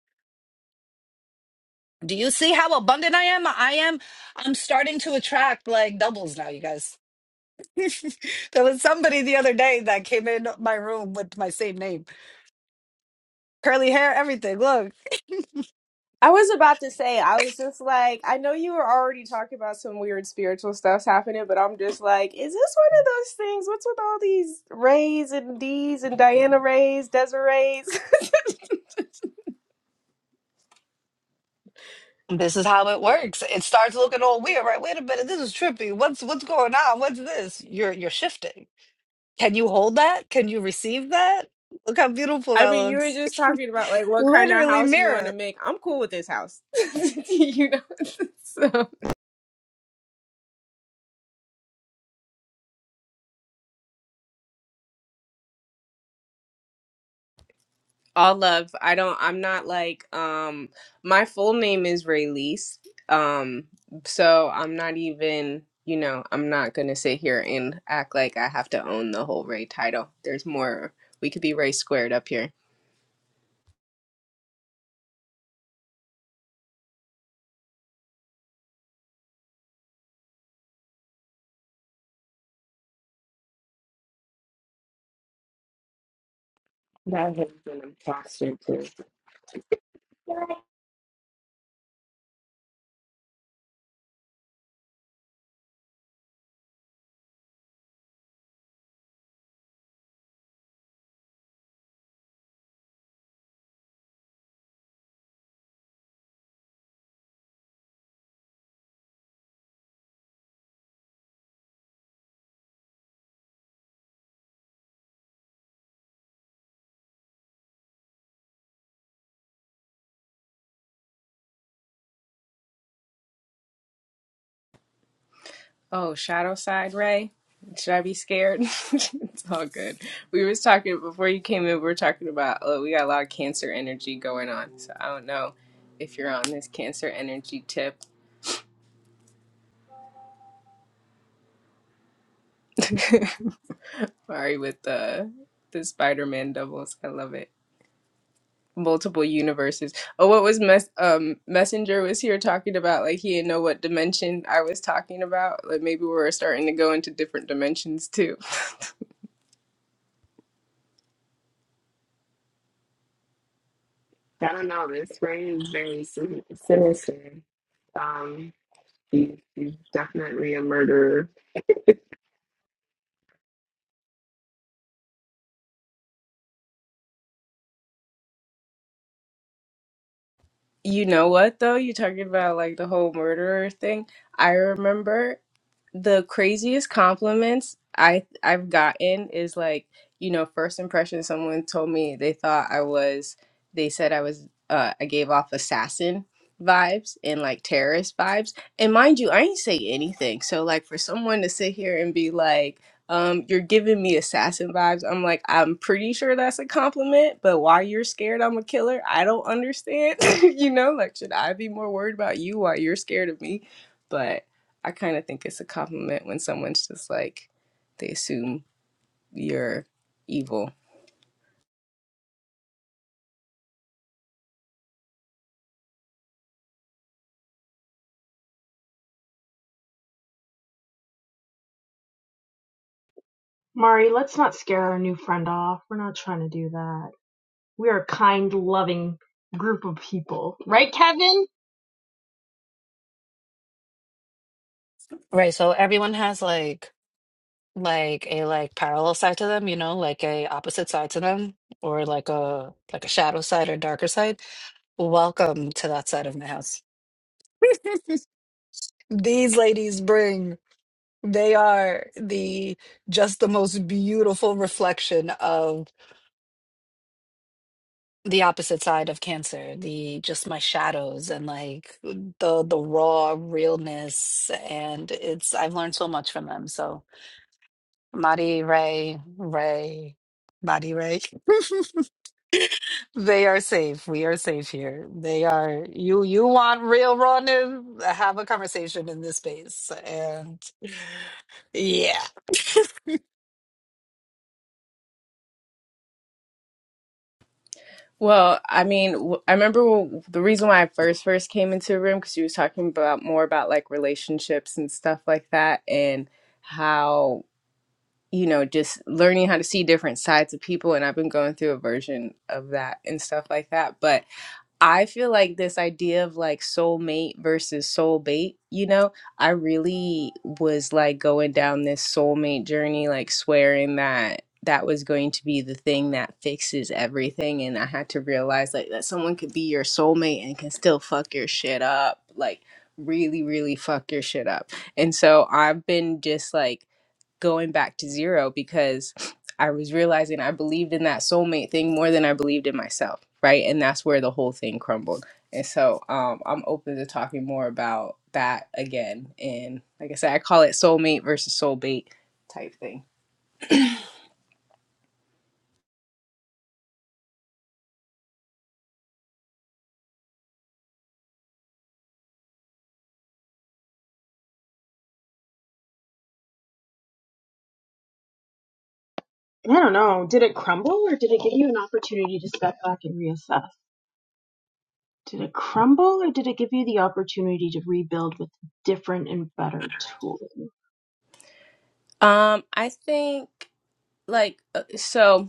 S1: do you see how abundant i am i am i'm starting to attract like doubles now you guys [laughs] there was somebody the other day that came in my room with my same name curly hair everything look
S3: I was about to say, I was just like, I know you were already talking about some weird spiritual stuff's happening, but I'm just like, is this one of those things? What's with all these Rays and D's and Diana Rays, Desirees? [laughs]
S1: this is how it works it starts looking all weird right wait a minute this is trippy what's what's going on what's this you're you're shifting can you hold that can you receive that look how beautiful
S3: I
S1: that
S3: mean, you were
S1: looks
S3: just talking about like what kind of
S1: Literally
S3: house you want to
S1: mirror.
S3: make. I'm cool with this house. [laughs] you know. [laughs] so all love. I don't I'm not like um my full name is Raylease. Um so I'm not even, you know, I'm not going to sit here and act like I have to own the whole Ray title. There's more. We could be Ray squared up here.
S6: That has been a posture too. I
S3: Oh, Shadow Side Ray. Should I be scared? [laughs] it's all good. We was talking before you came in. We were talking about oh, we got a lot of cancer energy going on. So I don't know if you're on this cancer energy tip. [laughs] Sorry with the the Spider Man doubles. I love it. Multiple universes. Oh, what was mess? Um, Messenger was here talking about like he didn't know what dimension I was talking about. Like maybe we were starting to go into different dimensions too. [laughs]
S6: don't know. This spring is very sin- sinister. Um, he, he's definitely a murderer.
S3: You know what though? You're talking about like the whole murderer thing. I remember the craziest compliments I I've gotten is like, you know, first impression someone told me they thought I was they said I was uh I gave off assassin vibes and like terrorist vibes. And mind you, I ain't say anything. So like for someone to sit here and be like, um, you're giving me assassin vibes, I'm like, I'm pretty sure that's a compliment, but why you're scared I'm a killer, I don't understand. [laughs] you know, like should I be more worried about you while you're scared of me? but. I kind of think it's a compliment when someone's just like, they assume you're evil.
S7: Mari, let's not scare our new friend off. We're not trying to do that. We are a kind, loving group of people. Right, Kevin?
S1: Right, so everyone has like like a like parallel side to them, you know, like a opposite side to them, or like a like a shadow side or darker side. Welcome to that side of my house. [laughs] These ladies bring, they are the just the most beautiful reflection of the opposite side of Cancer, the just my shadows and like the the raw realness and it's I've learned so much from them. So Maddie Ray, Ray, Maddie Ray. [laughs] They are safe. We are safe here. They are you you want real raw news? Have a conversation in this space. And yeah.
S3: Well, I mean, w- I remember w- the reason why I first first came into the room because you was talking about more about like relationships and stuff like that, and how you know just learning how to see different sides of people. And I've been going through a version of that and stuff like that. But I feel like this idea of like soulmate versus soul bait, you know, I really was like going down this soulmate journey, like swearing that that was going to be the thing that fixes everything. And I had to realize like that someone could be your soulmate and can still fuck your shit up, like really, really fuck your shit up. And so I've been just like going back to zero because I was realizing I believed in that soulmate thing more than I believed in myself, right? And that's where the whole thing crumbled. And so um, I'm open to talking more about that again. And like I said, I call it soulmate versus soulmate type thing.
S7: I don't know. Did it crumble or did it give you an opportunity to step back and reassess? Did it crumble or did it give you the opportunity to rebuild with different and better tooling?
S3: Um, I think like uh, so.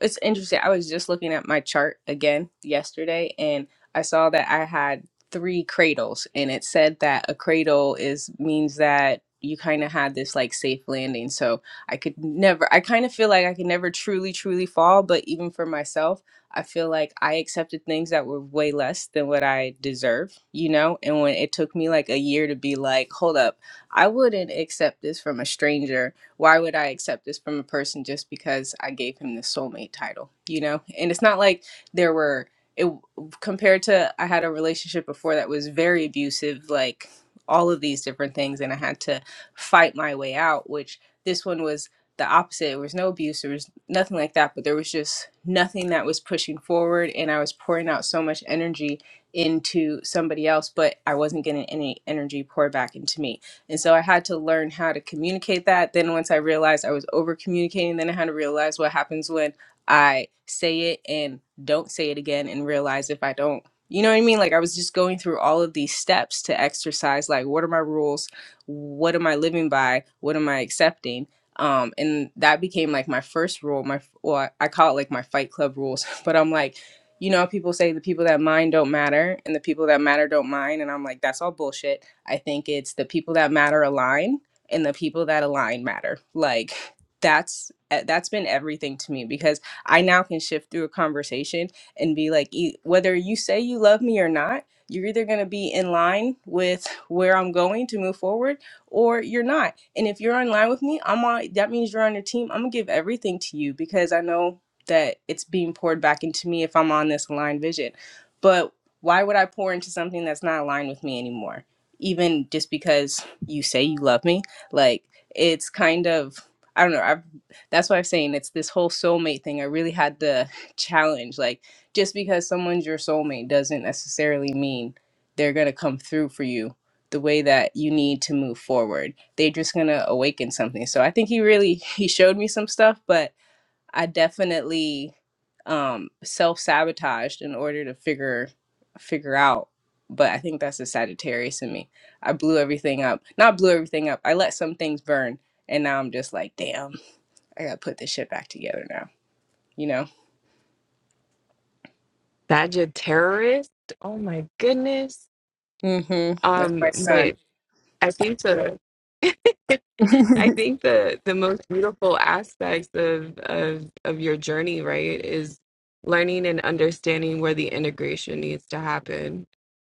S3: It's interesting. I was just looking at my chart again yesterday and I saw that I had three cradles and it said that a cradle is means that you kind of had this like safe landing. So I could never I kind of feel like I could never truly truly fall, but even for myself, I feel like I accepted things that were way less than what I deserve, you know? And when it took me like a year to be like, "Hold up. I wouldn't accept this from a stranger." why would I accept this from a person just because I gave him the soulmate title, you know? And it's not like there were it compared to I had a relationship before that was very abusive, like all of these different things, and I had to fight my way out, which this one was the opposite. There was no abuse, there was nothing like that, but there was just nothing that was pushing forward, and I was pouring out so much energy into somebody else, but I wasn't getting any energy poured back into me and so I had to learn how to communicate that. Then once I realized I was over communicating, then I had to realize what happens when I say it and don't say it again and realize if I don't. You know what I mean? Like I was just going through all of these steps to exercise like what are my rules? What am I living by? What am I accepting? Um and that became like my first rule, my well, I call it like my fight club rules, [laughs] but I'm like you know, people say the people that mind don't matter and the people that matter don't mind. And I'm like, that's all bullshit I think it's the people that matter align and the people that align matter. Like that's eh, that's been everything to me because I now can shift through a conversation and be like e- whether you say you love me or not, you're either going to be in line with where I'm going to move forward or you're not. And if you're in line with me, I'm on that means you're on your team. I'm going to give everything to you because I know that it's being poured back into me if I'm on this aligned vision. But why would I pour into something that's not aligned with me anymore? even just because you say you love me like it's kind of i don't know i that's why i'm saying it's this whole soulmate thing i really had the [laughs] challenge like just because someone's your soulmate doesn't necessarily mean they're going to come through for you the way that you need to move forward they're just going to awaken something so i think he really [laughs] he showed me some stuff but I definitely um self-sabotaged in order to figure figure out but I think that's a Sagittarius in me. I blew everything up. Not blew everything up. I let some things burn and now I'm just like, damn, I got to put this shit back together now, you know?
S6: Badge a terrorist. Oh my goodness.
S3: Mhm. That's
S6: Um,
S3: my son.
S6: but I seem to. [laughs] I think the the most beautiful aspects of of of your journey, right, is learning and understanding where the integration needs to happen.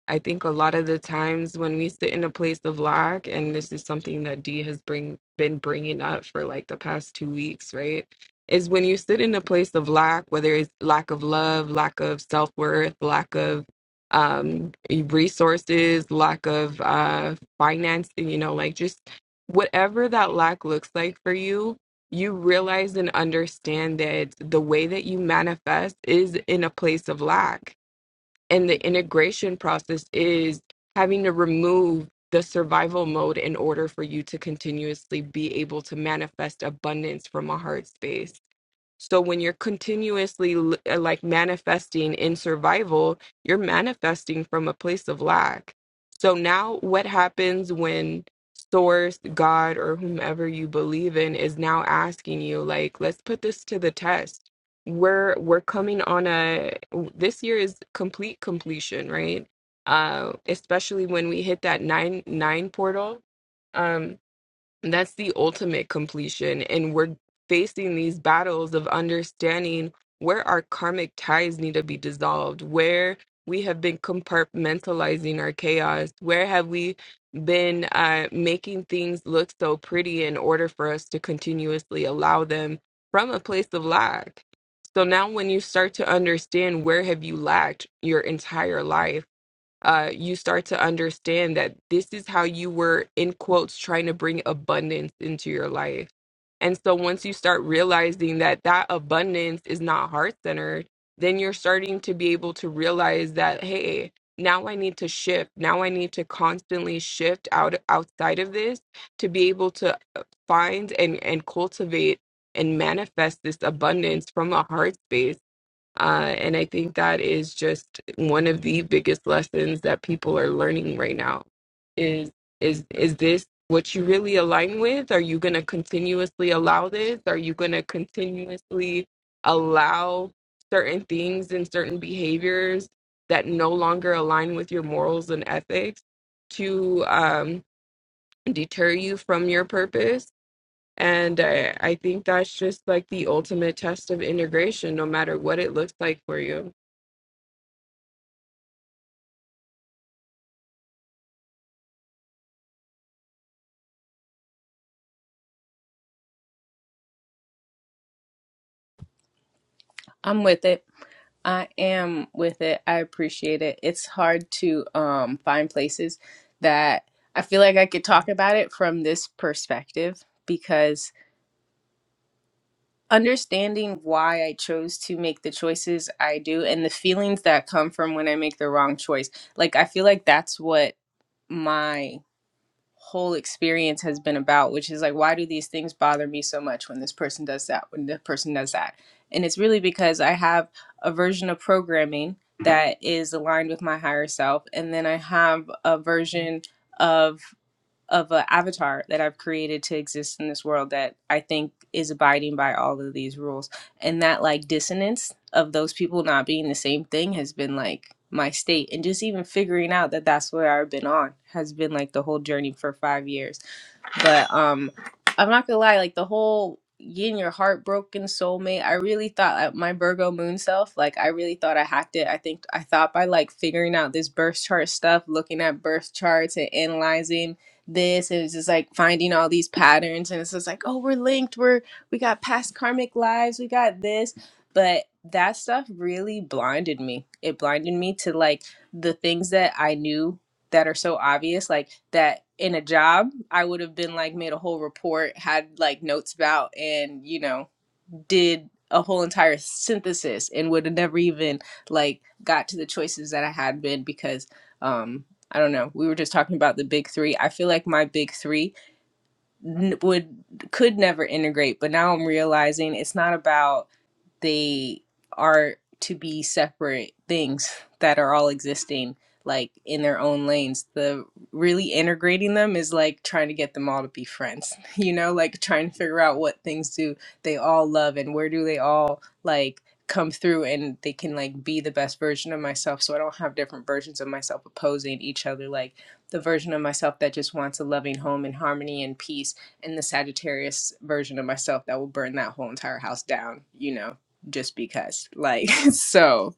S6: I think a lot of the times when we sit in a place of lack, and this is something that Dee has bring been bringing up for like the past two weeks, right, is when you sit in a place of lack, whether it's lack of love, lack of self worth, lack of um resources lack of uh finance you know like just whatever that lack looks like for you, you realize and understand that the way that you manifest is in a place of lack. And the integration process is having to remove the survival mode in order for you to continuously be able to manifest abundance from a heart space. So when you're continuously l- uh, like manifesting in survival, you're manifesting from a place of lack. So now what happens when source, God or whomever you believe in is now asking you like let's put this to the test. We're we're coming on a this year is complete completion, right? Uh especially when we hit that 9 9 portal. um, and that's the ultimate completion. And we're facing these battles of understanding where our karmic ties need to be dissolved, where we have been compartmentalizing our chaos, where have we been uh, making things look so pretty in order for us to continuously allow them from a place of lack. So now when you start to understand where have you lacked your entire life, uh, you start to understand that this is how you were, in quotes, trying to bring abundance into your life. And so once you start realizing that that abundance is not heart centered, then you're starting to be able to realize that, hey, now I need to shift. Now I need to constantly shift out outside of this to be able to uh, find and, and cultivate and manifest this abundance from a heart space uh, and I think that is just one of the biggest lessons that people are learning right now is is is this what you really align with? Are you going to continuously allow this? Are you going to continuously allow certain things and certain behaviors that no longer align with your morals and ethics to um, deter you from your purpose? And I, I think that's just like the ultimate test of integration, no matter what it looks like for you.
S3: I'm with it. I am with it. I appreciate it. It's hard to um find places that I feel like I could talk about it from this perspective because understanding why I chose to make the choices I do and the feelings that come from when I make the wrong choice. Like, I feel like that's what my whole experience has been about, which is like, why do these things bother me so much when this person does that, when the person does that? And it's really because I have a version of programming that is aligned with my higher self, and then I have a version of of an avatar that I've created to exist in this world that I think is abiding by all of these rules. And that like dissonance of those people not being the same thing has been like my state. And just even figuring out that that's where I've been on has been like the whole journey for five years but um, I'm not gonna lie, like the whole getting your heart broken soulmate, I really thought like, my Virgo moon self, like I really thought I hacked it. I think I thought by like figuring out this birth chart stuff, looking at birth charts and analyzing this and it's just like finding all these patterns and it's just like oh we're linked we're we got past karmic lives we got this but that stuff really blinded me it blinded me to like the things that i knew that are so obvious like that in a job i would have been like made a whole report had like notes about and you know did a whole entire synthesis and would have never even like got to the choices that i had been because um i don't know we were just talking about the big three i feel like my big three n- would could never integrate but now i'm realizing it's not about they are to be separate things that are all existing like in their own lanes the really integrating them is like trying to get them all to be friends [laughs] you know like trying to figure out what things do they all love and where do they all like come through and they can like be the best version of myself so i don't have different versions of myself opposing each other like the version of myself that just wants a loving home and harmony and peace and the Sagittarius version of myself that will burn that whole entire house down, you know just because like [laughs] so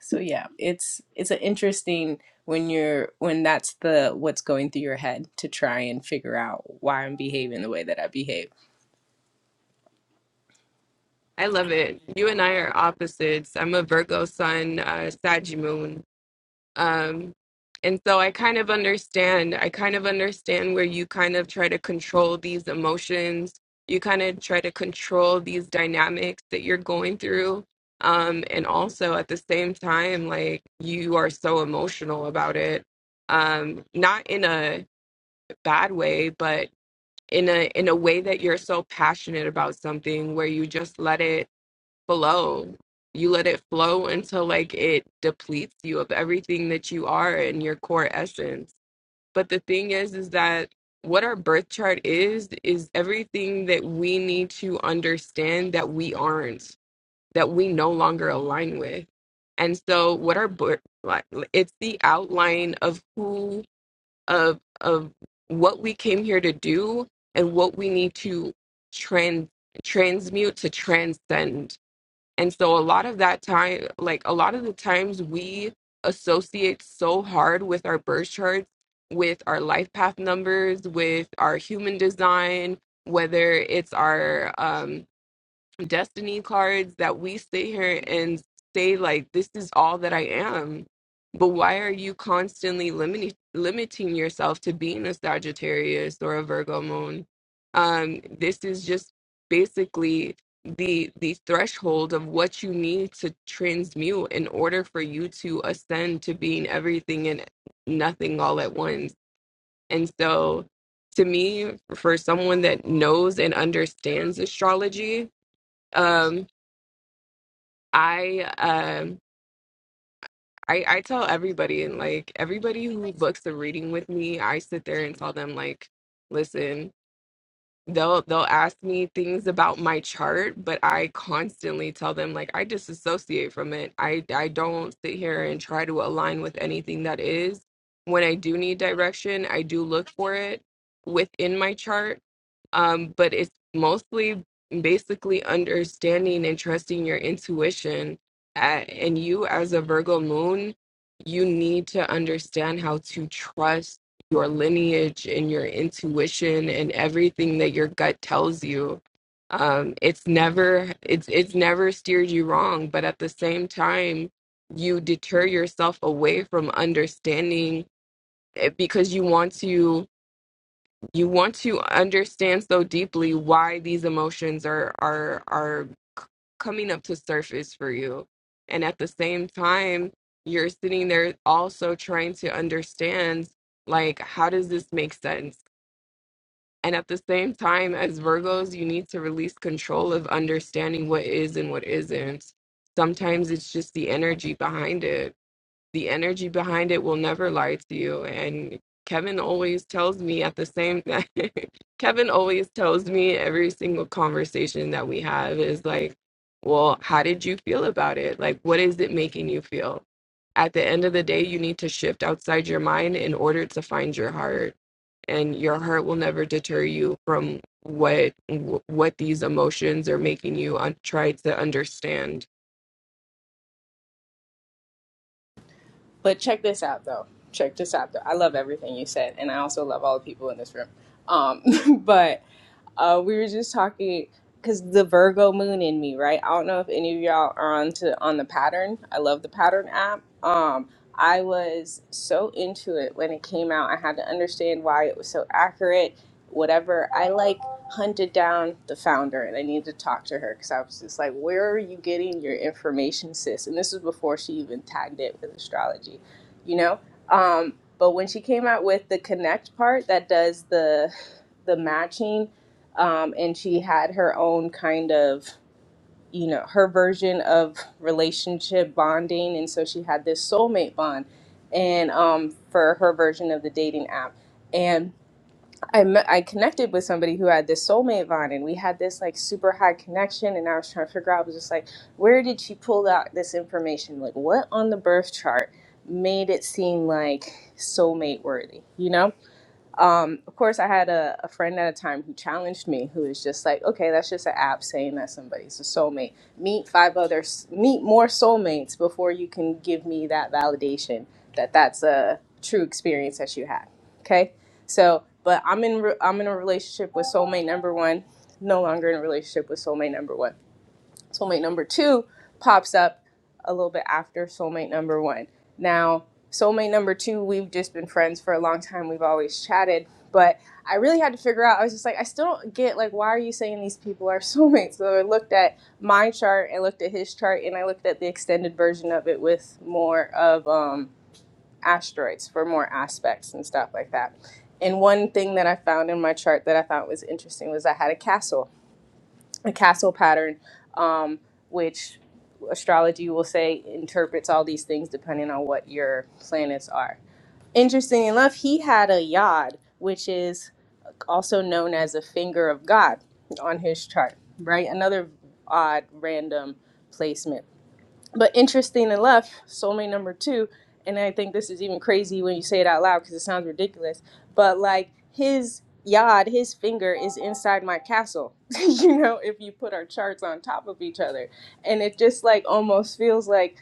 S3: so yeah it's it's an interesting when you're when that's the what's going through your head to try and figure out why i'm behaving the way that i behave
S6: I love it. You and I are opposites. I'm a Virgo sun, uh, Sag moon. Um, and so I kind of understand. I kind of understand where you kind of try to control these emotions. You kind of try to control these dynamics that you're going through. Um, and also at the same time, like you are so emotional about it. Um, not in a bad way, but in a in a way that you're so passionate about something where you just let it flow. You let it flow until like it depletes you of everything that you are and your core essence. But the thing is, is that what our birth chart is, is everything that we need to understand that we aren't, that we no longer align with. And so what our birth, like, it's the outline of who, of, of what we came here to do and what we need to trans, transmute to transcend and so a lot of that time, like a lot of the times we associate so hard with our birth charts, with our life path numbers, with our human design, whether it's our um destiny cards that we sit here and say like this is all that I am. But why are you constantly limiting limiting yourself to being a Sagittarius or a Virgo moon? Um this is just basically the the threshold of what you need to transmute in order for you to ascend to being everything and nothing all at once. And so to me for someone that knows and understands astrology, um, I um I I tell everybody and like everybody who books a reading with me, I sit there and tell them like, listen, they'll they'll ask me things about my chart but i constantly tell them like i disassociate from it i i don't sit here and try to align with anything that is when i do need direction i do look for it within my chart um but it's mostly basically understanding and trusting your intuition A- and you as a virgo moon you need to understand how to trust your lineage and your intuition and everything that your gut tells you um it's never it's it's never steered you wrong but at the same time you deter yourself away from understanding it because you want to you want to understand so deeply why these emotions are are are c- coming up to surface for you and at the same time you're sitting there also trying to understand like how does this make sense and at the same time, as Virgos, you need to release control of understanding what is and what isn't. Sometimes it's just the energy behind it. The energy behind it will never lie to you. And Kevin always tells me at the same [laughs] Kevin always tells me every single conversation that we have is like, well, how did you feel about it? Like, what is it making you feel? At the end of the day, you need to shift outside your mind in order to find your heart and your heart will never deter you from what what these emotions are making you un- try to understand
S3: But check this out, though. Check this out, though. I love everything you said, and I also love all the people in this room. Um, [laughs] but uh, we were just talking because the Virgo moon in me, right? I don't know if any of y'all are on to on the pattern. I love the pattern app. Um, I was so into it when it came out. I had to understand why it was so accurate, whatever. I like hunted down the founder and I needed to talk to her because I was just like, where are you getting your information, sis? And this was before she even tagged it with astrology, you know? Um, but when she came out with the connect part that does the the matching, um, and she had her own kind of you know her version of relationship bonding, and so she had this soulmate bond, and um, for her version of the dating app, and I met, I connected with somebody who had this soulmate vine, and we had this like super high connection. And I was trying to figure out, I was just like, where did she pull out this information? Like, what on the birth chart made it seem like soulmate worthy? You know? Um, of course, I had a, a friend at a time who challenged me, who is just like, okay, that's just an app saying that somebody's a soulmate. Meet five others, meet more soulmates before you can give me that validation that that's a true experience that you had. Okay, so but I'm in re- I'm in a relationship with soulmate number one, no longer in a relationship with soulmate number one soulmate number two pops up a little bit after soulmate number one. Now, soulmate number two, we've just been friends for a long time. We've always chatted, but I really had to figure out. I was just like, I still don't get like why are you saying these people are [laughs] soulmates? So I looked at my chart, I looked at his chart, and I looked at the extended version of it with more of um, asteroids for more aspects and stuff like that. And one thing that I found in my chart that I thought was interesting was I had a castle a castle pattern, um, which astrology will say interprets all these things depending on what your planets are. Interesting enough, he had a yod, which is also known as a finger of God on his chart, right? Another odd, random placement. But interesting enough, soulmate number two, and I think this is even crazy when you say it out loud because it sounds ridiculous. But like his yod, his finger is inside my castle. [laughs] you know, if you put our charts on top of each other, and it just like almost feels like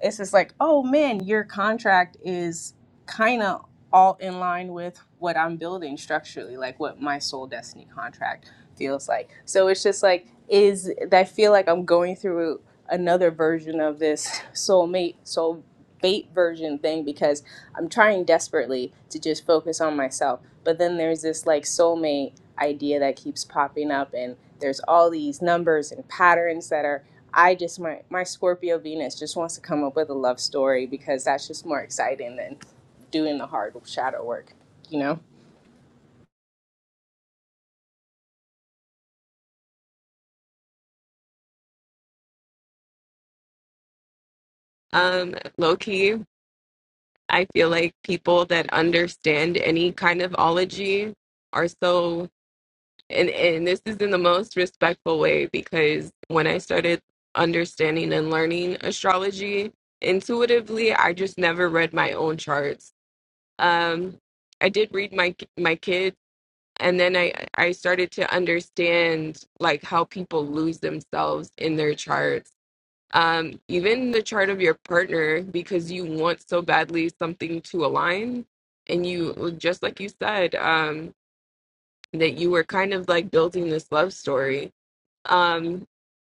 S3: it's just like, oh man, your contract is kind of all in line with what I'm building structurally, like what my soul destiny contract feels like. So it's just like is I feel like I'm going through another version of this soulmate soul fate version thing because I'm trying desperately to just focus on myself. But then there's this like soulmate idea that keeps popping up and there's all these numbers and patterns that are I just my my Scorpio Venus just wants to come up with a love story because that's just more exciting than doing the hard shadow work, you know?
S6: um low key i feel like people that understand any kind of ology are so and and this is in the most respectful way because when i started understanding and learning astrology intuitively i just never read my own charts um i did read my my kid. and then I I started to understand like how people lose themselves in their charts. Um, even the chart of your partner, because you want so badly something to align, and you well, just like you said, um, that you were kind of like building this love story. Um,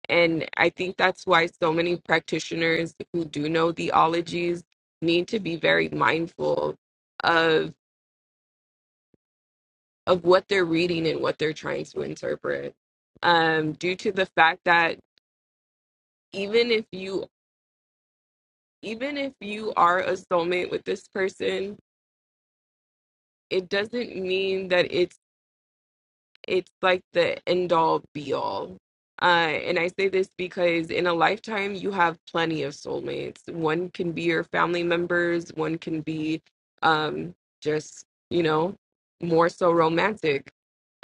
S6: and I think that's why so many practitioners who do know the ologies need to be very mindful of. of what they're reading and what they're trying to interpret um due to the fact that even if you even if you are a soulmate with this person it doesn't mean that it's it's like the end all be all uh and i say this because in a lifetime you have plenty of soulmates one can be your family members one can be um just you know more so romantic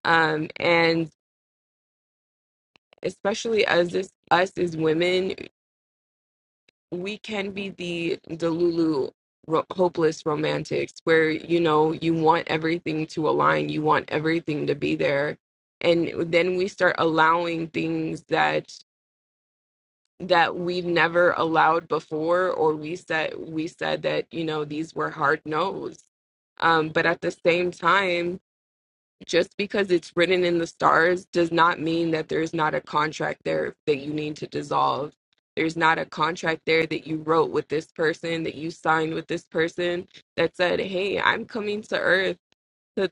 S6: um and especially as this us as women we can be the Delulu ro- hopeless romantics where you know you want everything to align, you want everything to be there, and then we start allowing things that that we never allowed before, or we said we said that you know these were hard no's. Um, but at the same time just because it's written in the stars does not mean that there's not a contract there that you need to dissolve. There's not a contract there that you wrote with this person, that you signed with this person that said, "Hey, I'm coming to Earth to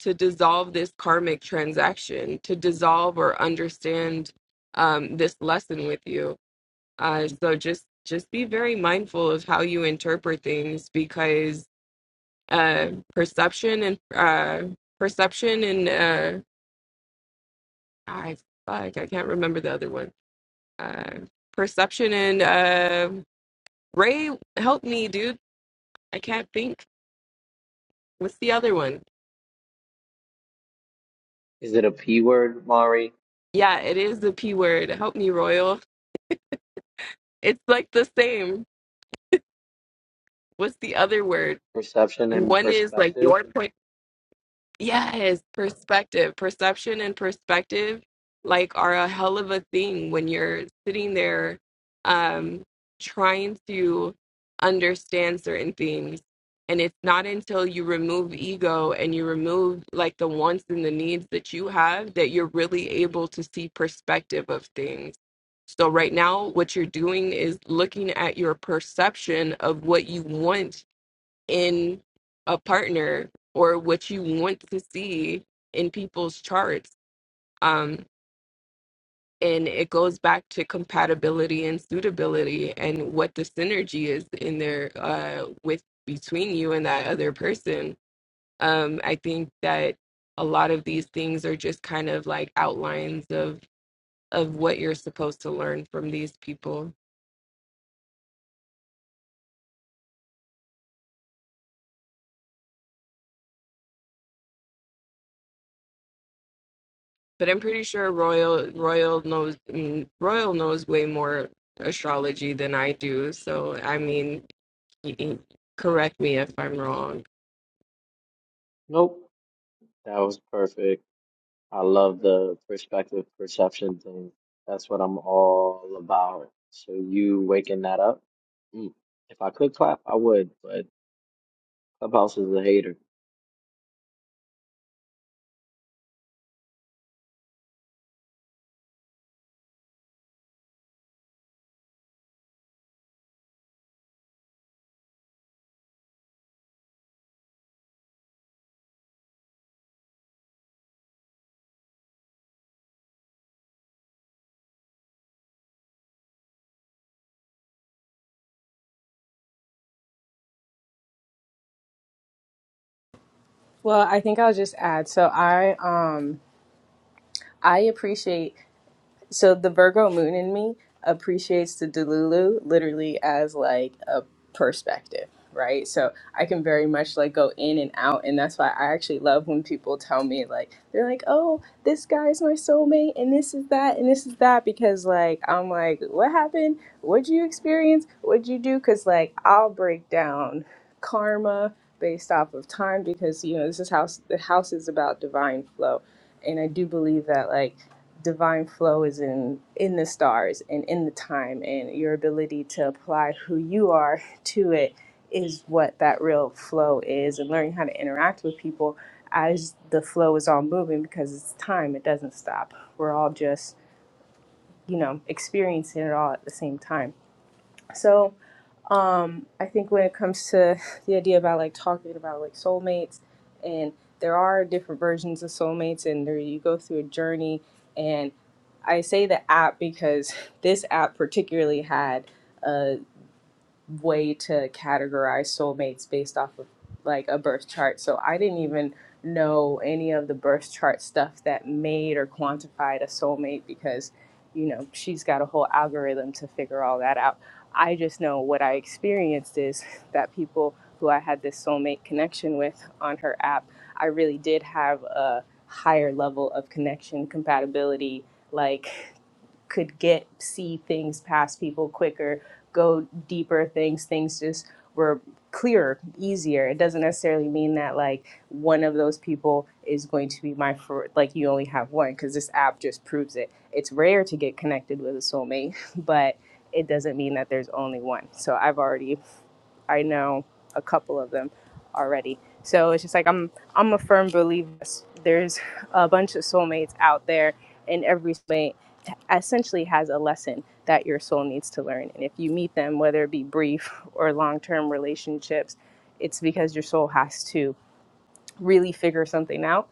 S6: to dissolve this karmic transaction, to dissolve or understand um, this lesson with you." Uh, so just just be very mindful of how you interpret things because uh, perception and uh, perception and uh, I fuck, I can't remember the other one. Uh, Perception and uh, Ray, help me, dude. I can't think. What's the other one?
S4: Is it a P word, Mari?
S6: Yeah, it is the P word. Help me, Royal. It's like the same. What's the other word?
S4: Perception and
S6: One is like
S4: perspective?
S6: your point. Yes, perspective, perception and perspective like are a hell of a thing when you're sitting there um trying to understand certain things. And it's not until you remove ego and you remove like the wants and the needs that you have that you're really able to see perspective of things. So right now what you're doing is looking at your perception of what you want in a partner or what you want to see in people's charts. Um, and it goes back to compatibility and suitability and what the synergy is in there uh, with between you and that other person. Um, I think that a lot of these things are just kind of like outlines of of what you're supposed to learn from these people. but I'm pretty sure Royal Royal knows mm, Royal knows way more astrology than I do. So I mean, he, he- correct me if I'm wrong.
S4: Nope. That was perfect. I love the perspective perception thing. That's what I'm all about. So you waking that up. Mm. If I could clap, I would, but Clubhouse is a hater.
S3: Well, I think I'll just add. So I um I appreciate so the Virgo moon in me appreciates the Delulu literally as like a perspective, right? So I can very much like go in and out and that's why I actually love when people tell me like they're like, "Oh, this guy's my soulmate and this is that and this is that" because like I'm like, "What happened? What'd you experience? What'd you do?" cuz like I'll break down karma based off of time because you know, this is house the house is about divine flow. And I do believe that like divine flow is in in the stars and in the time and your ability to apply who you are [laughs] to it is what that real flow is and learning how to interact with people as the flow is all moving because it's time it doesn't stop we're all just you know experiencing it all at the same time so um i think when it comes to [laughs] the idea about like talking about like soulmates and there are different versions of soulmates and there you go through a journey and i say the app because [laughs] this app particularly had way to categorize soulmates based off of like a birth chart. So I didn't even know any of the birth chart stuff that made or quantified a soulmate because, you know, she's got a whole algorithm to figure all that out. I just know what I experienced is [laughs] that people who I had this soulmate connection with on her app, I really did have a higher level of connection, compatibility, like could get see things past people quicker go deeper things, things just were clearer, easier. It doesn't necessarily mean that like one of those people is going to be my for like you only have one because this app just proves it. It's rare to get connected with a soulmate, [laughs] but it doesn't mean that there's only one. So I've already I know a couple of them already. So it's just like I'm I'm a firm believer there's a bunch of soulmates out there and every soulmate essentially has a lesson that your soul needs to learn. And if you meet them, whether it be brief or long term relationships, it's because your soul has to really figure something out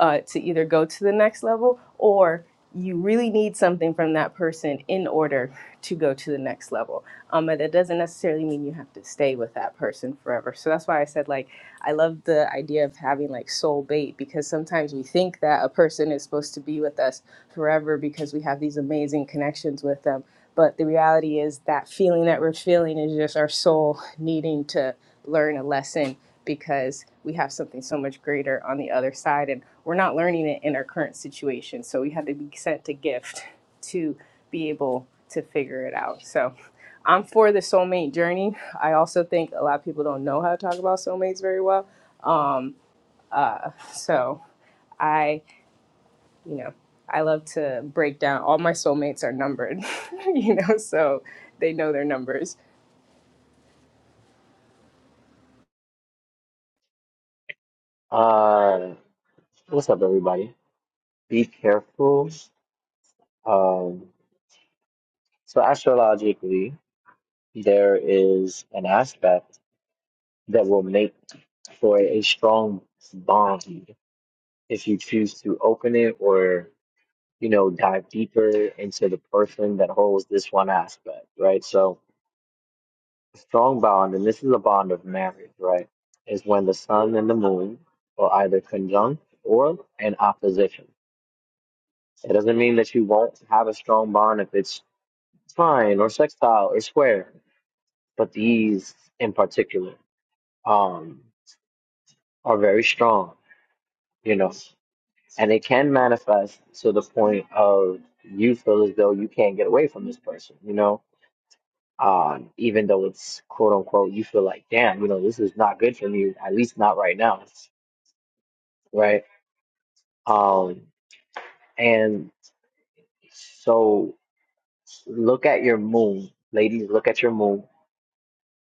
S3: uh, to either go to the next level or you really need something from that person in order to go to the next level. Um, but that doesn't necessarily mean you have to stay with that person forever. So that's why I said, like, I love the idea of having like soul bait because sometimes we think that a person is supposed to be with us forever because we have these amazing connections with them. But the reality is that feeling that we're feeling is just our soul needing to learn a lesson because we have something so much greater on the other side and we're not learning it in our current situation. So we had to be sent a gift to be able to figure it out. So I'm for the soulmate journey. I also think a lot of people don't know how to talk about soulmates very well. Um, so I, you know, I love to break down. All my soulmates are numbered, [laughs] you know, so they know their numbers.
S4: Uh, what's up, everybody? Be careful. Um, so astrologically, there is an aspect that will make for a strong bond if you choose to open it or you know dive deeper into the person that holds this one aspect right so strong bond and this is a bond of marriage right is when the sun and the moon are either conjunct or in opposition it doesn't mean that you won't have a strong bond if it's trine or sextile or square but these in particular um are very strong you know And it can manifest to the point of you feel as though you can't get away from this person, you know? Um, even though it's quote unquote, you feel like, damn, you know, this is not good for me, at least not right now, right? Um, and so look at your moon, ladies, look at your moon.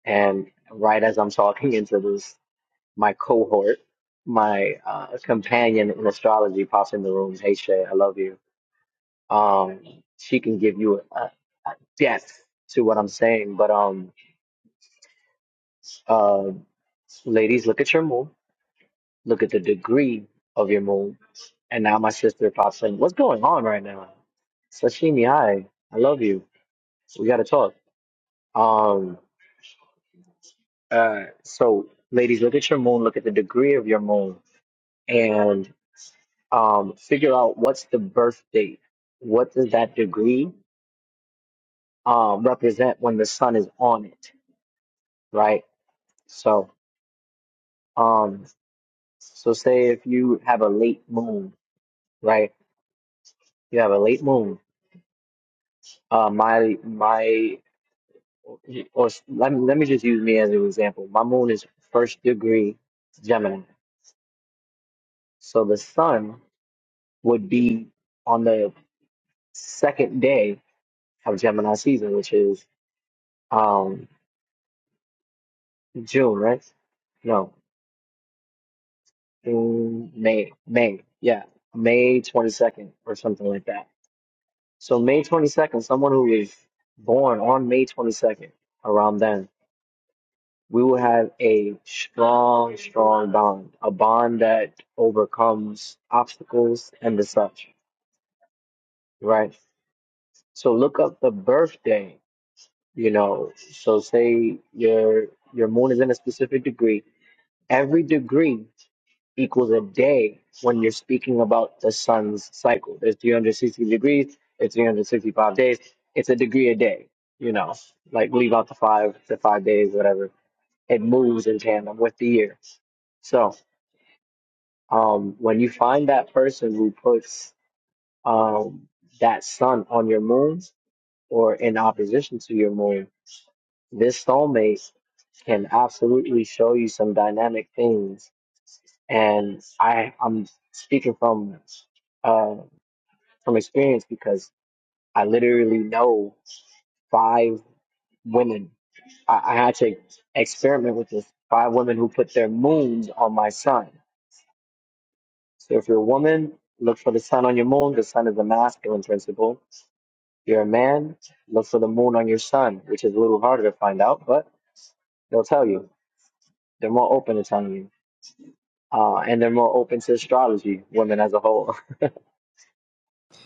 S4: And right as I'm talking into this, my cohort, my uh, companion in astrology pops in the room. Hey, Shay, I love you Um, she can give you a, a depth to what I'm saying. But um, uh, ladies, look at your moon. Look at the degree of your moon. And now my sister pops in. What's going on right now? Sashimi, hi. I love you. We gotta talk. Um, uh, so ladies, look at your moon. Look at the degree of your moon, and um, figure out what's the birth date. What does that degree um represent when the sun is on it, right? So. Um, so say if you have a late moon, right? You have a late moon. Uh, my my, or s- let me let me just use me as an example. My moon is first degree Gemini, so the sun would be on the second day of Gemini season, which is um June, right? No, June, May, May, yeah, May twenty second or something like that So May 22nd, someone who was born on May 22nd, around then, we will have a strong, strong bond, a bond that overcomes obstacles and the such, right? So look up the birthday, you know. So say your your moon is in a specific degree. Every degree equals a day when you're speaking about the sun's cycle. There's 360 degrees, it's 365 days, it's a degree a day, you know, like leave out the five, the five days, whatever. It moves in tandem with the year. So um, when you find that person who puts um, that sun on your moon or in opposition to your moon, this soulmate can absolutely show you some dynamic things and I I'm speaking from uh, from experience because I literally know five women. I, I had to experiment with this. Five women who put their moons on my sun. So if you're a woman, look for the sun on your moon. The sun is the masculine principle. If you're a man, look for the moon on your sun, which is a little harder to find out, but they'll tell you. They're more open to telling you. Uh, and they're more open to astrology, women as a whole. [laughs]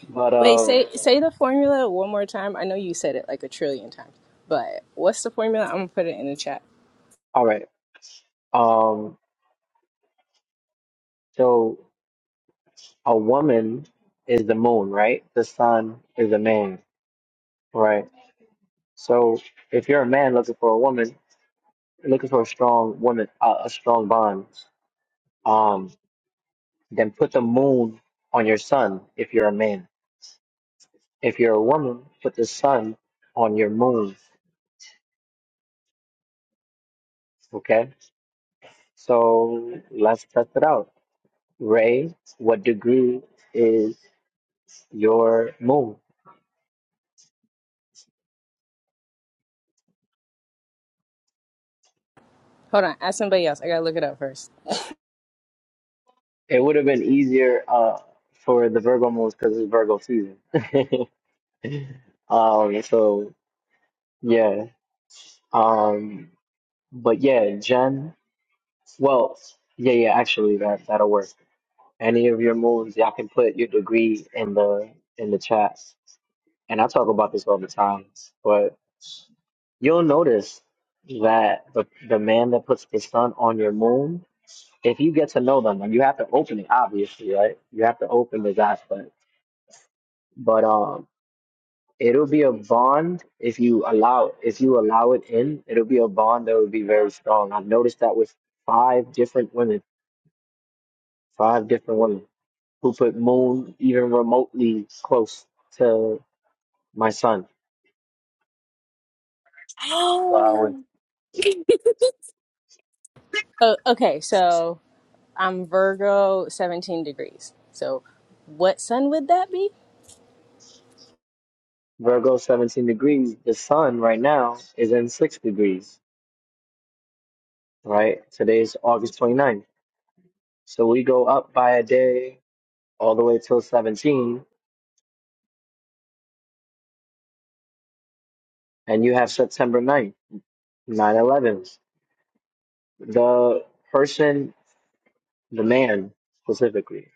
S4: But
S3: Wait,
S4: um,
S3: say say the formula one more time. I know you said it like a trillion times, but what's the formula? I'm gonna put it in the chat.
S4: all right. Um, so a woman is the moon, right? The sun is a man, right? So if you're a man looking for a woman, looking for a strong woman, uh, a strong bond, um, then put the moon on your sun if you're a man. If you're a woman, put the sun on your moon. Okay? So let's test it out. Ray, what degree is your moon?
S3: Hold on, ask somebody else. I gotta look it up first.
S4: It would have been easier uh for the Virgo moons because it's Virgo season. [laughs] um, so yeah. Um, but yeah, Jen. Well, yeah, yeah. Actually, that that'll work. Any of your moons, y'all can put your degree in the in the chat. And I talk about this all the time, but you'll notice that the the man that puts the sun on your moon, if you get to know them, and you have to open it, obviously, right? You have to open the aspect. but um it'll be a bond if you allow if you allow it in it'll be a bond that will be very strong i've noticed that with five different women five different women who put moon even remotely close to my sun so I would
S8: Oh, [laughs]
S3: Oh, okay. So I'm Virgo, 17 degrees. So what sun would that be?
S4: virgo 17 degrees the sun right now is in six degrees right today's august 29th so we go up by a day all the way till 17 and you have september ninth, 9-11 The person, the man specifically,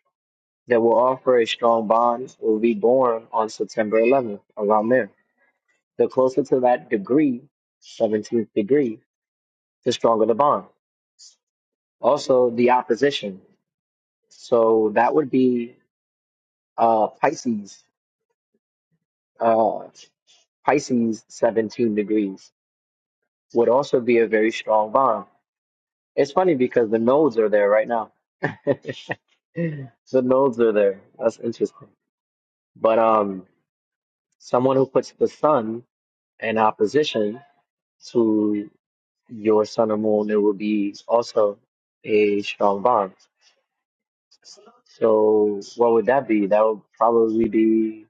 S4: that will offer a strong bond will be born on September 11th, around there. The closer to that degree, 17th degree, the stronger the bond. Also, the opposition. So that would be uh, Pisces. Uh, Pisces, 17 degrees, would also be a very strong bond. It's funny because the nodes are there right now. [laughs] the nodes are there. That's interesting. But um, Someone who puts the sun in opposition to your sun or moon, there will be also a strong bond. So what would that be? That would probably be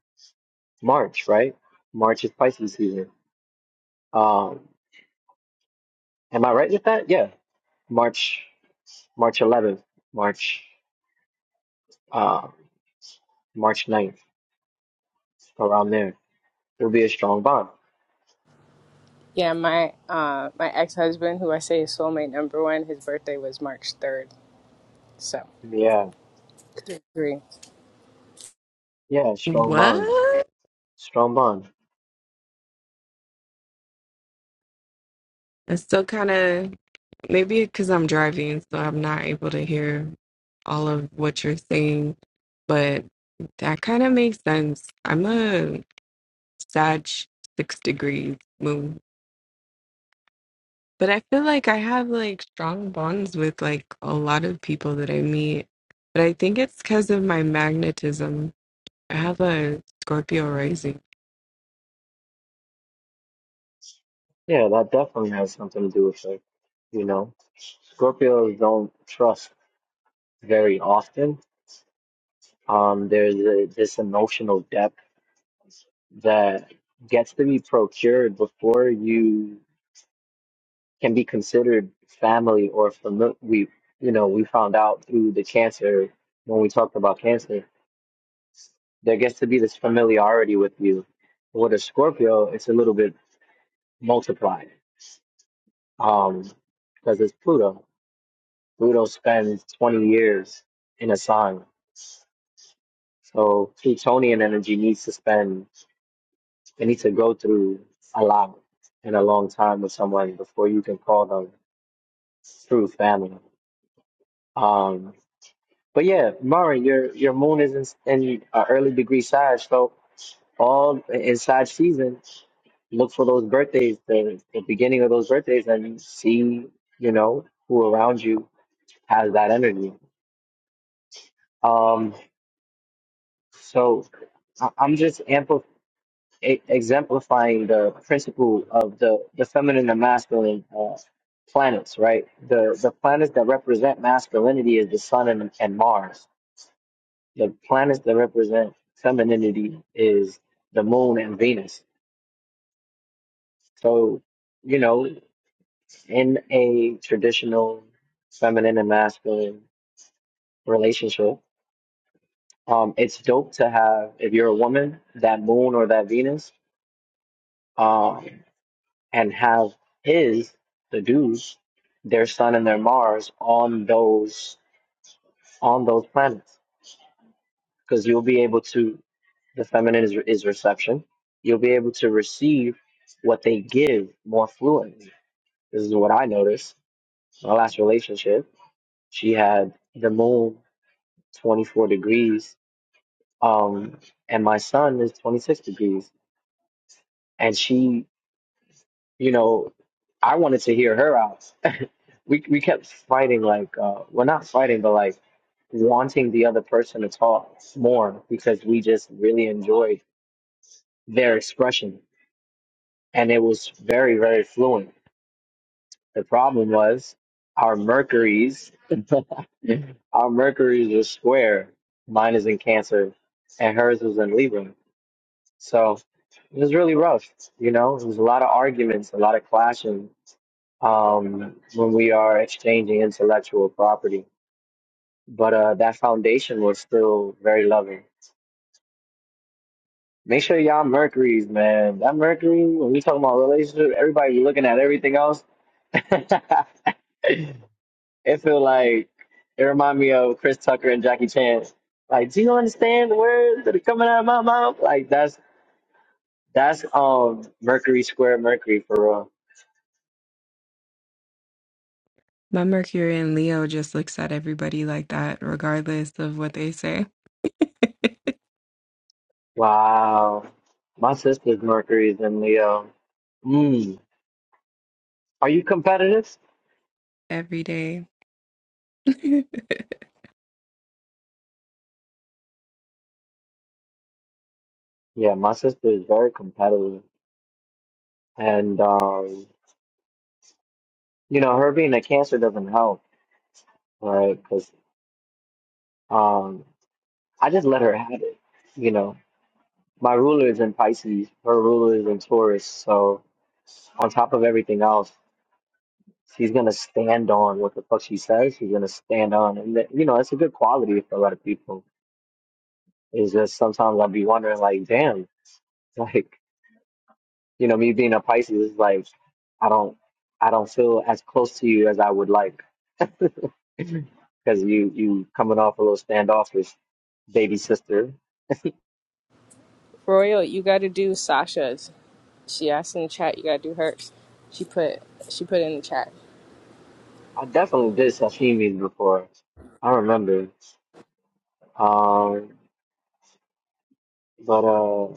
S4: March, right? March is Pisces season. Um, am I right with that? Yeah. March, March 11th, March, uh, March ninth, around there. There'll be a strong bond.
S3: Yeah, my uh my ex husband, who I say is soulmate number one, his birthday was March third. So
S4: Yeah.
S3: three. three.
S4: Yeah. Strong bonds,
S6: What?
S4: Strong bond.
S6: It's still kind of Maybe because I'm driving, so I'm not able to hear all of what you're saying, but that kind of makes sense. I'm a Sag six degrees moon, but I feel like I have like strong bonds with like a lot of people that I meet, but I think it's because of my magnetism. I have a Scorpio rising.
S4: Yeah, that definitely has something to do with it. You know, Scorpios don't trust very often. Um, there's a, this emotional depth that gets to be procured before you can be considered family or familiar. We, you know, we found out through the cancer when we talked about cancer, there gets to be this familiarity with you. With a Scorpio, it's a little bit multiplied um, because it's Pluto. Pluto spends 20 years in a sign. So Plutonian energy needs to spend, they need to go through a lot in a long time with someone before you can call them true family. Um, but yeah, Mari, your your moon is in, in uh, early degree Sag, so all in Sag season, look for those birthdays, the, the beginning of those birthdays, and you see, you know, who around you has that energy. Um, so I- I'm just amplifying. e- exemplifying the principle of the, the feminine and masculine uh, planets, right? The the planets that represent masculinity is the sun and, and Mars. The planets that represent femininity is the moon and Venus. So, you know, in a traditional feminine and masculine relationship, um, it's dope to have if you're a woman that moon or that Venus. um, and have his the dudes their sun and their mars on those on those planets because you'll be able to the feminine is, is reception you'll be able to receive what they give more fluently this is what i noticed my last relationship she had the moon 24 degrees um and my sun is 26 degrees and she you know, I wanted to hear her out. [laughs] we we kept fighting, like, uh, well, not fighting, but like wanting the other person to talk more because we just really enjoyed their expression, and it was very very fluent. The problem was our Mercuries, [laughs] our Mercuries was square. Mine is in Cancer, and hers was in Libra. So it was really rough. You know, it was a lot of arguments, a lot of clashing um, when we are exchanging intellectual property. But uh, that foundation was still very loving. Make sure y'all Mercury's, man. That Mercury, when we talk about relationship, everybody looking at everything else. [laughs] it feel like it remind me of Chris Tucker and Jackie Chan. Like, do you understand the words that are coming out of my mouth? Like that's that's um Mercury square Mercury for real.
S6: My Mercury and Leo just looks at everybody like that, regardless of what they say
S4: Wow. My sister's Mercury's in Leo. Mm. Are you competitive?
S6: [laughs] every day. [laughs]
S4: Yeah, my sister is very competitive, and um, you know, her being a cancer doesn't help, right? Because um, I just let her have it. You know, my ruler is in Pisces, her ruler is in Taurus, so on top of everything else, she's gonna stand on what the fuck she says. She's gonna stand on, and that, you know, it's a good quality for a lot of people. It's just sometimes I'll be wondering, like, damn, [laughs] like. You know, me being a Pisces is like I don't I don't feel as close to you as I would like [laughs] because you you coming off a little standoffish baby sister.
S3: Royal, you gotta do Sasha's. She asked in the chat, you gotta do hers. She put she put in the chat.
S4: I definitely did sashimis before. I remember. Um, but uh,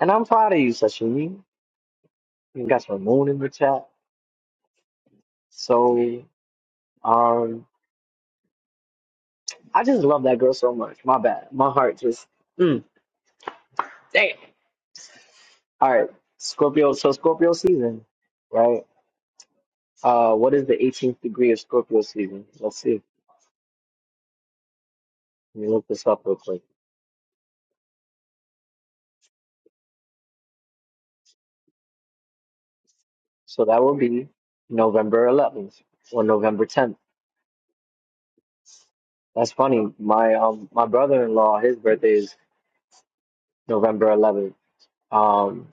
S4: and I'm proud of you, sashimi. You got your moon in the chat. So um, I just love that girl so much. My bad. My heart just mm, damn. All right, Scorpio. So Scorpio season, right? Uh, what is the 18th degree of Scorpio season? Let's see. Let me look this up real quick. So that will be November 11th or November 10th. That's funny. My um my brother-in-law, his birthday is November 11th. Um,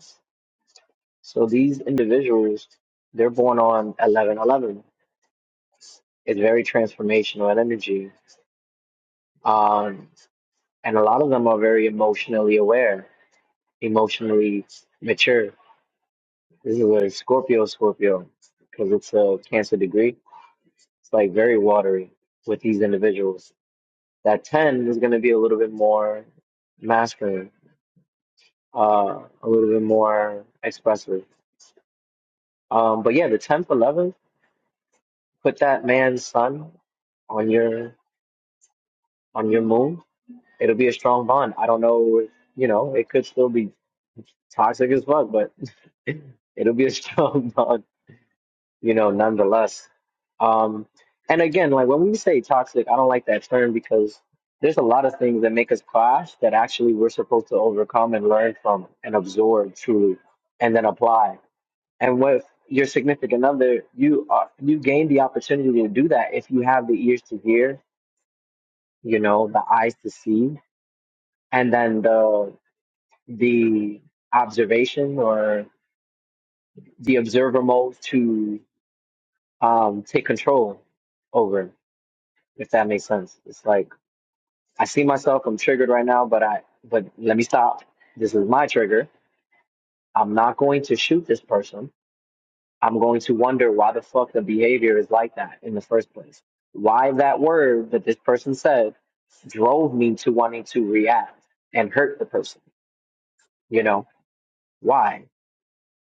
S4: so these individuals, they're born on 11/11. It's very transformational in energy. Um, and a lot of them are very emotionally aware, emotionally mature. This is what Scorpio, Scorpio, because it's a Cancer degree It's like very watery with these individuals. That 10 is going to be a little bit more masculine, uh, a little bit more expressive. Um, but yeah, the 10th, 11th, put that man's sun on your on your moon. It'll be a strong bond. I don't know if, you know, it could still be toxic as fuck, but [laughs] it'll be a strong [laughs] bond. you know, nonetheless. Um, and again, like when we say toxic, I don't like that term because there's a lot of things that make us clash that actually we're supposed to overcome and learn from and absorb truly and then apply. And with your significant other, you are, you gain the opportunity to do that if you have the ears to hear, you know, the eyes to see, and then the the observation or the observer mode to um, take control over. if that makes sense. It's like I see myself, I'm triggered right now, but I but let me stop. This is my trigger. I'm not going to shoot this person. I'm going to wonder why the fuck the behavior is like that in the first place. Why that word that this person said drove me to wanting to react and hurt the person, you know? Why?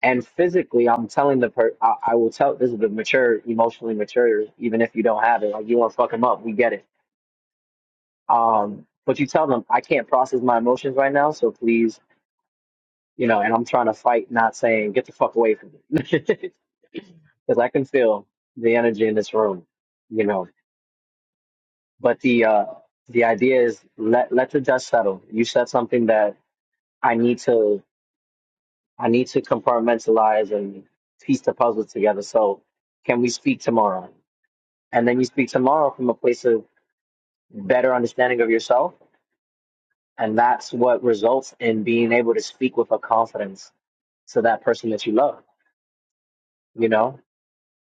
S4: And physically, I'm telling the per I, I will tell this is the mature, emotionally mature, even if you don't have it. Like, you want to fuck him up. We get it Um, but you tell them, I can't process my emotions right now, so please, you know, and I'm trying to fight not saying, get the fuck away from me. [laughs] Because I can feel the energy in this room, you know. But the uh, the idea is let let the dust settle. You said something that I need to I need to compartmentalize and piece the puzzle together. So can we speak tomorrow? And then you speak tomorrow from a place of better understanding of yourself And that's what results in being able to speak with a confidence to that person that you love, you know?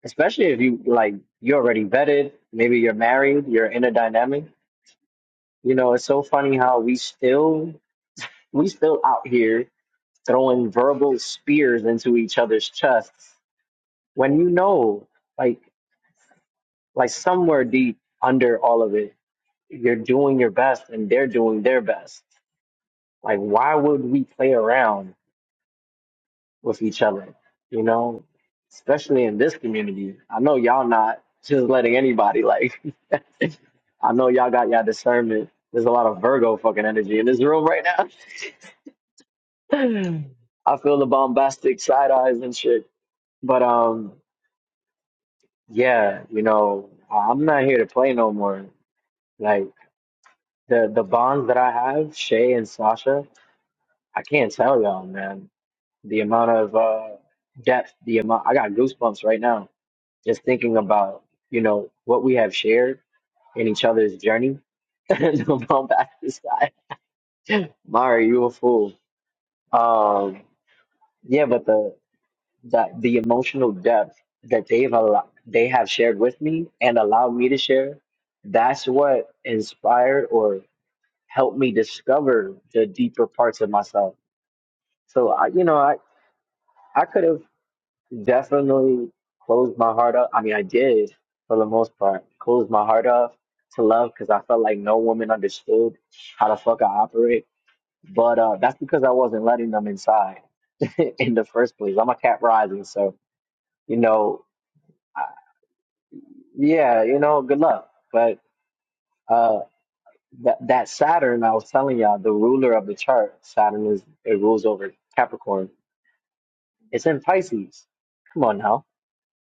S4: Especially if you like you're already vetted, maybe you're married, you're in a dynamic. You know, it's so funny how we still we still out here throwing verbal spears into each other's chests when you know like like somewhere deep under all of it, you're doing your best and they're doing their best. Like why would we play around with each other, you know, especially in this community. I know y'all not just letting anybody like, [laughs] I know y'all got y'all discernment. There's a lot of Virgo fucking energy in this room right now. [laughs] I feel the bombastic side eyes and shit. But um, yeah, you know, I- I'm not here to play no more. Like the the bonds that I have, Shay and Sasha, I can't tell y'all, man. The amount of uh depth, the amount I got goosebumps right now Just thinking about, you know, what we have shared in each other's journey. [laughs] no, I'm back to the side. Mari, you a fool. Um, yeah, but the, the the emotional depth that they've allowed, they have shared with me and allowed me to share, that's what inspired or helped me discover the deeper parts of myself. So I, you know, I I could have. definitely closed my heart up. I mean, I did for the most part, closed my heart up to love because I felt like no woman understood how the fuck I operate. But uh, that's because I wasn't letting them inside [laughs] in the first place. I'm a cat rising, so you know, I, yeah, you know, good luck. But uh, that that Saturn, I was telling y'all, the ruler of the chart, Saturn is it rules over Capricorn. It's in Pisces. Come on now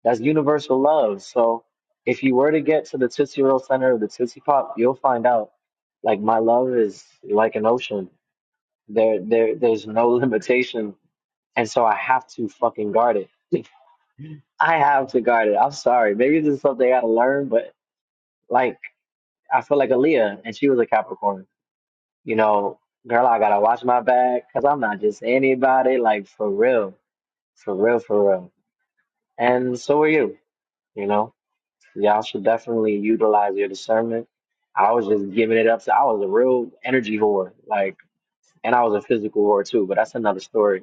S4: That's universal love. So if you were to get to the Tootsie Roll Center of the Tootsie Pop, you'll find out like my love is like an ocean. There there there's no [laughs] limitation. And so I have to fucking guard it. [laughs] I have to guard it. I'm sorry. Maybe this is something I gotta learn, but like I feel like Aaliyah and she was a Capricorn. You know, girl, I gotta watch my back because I'm not just anybody, like for real. For real, for real. And so are you, you know? Y'all should definitely utilize your discernment. I was just giving it up. So I was a real energy whore, like, and I was a physical whore too. But that's another story.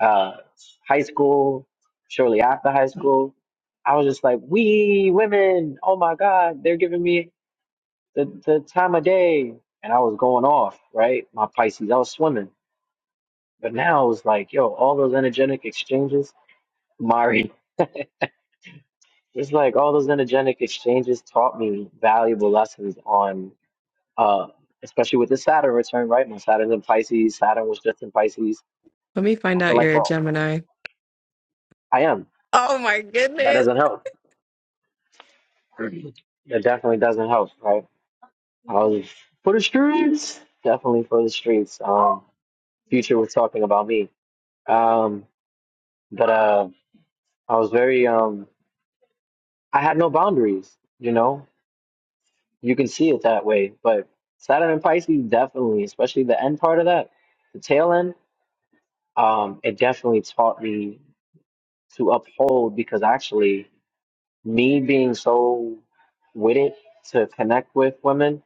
S4: Uh, high school, shortly after high school, I was just like, we women, oh my God, they're giving me the the time of day, and I was going off, right? My Pisces, I was swimming. But now it was like, yo, all those energetic exchanges, Mari, it's like all those energetic exchanges taught me valuable lessons on uh, especially with the Saturn return, right? My Saturn's in Pisces. Saturn was just in Pisces.
S6: Let me find
S4: I feel
S6: out
S4: like,
S6: you're a
S4: well,
S6: Gemini.
S4: I am.
S6: Oh my
S4: That
S6: goodness.
S4: doesn't help. [clears throat] That definitely doesn't help, right? I was for the streets. Definitely for the streets. Um, Future was talking about me. Um, but uh, I was very, um, I had no boundaries, you know? You can see it that way. But Saturn and Pisces, definitely, especially the end part of that, the tail end, um, it definitely taught me. to uphold because actually me being so with it to connect with women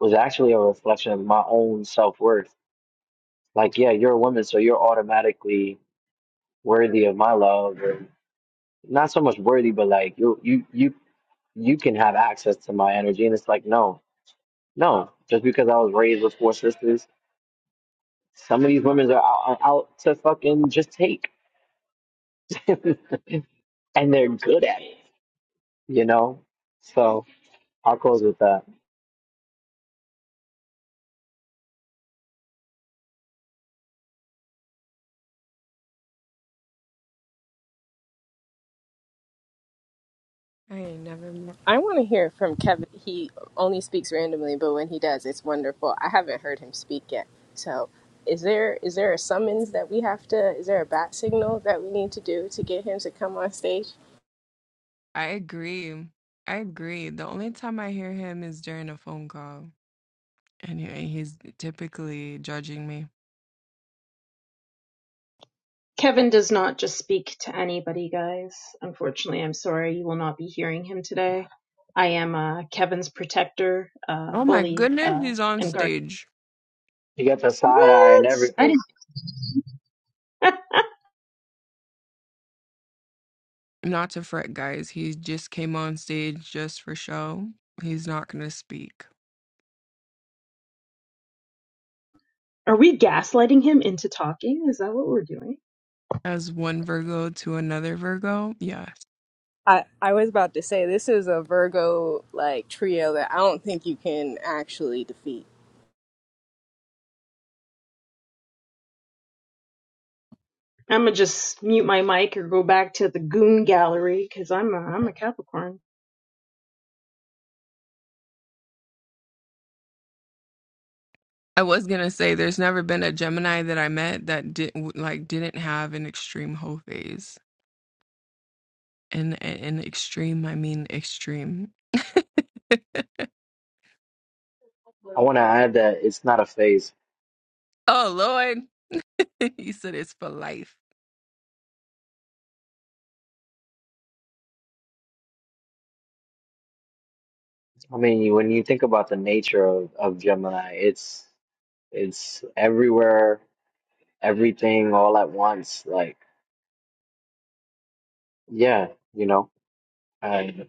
S4: was actually a reflection of my own self-worth like yeah you're a woman so you're automatically worthy of my love or not so much worthy but like you you you you can have access to my energy and it's like no no just because i was raised with four sisters some of these women are out, out to fucking just take [laughs] and they're good at it you know so i'll close with that
S6: I ain't never met.
S3: I wanna hear from Kevin. He only speaks randomly, but when he does it's wonderful. I haven't heard him speak yet. So is there is there a summons that we have to is there a bat signal that we need to do to get him to come on stage?
S6: I agree. I agree. The only time I hear him is during a phone call. Anyway, he's typically judging me.
S7: Kevin does not just speak to anybody, guys. Unfortunately, I'm sorry. You will not be hearing him today. I am uh, Kevin's protector, uh,
S6: Oh my
S7: bully,
S6: goodness,
S7: uh,
S6: he's on
S7: and guard.
S6: stage.
S4: You got the side eye and
S7: What? I
S4: everything.
S7: didn't. [laughs]
S6: Not to fret, guys. He just came on stage just for show. He's not going to speak.
S7: Are we gaslighting him into talking? Is that what we're doing?
S6: As one Virgo to another Virgo, yes.
S3: I, I was about to say this is a Virgo like trio that I don't think you can actually defeat.
S7: I'm gonna just mute my mic or go back to the goon gallery because I'm a I'm a Capricorn.
S6: I was going to say there's never been a Gemini that I met that didn't like didn't have an extreme hoe phase. And and extreme, I mean extreme.
S4: I want to add that it's not a phase.
S6: Oh Lord. [laughs] he said it's for life.
S4: I mean, when you think about the nature of, of Gemini, it's it's everywhere, everything, all at once. Like, yeah, you know, and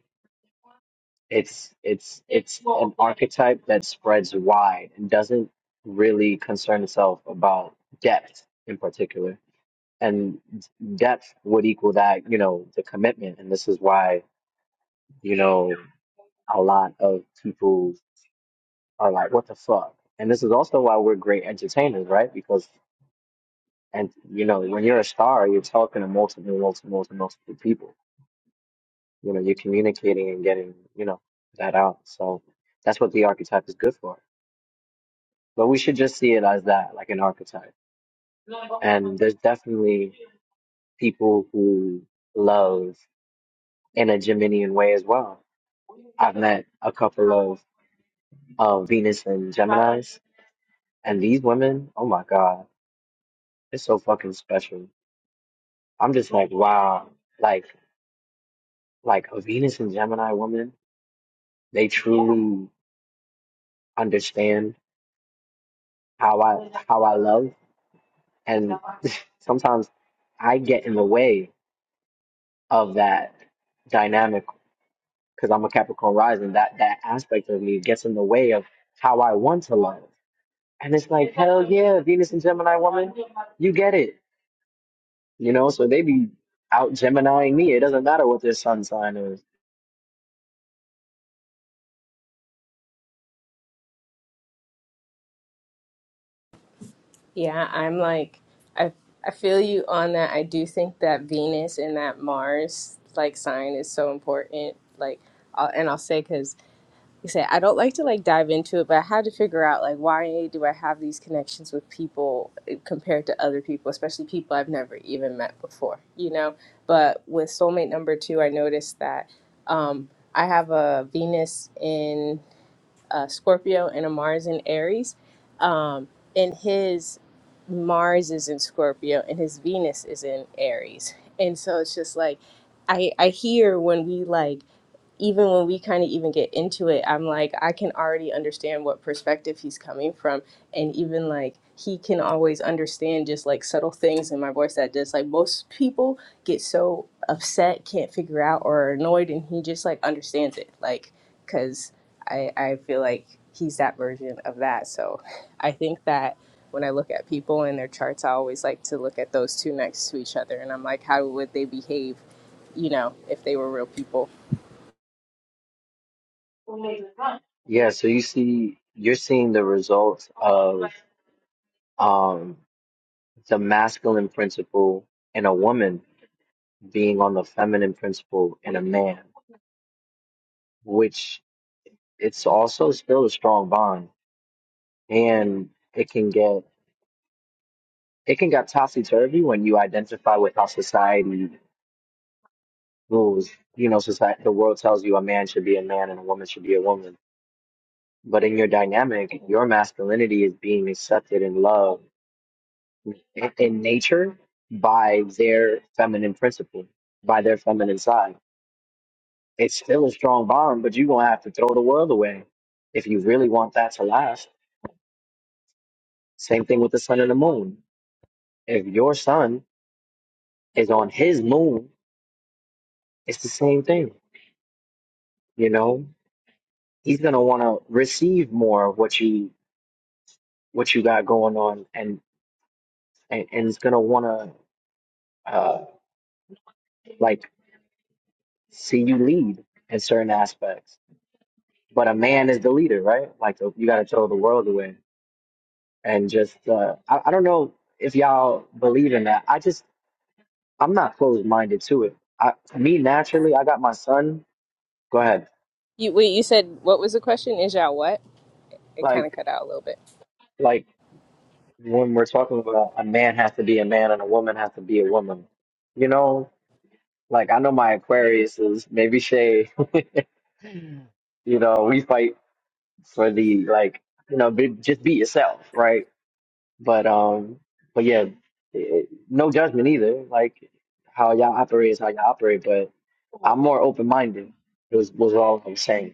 S4: it's it's it's an archetype that spreads wide and doesn't really concern itself about depth in particular. And depth would equal that, you know, the commitment. And this is why, you know, a lot of people are like, what the fuck? And this is also why we're great entertainers, right? Because, and you know, when you're a star, you're talking to multiple, multiple, multiple, multiple people. You know, you're communicating and getting, you know, that out. So that's what the archetype is good for. But we should just see it as that, like an archetype. And there's definitely people who love in a Geminian way as well. I've met a couple of uh, Venus and Geminis, and these women, oh my God, they're so fucking special I'm just like, wow, like like a Venus and Gemini woman, they truly understand how I how I love, and [laughs] sometimes I get in the way of that dynamic because I'm a Capricorn rising. That that aspect of me gets in the way of how I want to love, and it's like, hell yeah, Venus and Gemini woman, you get it, you know. So they be out Geminiing me. It doesn't matter what their sun sign is.
S3: Yeah, I'm like I I feel you on that. I do think that Venus and that Mars like sign is so important. Like I'll, and I'll say cuz you say I don't like to like dive into it, but I had to figure out like why do I have these connections with people eh, compared to other people, especially people I've never even met before, you know. But with soulmate number two, I noticed that um, I have a Venus in uh, Scorpio and a Mars in Aries, um, and his Mars is in Scorpio and his Venus is in Aries, and so it's just like I I hear when we like even when we kind of even get into it, I'm like, I can already understand what perspective he's coming from. And even like, he can always understand just like subtle things in my voice that just like most people get so upset, can't figure out, or are annoyed. And he just like understands it. Like, cause I, I feel like he's that version of that. So I think that when I look at people and their charts, I always like to look at those two next to each other. And I'm like, how would they behave, you know, if they were real people?
S4: Yeah, so you see, you're seeing the results of. um, the masculine principle in a woman being on the feminine principle in a man, which it's also still a strong bond, and it can get it can get topsy turvy when you identify with how society rules. You know, society the world tells you a man should be a man and a woman should be a woman, but in your dynamic, your masculinity is being accepted and loved in, in nature by their feminine principle, by their feminine side It's still a strong bond, but you're gonna have to throw the world away if you really want that to last. Same thing with the sun and the moon. If your sun is on his moon, it's the same thing. You know, he's gonna want to receive more of what you what you got going on, and and, and he's gonna want to uh, like see you lead in certain aspects. But a man is the leader, right? Like so you got to throw the world away and just uh, I, I don't know if y'all believe in that. I just I'm not closed minded to it. I me naturally, I got my son. Go ahead.
S3: You wait, you said what was the question? Is y'all what? It kind of
S4: Like
S3: cut out a little bit.
S4: like when we're talking about a man has to be a man and a woman has to be a woman. You know, like I know my Aquarius is maybe Shay. [laughs] you know, we fight for the like you know be, just be yourself, right? But um, but yeah, it, no judgment either. Like how y'all operate is how y'all operate, but I'm more open minded. Was was all I'm saying.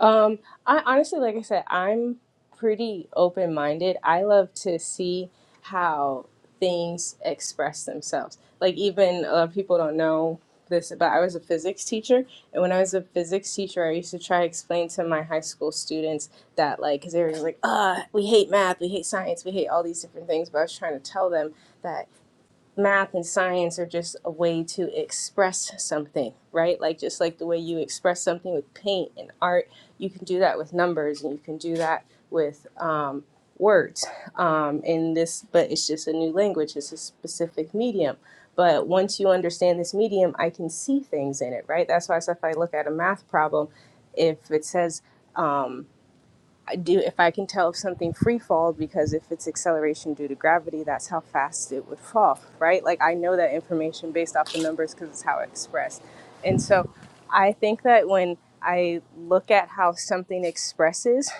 S3: Um, I honestly, like I said, I'm pretty open minded. I love to see how things express themselves. Like even uh, people don't know this, but I was a physics teacher, and when I was a physics teacher, I used to try to explain to my high school students that like, because they were just like, "Uh, we hate math, we hate science, we hate all these different things," but I was trying to tell them that. math and science are just a way to express something, right? Like just like the way you express something with paint and art, you can do that with numbers and you can do that with um, words. Um, in this, but it's just a new language. It's a specific medium. But once you understand this medium, I can see things in it, right? That's why I said if I look at a math problem, if it says um, I do if I can tell if something free falls because if it's acceleration due to gravity, that's how fast it would fall, right? Like I know that information based off the numbers because it's how it's expressed, And so I think that when I look at how something expresses,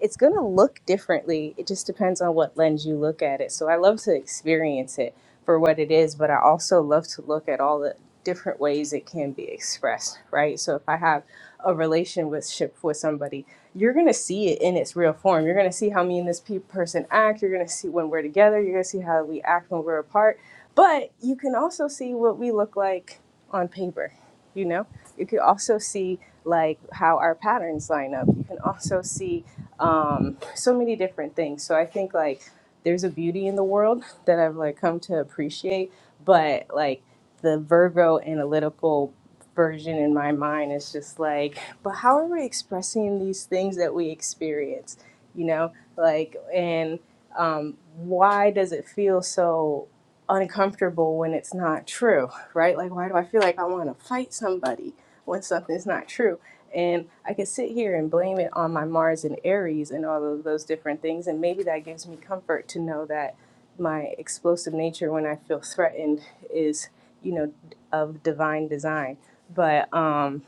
S3: it's going to look differently. It just depends on what lens you look at it. So I love to experience it for what it is, but I also love to look at all the different ways it can be expressed, right? So if I have a relationship with somebody, you're going to see it in its real form. You're going to see how me and this pe- person act. You're going to see when we're together. You're going to see how we act when we're apart. But you can also see what we look like on paper, you know? You can also see like how our patterns line up. You can also see um, so many different things. So I think like there's a beauty in the world that I've like come to appreciate, but like the Virgo analytical version in my mind is just like, but how are we expressing these things that we experience? You know, like and um, why does it feel so uncomfortable when it's not true, right? Like why do I feel like I want to fight somebody when something's not true? And I can sit here and blame it on my Mars and Aries and all of those different things. And maybe that gives me comfort to know that my explosive nature when I feel threatened is, you know, of divine design. But um,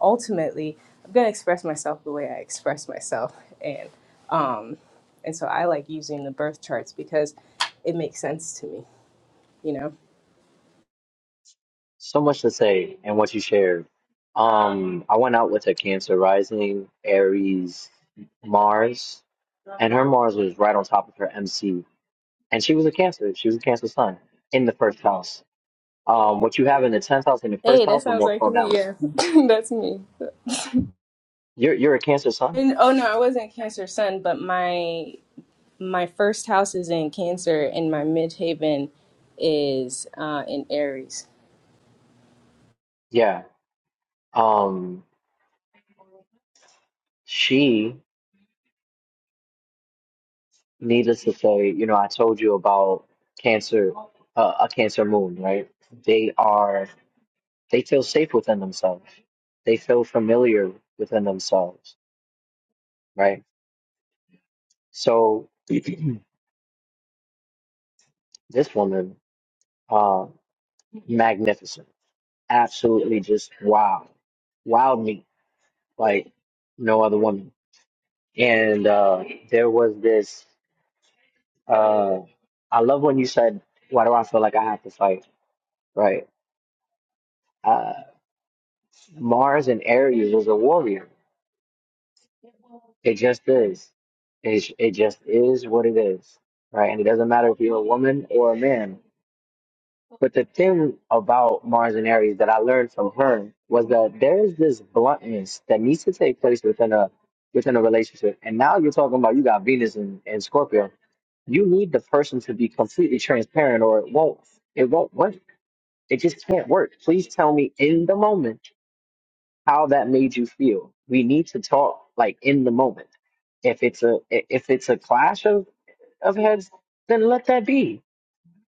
S3: ultimately, I'm going to express myself the way I express myself. And, um, and so I like using the birth charts because it makes sense to me, you know?
S4: So much to say in what you shared. Um, I went out with a Cancer rising, Aries, Mars, and her Mars was right on top of her MC. And she was a Cancer. She was a Cancer sun in the first house. Um, what you have in the tenth house and the first
S3: Hey, that
S4: house are
S3: sounds
S4: more
S3: like me.
S4: pronounced.
S3: Yeah, [laughs] that's me.
S4: You're you're a Cancer sun.
S3: And oh no, I wasn't Cancer Sun, but my my first house is in Cancer and my Midheaven is uh, in Aries.
S4: Yeah. Um, she, needless to say, you know, I told you about Cancer, uh, a Cancer moon, right? They are. They feel safe within themselves. They feel familiar within themselves, right? So [clears throat] this woman, uh, magnificent, absolutely just wow, wowed me like no other woman. And uh, there was this. Uh, I love when you said, "Why do I feel like I have to fight?" Right? Uh, Mars and Aries is a warrior. It just is. It it just is what it is, right? And it doesn't matter if you're a woman or a man. But the thing about Mars and Aries that I learned from her was that there is this bluntness that needs to take place within a within a relationship. And now you're talking about you got Venus and, and Scorpio. You need the person to be completely transparent or it won't it won't work. It just can't work. Please tell me in the moment how that made you feel. We need to talk like in the moment. If it's a if it's a clash of of heads, then let that be.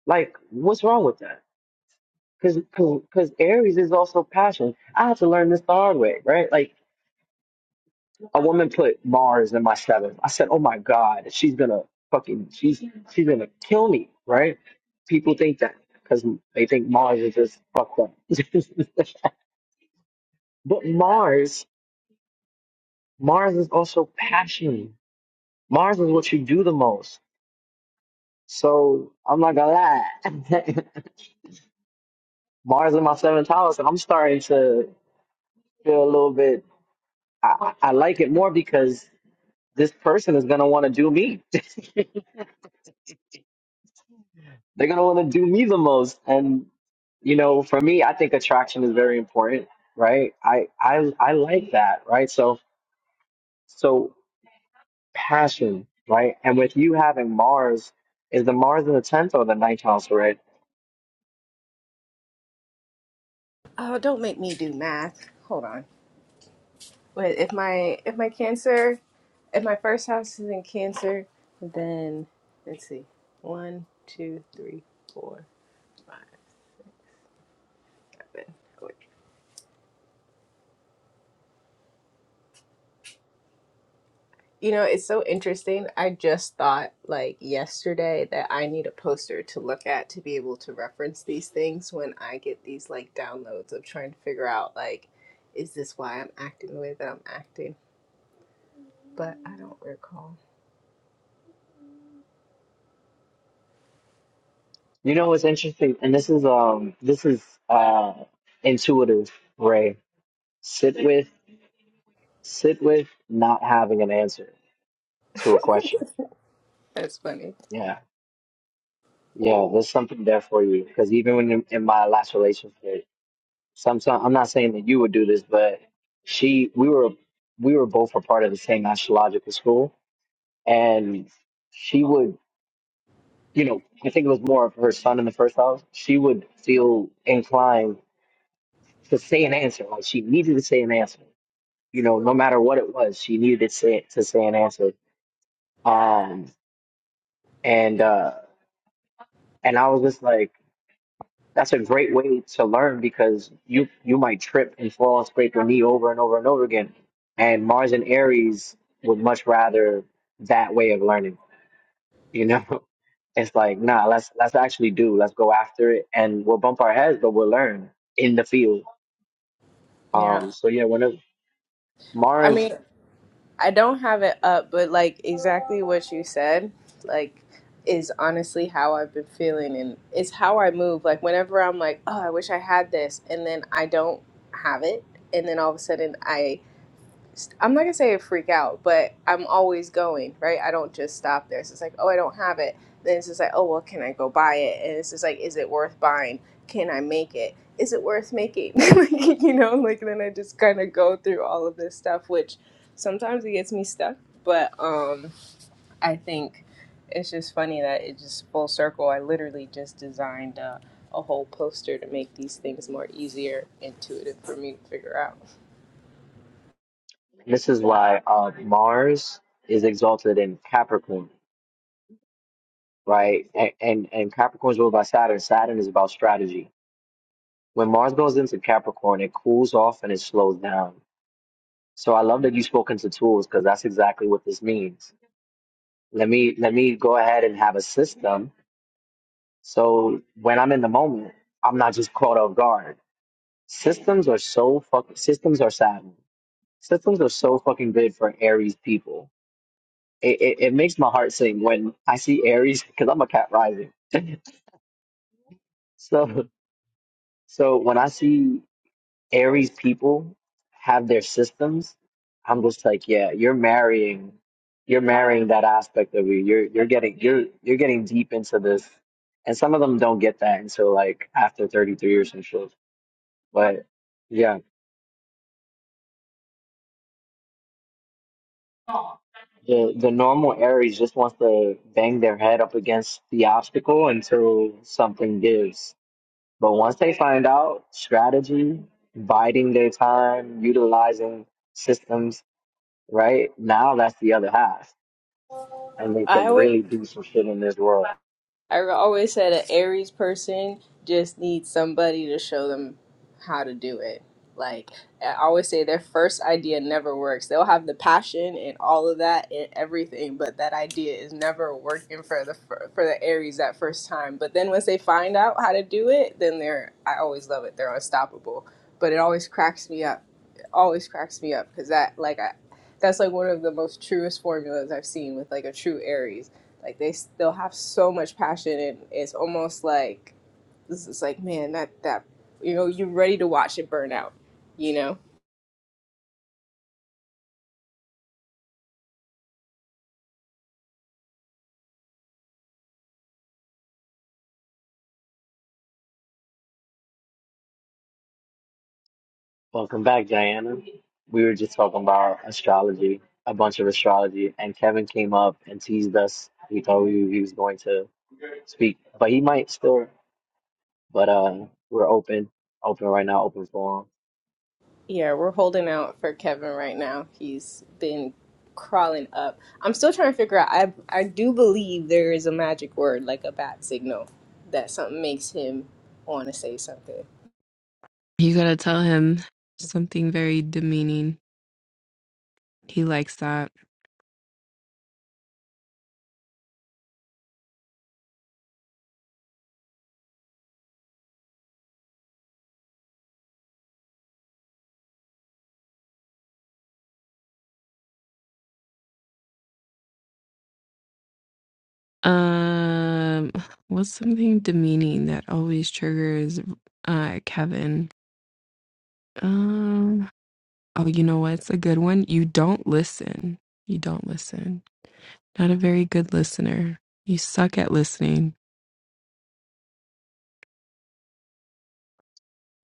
S4: Like, what's wrong with that? because because Aries is also passion. I had to learn this the hard way, right? Like a woman put Mars in my seventh. I said, "Oh my God, she's gonna fucking she's she's gonna kill me," right? People think that because they think Mars is just fucked up. [laughs] but Mars, Mars is also passion. Mars is what you do the most. So I'm not gonna lie. [laughs] Mars in my seventh house, and I'm starting to feel a little bit. I, I I like it more because this person is going to want to do me. [laughs] They're going to want to do me the most. And, you know, for me, I think attraction is very important, right? I, I, I like that, right? So, so passion, right? And with you having Mars, is the Mars in the 10th or the ninth house, right?
S3: Oh, don't make me do math. Hold on. Wait, if my if my Cancer, if my first house is in Cancer, then let's see. One, two, three, four, five, seven. Wait. You know, it's so interesting. I just thought like yesterday that I need a poster to look at to be able to reference these things when I get these like downloads of trying to figure out like, is this why I'm acting the way that I'm acting? But I don't recall.
S4: You know, what's interesting, and this is, um, this is, uh, intuitive, Ray. Sit with, sit with not having an answer to a question.
S3: That's funny.
S4: Yeah Yeah, there's something there for you. Because even when in, in my last relationship, some, some I'm not saying that you would do this, but she, we were, we were both a part of the same astrological school, and she would, you know, I think it was more of her son in the first house. She would feel inclined to say an answer, like she needed to say an answer. You know, no matter what it was, she needed to say to say an answer. Um, and uh, and I was just like. That's a great way to learn because you you might trip and fall and scrape your knee over and over and over again. And Mars and Aries would much rather that way of learning. You know, [laughs] it's like nah, let's let's actually do. Let's go after it, and we'll bump our heads, but we'll learn in the field.
S3: Yeah.
S4: Um. So yeah, when it,
S3: I
S4: Mars,
S3: mean, I don't have it up, but like exactly what you said, like is honestly how I've been feeling and it's how I move. Like whenever I'm like, oh, I wish I had this, and then I don't have it, and then all of a sudden I I'm not gonna say I freak out, but I'm always going, right? I don't just stop there. So it's like, oh, I don't have it. Then it's just like, oh, well, can I go buy it? And it's just like, is it worth buying? Can I make it? Is it worth making? [laughs] like, you know, like then I just kind of go through all of this stuff, which sometimes it gets me stuck, but um, I think it's just funny that it just full circle. I literally just designed a, a whole poster to make these things more easier, intuitive for me to figure out.
S4: this is why uh Mars is exalted in Capricorn, right? And and, and Capricorn is ruled by Saturn. Saturn is about strategy When Mars goes into Capricorn, it cools off and it slows down. So I love that you spoke into tools because that's exactly what this means. Let me let me go ahead and have a system. So when I'm in the moment, I'm not just caught off guard. Systems are so fuck. Systems are savvy. Systems are so fucking good for Aries people. It, it, it makes my heart sing when I see Aries because I'm a cat rising. So so when I see Aries people have their systems, I'm just like, yeah, you're marrying, you're marrying that aspect of you. You're you're getting you're you're getting deep into this, and some of them don't get that until like after 33 or some shit. But yeah, the the normal Aries just wants to bang their head up against the obstacle until something gives. But once they find out strategy, biding their time, utilizing systems, right now that's the other half and they can
S3: I would.
S4: really do some shit in this world.
S3: I always said an Aries person just needs somebody to show them how to do it. Like I always say, their first idea never works. They'll have the passion and all of that and everything, but that idea is never working for the for, for the Aries that first time. But then once they find out how to do it, then they're I always love it. They're unstoppable. But it always cracks me up. It always cracks me up because that like I that's like one of the most truest formulas I've seen with like a true Aries. Like they still have so much passion, and it's almost like this is like man that that you know you're ready to watch it burn out. You know,
S4: Welcome back, Diana. We were just talking about astrology, a bunch of astrology, and Kevin came up and teased us. We thought we, he was going to speak, but he might still. But uh, we're open, open right now, open forum.
S3: yeah, we're holding out for Kevin right now. He's been crawling up. I'm still trying to figure out. I I do believe there is a magic word like a bat signal that something makes him want to say something.
S6: You gotta tell him something very demeaning. He likes that. Um what's something demeaning that always triggers uh Kevin? Um, Oh, you know what's a good one? You don't listen. You don't listen. Not a very good listener. You suck at listening.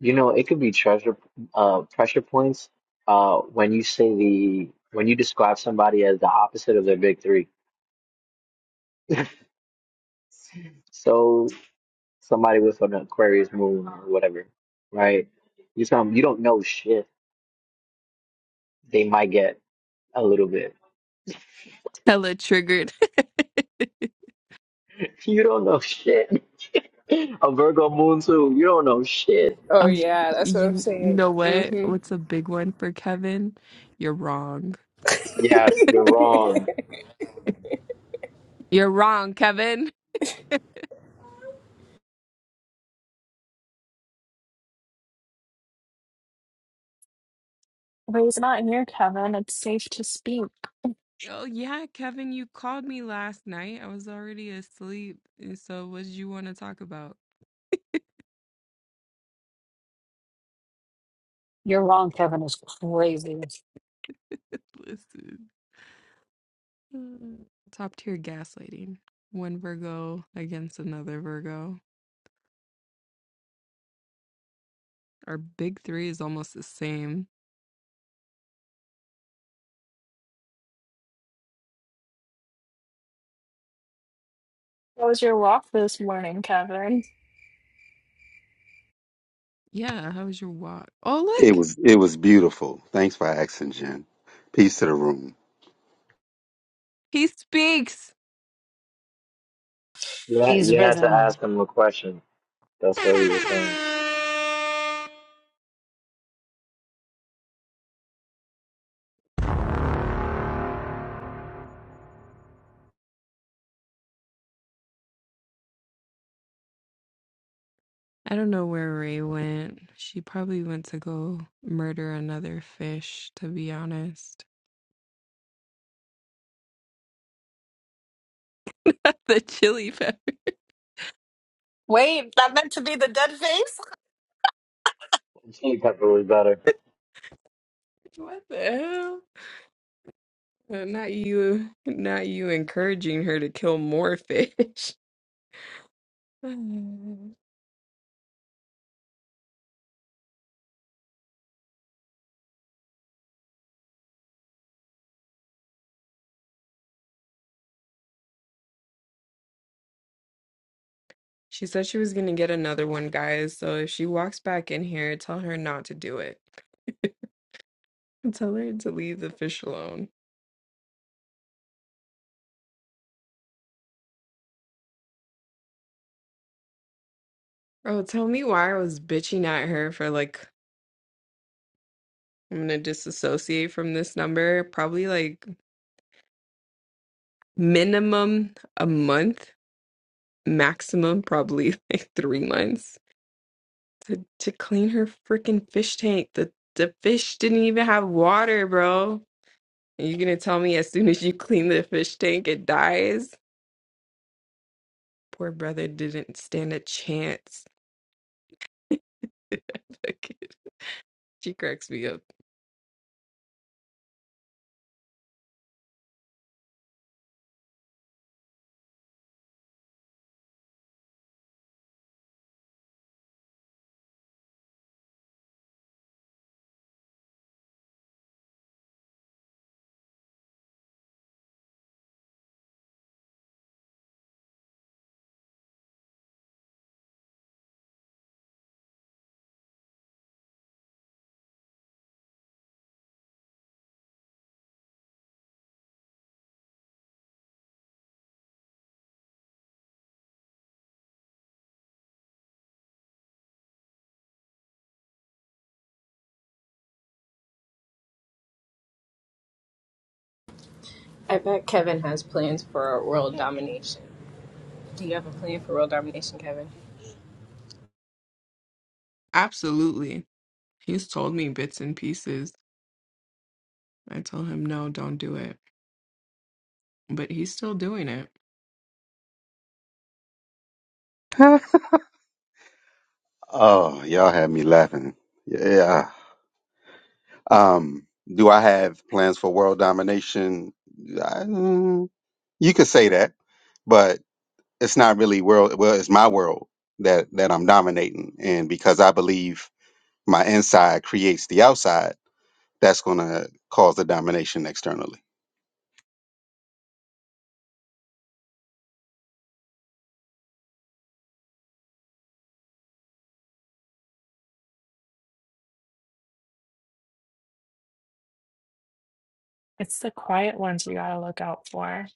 S4: You know, it could be treasure, uh, pressure points. Uh, when you say the when you describe somebody as the opposite of their big three. So somebody with an Aquarius moon or whatever, right? You tell tell 'em you don't know shit. They might get a little bit. [laughs]
S6: Hella triggered. [laughs]
S4: You don't know shit. [laughs] A Virgo moon too. You don't know shit.
S3: Oh
S6: Oh,
S3: yeah, that's what I'm
S6: you you
S3: saying.
S6: know what?
S3: Hmm.
S6: What's a big one for Kevin? You're wrong.
S4: Yes, you're wrong.
S6: You're wrong, Kevin. Oh yeah, Kevin, you called me last night. I was already asleep. And so what did you want to talk about?
S1: You're wrong, Kevin is crazy.
S6: [laughs] Listen. Mm. Top tier gaslighting. One Virgo against another Virgo. Our big three is almost the same.
S8: how was your walk this morning, Kevin?
S6: Yeah, how was your walk? Oh
S9: It
S6: look,
S9: was it was beautiful. Thanks for asking, Jen. Peace to the room.
S6: he speaks.
S4: You had,
S1: He's
S4: you had to
S1: risen.
S4: ask him a question. That's what he was saying.
S6: I don't know where Ray went. She probably went to go murder another fish, to be honest. [laughs] the chili pepper.
S1: Wait, that meant to be the dead face?
S4: Chili pepper was better.
S6: [laughs] What the hell? Uh, Not you, not you encouraging her to kill more fish. [laughs] She said she was gonna get another one, guys. So if she walks back in here, tell her not to do it. [laughs] Tell her to leave the fish alone. Oh, tell me why I was bitching at her for like, I'm gonna disassociate from this number. Probably like minimum a month, maximum probably [laughs] like three months to, to clean her freaking fish tank. The the fish didn't even have water, bro. And you're gonna tell me as soon as you clean the fish tank, it dies? Poor brother didn't stand a chance. [laughs] That kid, she cracks me up.
S3: I bet Kevin has plans for world domination. Do you have a plan for world domination, Kevin?
S6: Absolutely. He's told me bits and pieces. I tell him no, don't do it. But he's still doing it.
S9: [laughs] oh, y'all had me laughing. Yeah. Um, do I have plans for world domination? I, mm, you could say that, but it's not really world. Well, it's my world that that I'm dominating, and because I believe my inside creates the outside, that's gonna cause the domination externally.
S8: It's the quiet ones you gotta look out for.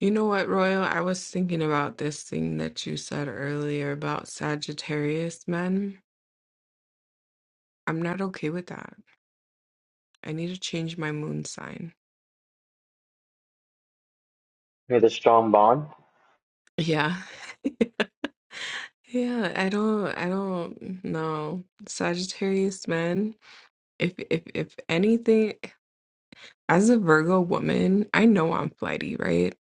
S6: You know what, Royal? I was thinking about this thing that you said earlier about Sagittarius men. I'm not okay with that. I need to change my moon sign.
S4: With a strong bond.
S6: Yeah. [laughs] Yeah, I don't I don't know. Sagittarius men, if if if anything, as a Virgo woman, I know I'm flighty, right?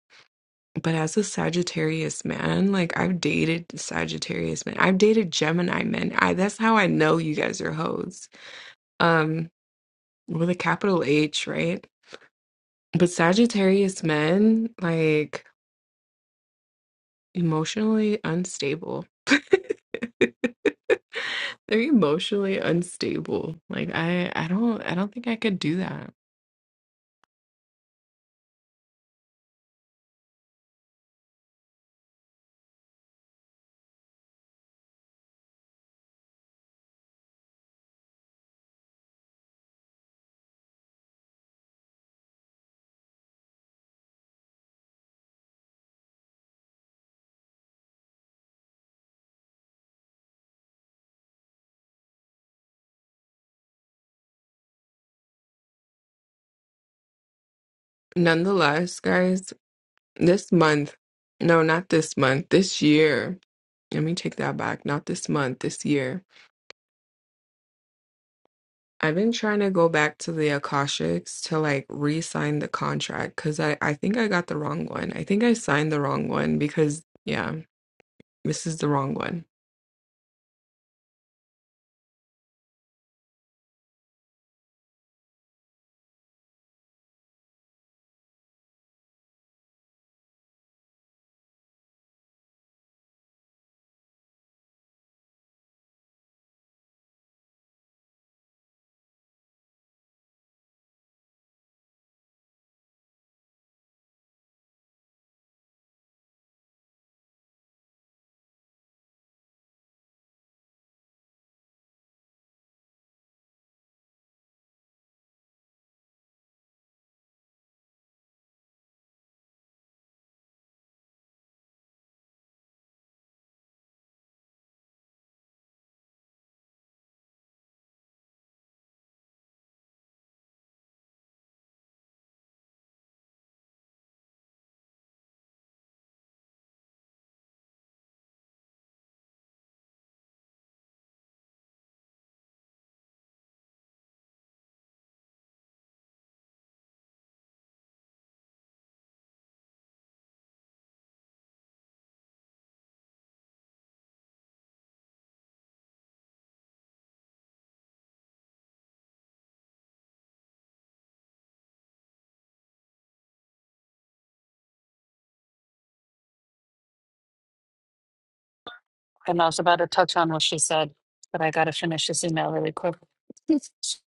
S6: But as a Sagittarius man, like I've dated Sagittarius men. I've dated Gemini men. I that's how I know you guys are hoes. Um, with a capital H, right? But Sagittarius men, like emotionally unstable. [laughs] They're emotionally unstable. Like I I don't I don't think I could do that. Nonetheless, guys, this month, no, not this month, this year. Let me take that back. Not this month, this year. I've been trying to go back to the Akashics to like re-sign the contract because I, I think I got the wrong one. I think I signed the wrong one because yeah, this is the wrong one.
S1: And I was about to touch on what she said, but I gotta finish this email really quick. [laughs] Damn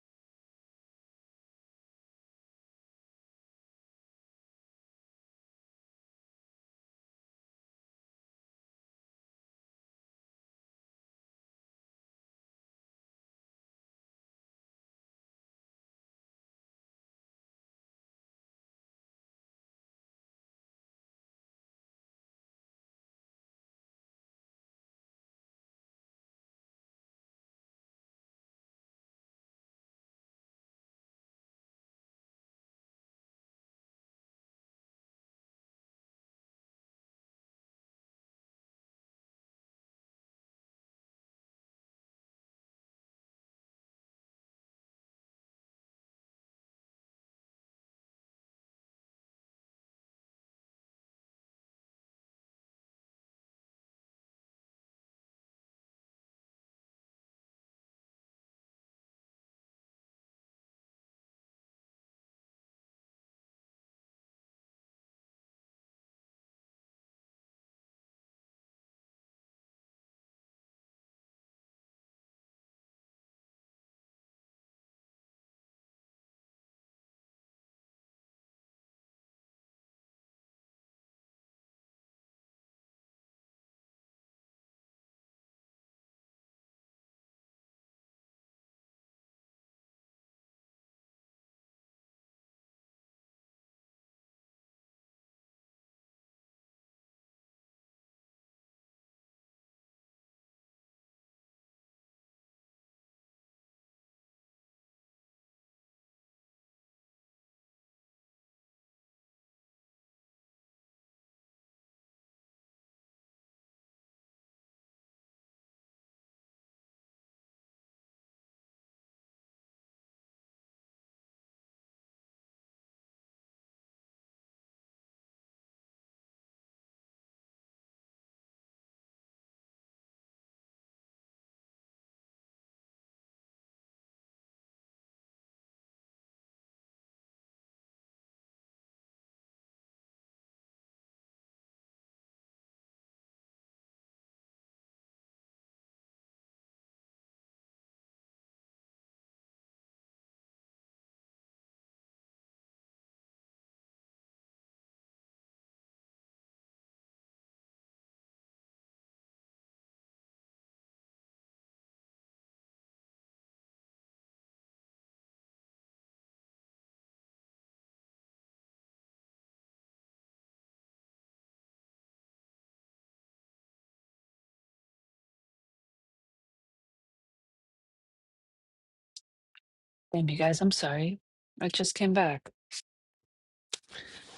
S1: you guys, I'm sorry. I just came back.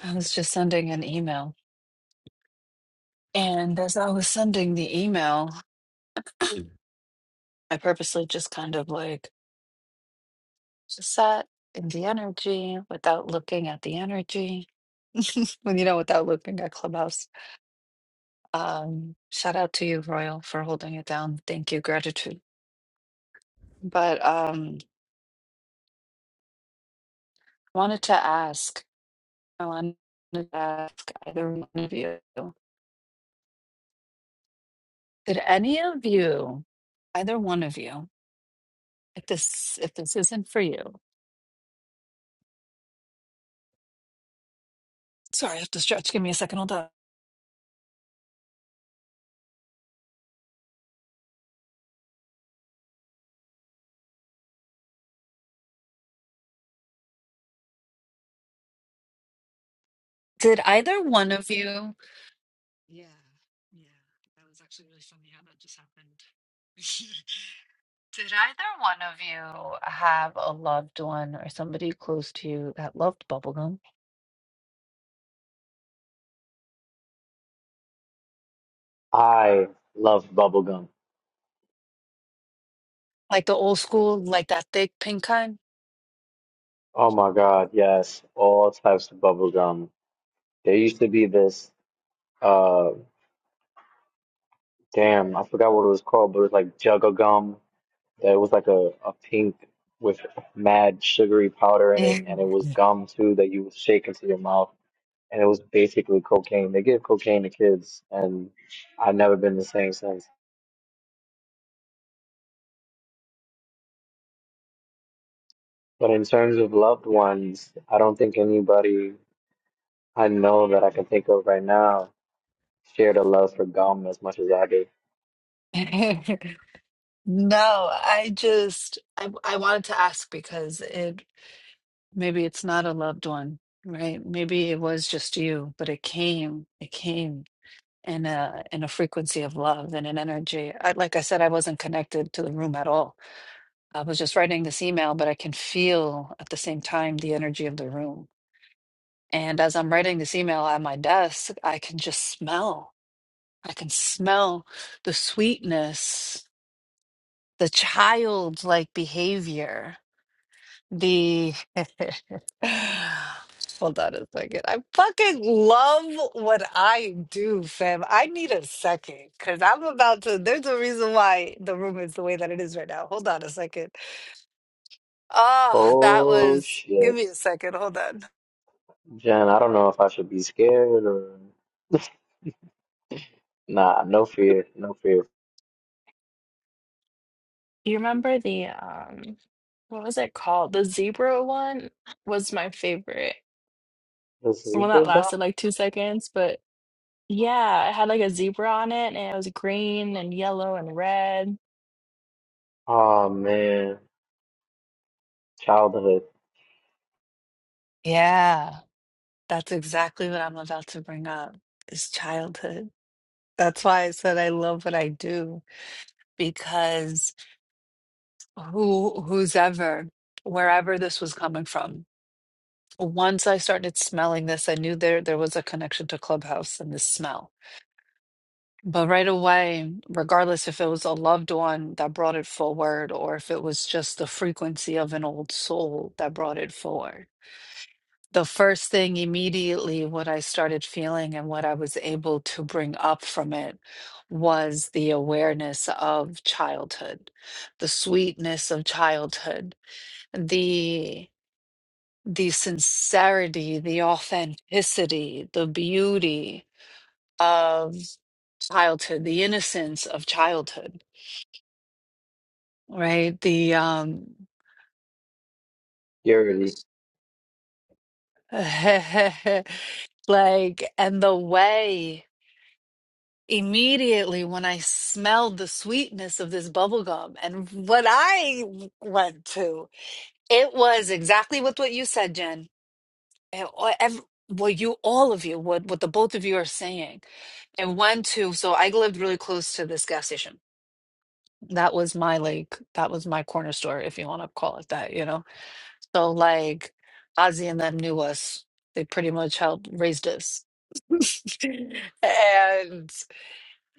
S1: I was just sending an email. And as I was sending the email, I purposely just kind of like just sat in the energy without looking at the energy. When you know, without looking at Clubhouse. Um, shout out to you, Royal, for holding it down. Thank you, gratitude. But um, wanted to ask, I wanted to ask either one of you, did any of you, either one of you, if this if this isn't for you, sorry, I have to stretch. Give me a second. Hold on. Did either one of you? Yeah, yeah. That was actually really funny how that just happened. [laughs] Did either one of you have a loved one or somebody close to you that loved bubblegum?
S4: I love bubblegum.
S1: Like the old school, like that thick pink kind?
S4: Oh my God, yes. All types of bubblegum. There used to be this, uh, damn, I forgot what it was called, but it was like juggle gum that was like a, a pink with mad sugary powder in it, and it was gum too that you would shake into your mouth, and it was basically cocaine. They give cocaine to kids, and I've never been the same since. But in terms of loved ones, I don't think anybody I know that I can think of right now shared a love for gum as much as I did.
S1: [laughs] No, I just I I wanted to ask because it maybe it's not a loved one, right? Maybe it was just you, but it came, it came. in a in a frequency of love and an energy. I, like I said, I wasn't connected to the room at all. I was just writing this email, but I can feel at the same time the energy of the room. And as I'm writing this email at my desk, I can just smell. I can smell the sweetness, the childlike behavior The [laughs] hold on a second. I fucking love what I do, fam. I need a second because I'm about to. There's a reason why the room is the way that it is right now. Hold on a second. Oh, that
S4: Oh
S1: was. Give
S4: shit,
S1: me a second. Hold on.
S4: Jen, I don't know if I should be scared or [laughs] nah, no fear, no fear.
S8: You remember the um, what was it called? The zebra one was my favorite.
S4: Does he
S8: Well, that
S4: get gum?
S8: lasted like two seconds, but yeah, it had like a zebra on it, and it was green and yellow and red.
S4: Oh man. Childhood,
S1: Yeah, that's exactly what I'm about to bring up is childhood. That's why I said I love what I do because who, who's ever, wherever this was coming from. Once I started smelling this, I knew there there was a connection to Clubhouse and the smell. But right away, regardless if it was a loved one that brought it forward or if it was just the frequency of an old soul that brought it forward, the first thing immediately what I started feeling and what I was able to bring up from it was the awareness of childhood, the sweetness of childhood, the the sincerity, the authenticity, the beauty of childhood, the innocence of childhood, right? The um
S4: purity.
S1: [laughs] like and the way immediately when I smelled the sweetness of this bubble gum and what I went to, it was exactly what what you said, Jen and all- ev well, you all of you, what what the both of you are saying, and one to so I lived really close to this gas station. That was my like that was my corner store, if you want to call it that, you know. So like Ozzy and them knew us. They pretty much helped raised us. [laughs] And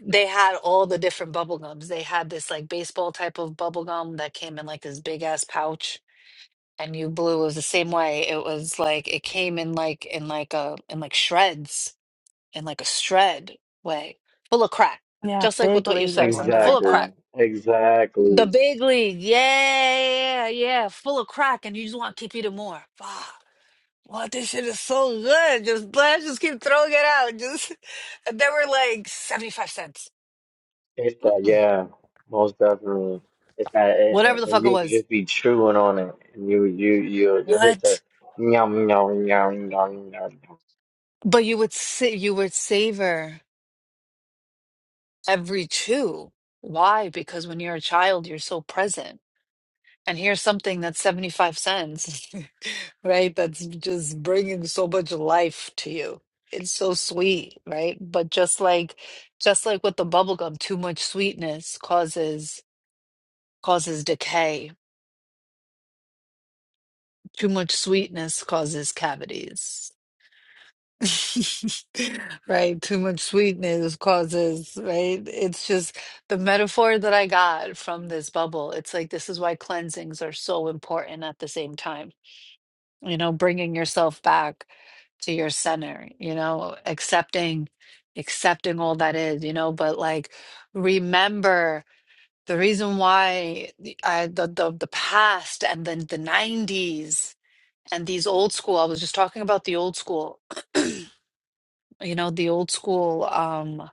S1: they had all the different bubble gums. They had this like baseball type of bubble gum that came in like this big ass pouch and you blue was the same way it was like it came in like in like a in like shreds in like a shred way full of crack
S8: Yeah,
S1: just like with
S8: big
S1: what you
S8: league
S1: said
S8: or
S1: royal
S8: something
S1: full
S8: like
S1: of
S4: Exactly.
S8: that.
S1: crack the
S4: Exactly.
S1: big league yeah yeah yeah full of crack and you just want to keep eating more fuck what this shit is so good just let's just keep throwing it out just [laughs] and they were like 75 cents
S4: It's that,
S1: Mm-mm.
S4: yeah, most definitely. It's that, and,
S1: whatever
S4: and
S1: the
S4: and
S1: fuck it
S4: you can
S1: was
S4: just be chewing on it, and you you you you hit the
S1: what
S4: yum yum yum yum yum.
S1: but you would sit you would savor every two. Why? Because when you're a child, you're so present. And here's something that's 75 cents, [laughs] right? That's just bringing so much life to you. It's so sweet, right? But just like just like with the bubble gum, too much sweetness causes causes decay. Too much sweetness causes cavities. [laughs] Right, too much sweetness causes, right? It's just the metaphor that I got from this bubble. It's like this is why cleansings are so important at the same time. You know, bringing yourself back to your center, you know, accepting accepting all that is, you know, but like remember the reason why the- I the the, the past and then the 90s and these old school, I was just talking about the old school you know, the old school, um,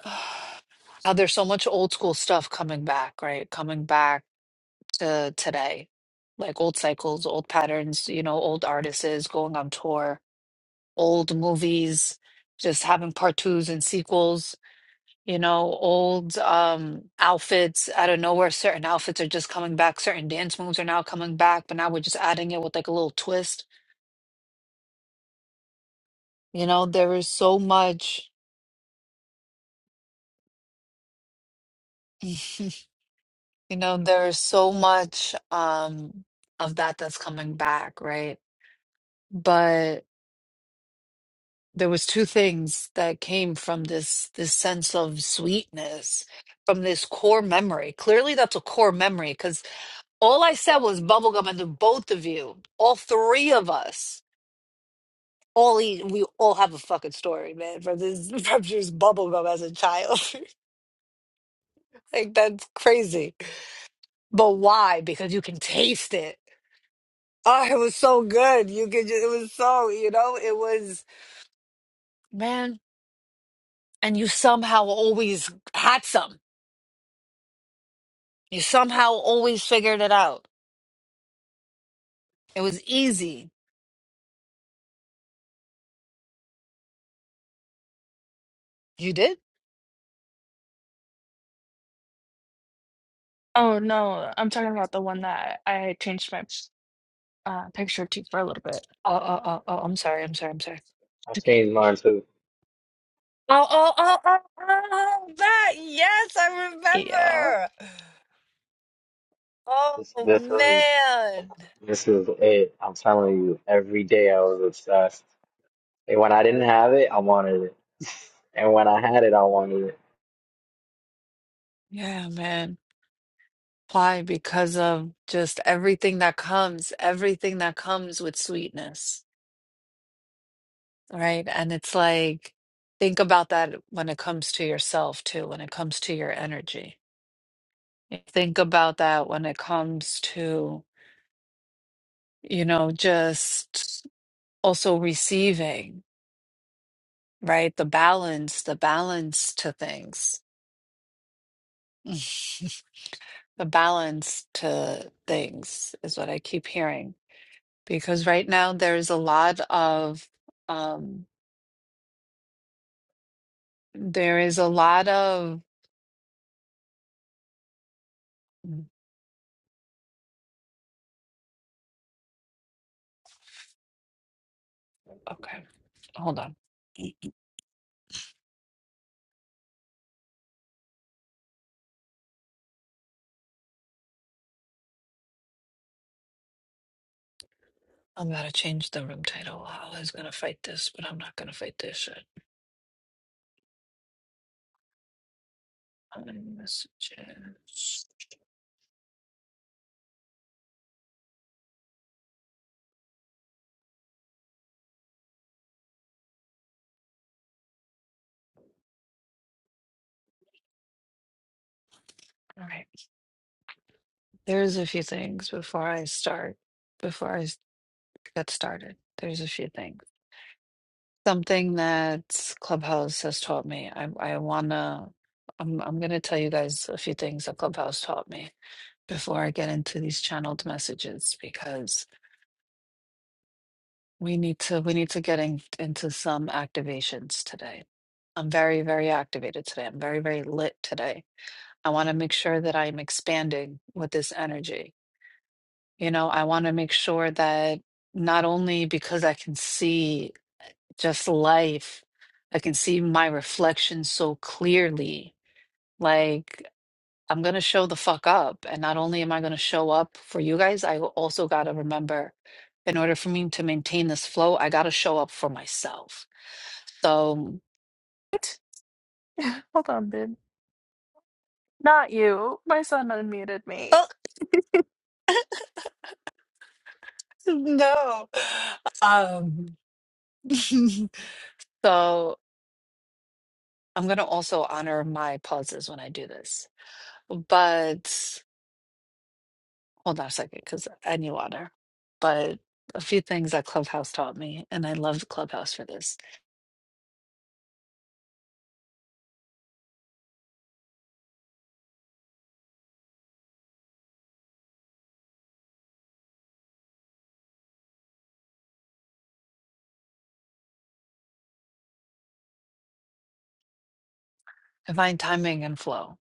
S1: [sighs] how there's so much old school stuff coming back, right? Coming back to today, like old cycles, old patterns, you know, old artists going on tour, old movies, just having part twos and sequels, you know, old um outfits out of nowhere. Certain outfits are just coming back, certain dance moves are now coming back, but now we're just adding it with like a little twist. You know, there is so much. [laughs] You know, there's so much um, of that that's coming back, right? But there was two things that came from this this sense of sweetness from this core memory. Clearly, that's a core memory because all I said was bubblegum, and to both of you, all three of us, all e- we all have a fucking story, man, from this [laughs] from just bubblegum as a child. [laughs] like that's crazy. But why? Because you can taste it Oh, it was so good. You could just, it was so, you know, it was, man. And you somehow always had some. You somehow always figured it out. It was easy. You did?
S8: Oh no, I'm talking about the one that I changed my uh, picture to for a little bit.
S1: Oh, oh, oh, oh, I'm sorry. I'm sorry. I'm sorry.
S4: I
S8: [laughs]
S4: changed mine too.
S1: Oh, oh, oh, oh, oh, that. Yes, I
S8: Okay. Yeah.
S1: remember.
S4: This
S1: Oh,
S4: this is
S1: man.
S4: this is it. I'm telling you, every day I was obsessed. And when I didn't have it, I wanted it, and when I had it, I wanted
S1: Yeah, man. Why? Because of just everything that comes, everything that comes with sweetness. right? And it's like, think about that when it comes to yourself too, when it comes to your energy. Think about that when it comes to, you know, just also receiving, right? The balance, the balance to things. [laughs] The balance to things is what I keep hearing. Because right now there's a lot of, um, there is a lot of, mm, okay, hold on. I'm gonna change the room title. I was gonna fight this, but I'm not gonna fight this shit. Um, Messages. All right. There's a few things before I start. Before I s- get started, there's a few things. Something that Clubhouse has taught me. I I wanna. I'm I'm gonna tell you guys a few things that Clubhouse taught me before I get into these channeled messages because We need to we need to get in, into some activations today. I'm very, very activated today. I'm very, very lit today. I want to make sure that I'm expanding with this energy. You know, I want to make sure that not only because I can see just life, I can see my reflection so clearly. Like I'm going to show the fuck up. And not only am I going to show up for you guys, I also got to remember in order for me to maintain this flow, I got to show up for myself. So,
S8: What? [laughs] Hold on, dude. Not you. My son unmuted me.
S1: oh, no. Um, [laughs] so I'm going to also honor my pauses when I do this. But hold on a second because I need water. But a few things that Clubhouse taught me, and I love Clubhouse for this divine timing and flow,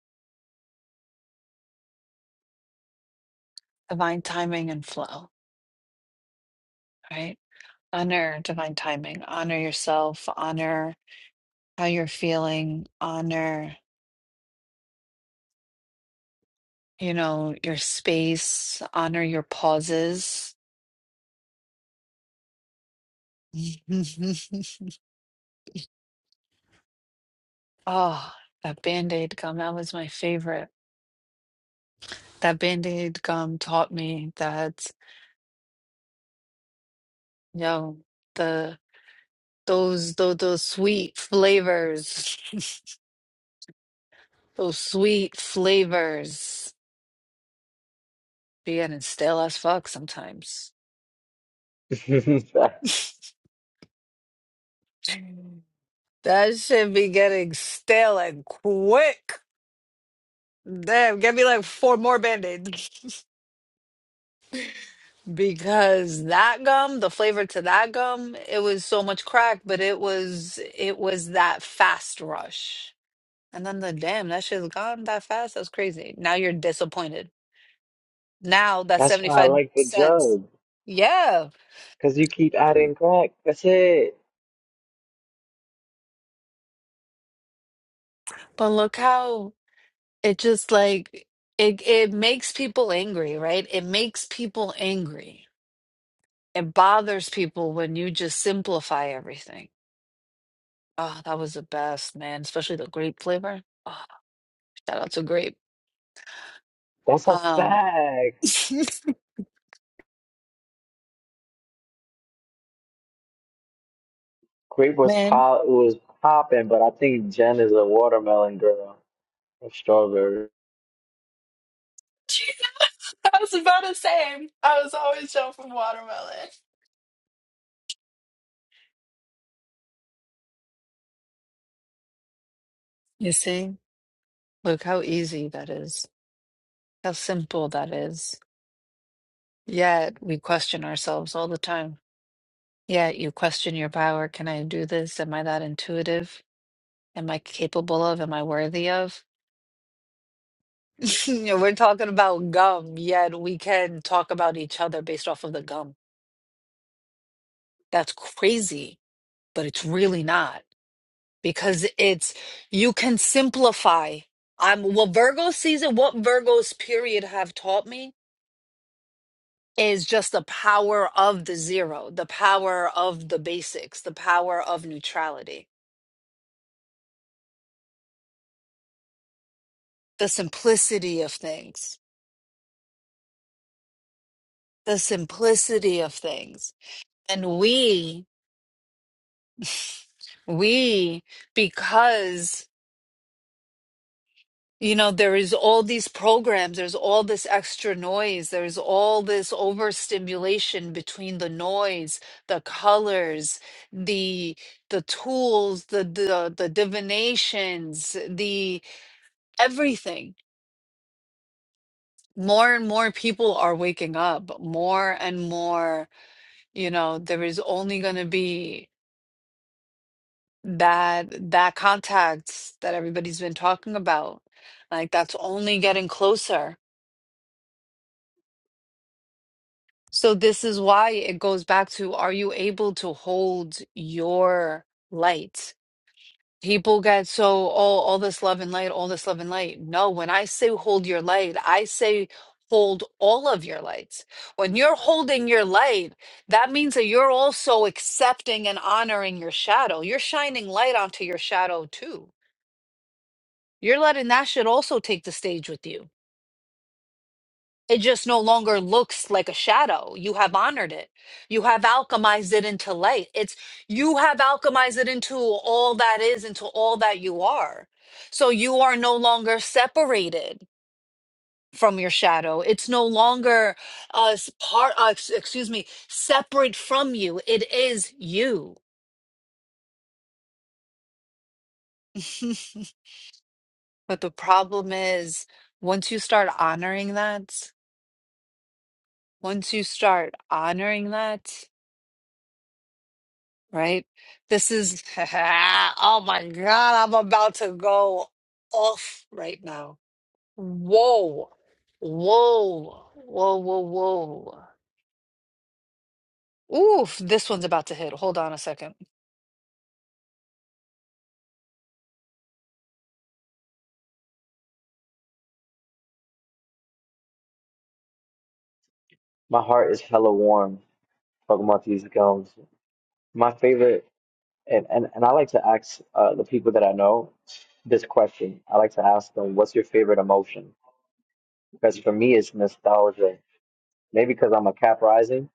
S1: divine timing and flow, right? honor divine timing, honor yourself, honor how you're feeling, honor, you know, your space, honor your pauses. [laughs] oh, that band aid gum, that was my favorite. That band aid gum taught me that, you know, the those those, those sweet flavors, [laughs] those sweet flavors be getting stale as fuck sometimes.
S4: it. [laughs] That's
S1: [laughs] That should be getting stale and quick. Damn, get me like four more band-aids. Because that gum, the flavor to that gum, it was so much crack, but it was it was that fast rush. And then the damn, that shit's gone that fast. That's crazy. Now you're disappointed. Now that's
S4: that's why I
S1: 75
S4: like the
S1: cents.
S4: jug,
S1: Yeah.
S4: cause you keep adding crack. That's it.
S1: But look how it just like it it makes people angry, right? It makes people angry. it bothers people when you just simplify everything. Oh, that was the best, man. Especially the grape flavor. Oh, shout out to grape.
S4: That's a
S1: Um,
S4: fact.
S1: [laughs]
S4: Grape was
S1: man,
S4: pop was popping, but I think Jen is a watermelon girl or strawberry.
S8: [laughs] I was about to say, I was always jumping watermelon.
S1: you see, look how easy that is, how simple that is. Yet we question ourselves all the time. Yet you question your power. Can I do this? Am I that intuitive? Am I capable of? Am I worthy of? [laughs] You know, We're talking about gum, yet we can talk about each other based off of the gum. That's crazy but it's really not because it's you can simplify. I'm what Virgo season, what Virgo's period have taught me is just the power of the zero, the power of the basics, the power of neutrality, the simplicity of things, the simplicity of things. And we, we, because You know, there is all these programs, there's all this extra noise, there's all this overstimulation between the noise, the colors, the the tools, the the, the divinations, the everything. More and more people are waking up, more and more, you know, there is only going to be that that contact that everybody's been talking about. Like that's only getting closer So this is why it goes back to are you able to hold your light? People get so, oh, all this love and light, all this love and light. No, when I say hold your light, I say hold all of your lights. When you're holding your light, that means that you're also accepting and honoring your shadow. You're shining light onto your shadow too. You're letting that shit also take the stage with you. It just no longer looks like a shadow. You have honored it. You have alchemized it into light. It's you have alchemized it into all that is, into all that you are. So you are no longer separated from your shadow. It's no longer uh, s- part. Uh, ex- excuse me, separate from you. It is you. [laughs] but the problem is, once you start honoring that, once you start honoring that. right? This is, [laughs] oh my God, I'm about to go off right now. Whoa, whoa, whoa, whoa, whoa. Oof, this one's about to hit. Hold on a second.
S4: My heart is hella warm talking about these gums. My favorite, and, and, and I like to ask uh, the people that I know this question. I like to ask them, what's your favorite emotion? Because for me, it's nostalgia. Maybe because I'm a cap rising.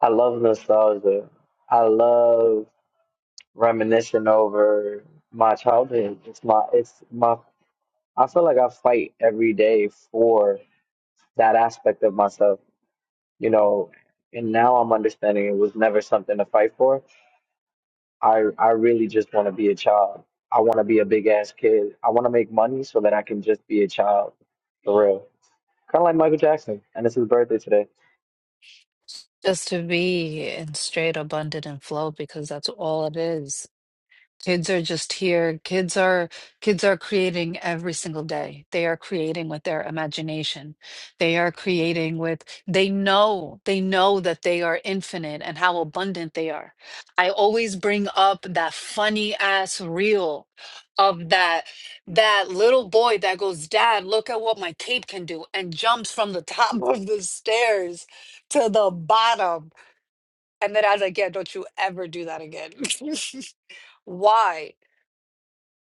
S4: I love nostalgia. I love reminiscing over my childhood. It's my it's my I feel like I fight every day for that aspect of myself, you know, and now I'm understanding it was never something to fight for. I I really just want to be a child. I want to be a big ass kid. I want to make money so that I can just be a child for real. Kind of like Michael Jackson, and it's his birthday today.
S1: Just to be in straight abundant and flow because that's all it is. Kids are just here. Kids are kids are creating every single day. They are creating with their imagination. They are creating with they know, they know that they are infinite and how abundant they are. I always bring up that funny ass reel of that that little boy that goes, "Dad, look at what my cape can do," and jumps from the [laughs] top of the stairs to the bottom. And then I was like, "Yeah, don't you ever do that again." [laughs] Why?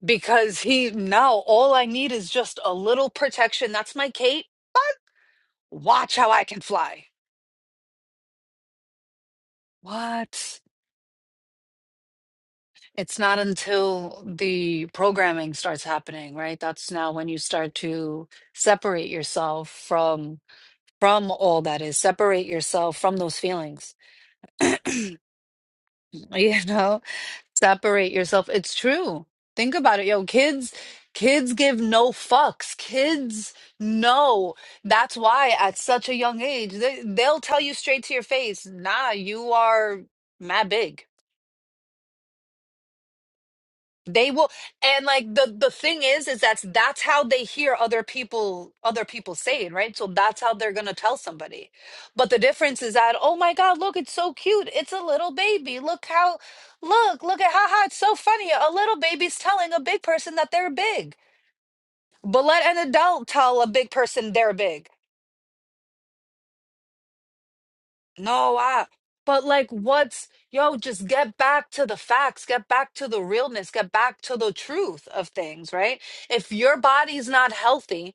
S1: because he now all I need is just a little protection. That's my cape. Watch how I can fly. What? It's not until the programming starts happening, right? That's now when you start to separate yourself from from all that is, separate yourself from those feelings. [clears throat] you know? separate yourself. It's true. Think about it, yo. Kids, kids give no fucks. Kids know. That's why at such a young age, they, they'll tell you straight to your face, nah, you are mad big they will and like the the thing is is that's that's how they hear other people other people say it right so that's how they're gonna tell somebody but the difference is that oh my god look it's so cute it's a little baby look how look look at haha it's so funny a little baby's telling a big person that they're big but let an adult tell a big person they're big No, I, but like, what's, yo, just get back to the facts, get back to the realness, get back to the truth of things, right? If your body's not healthy,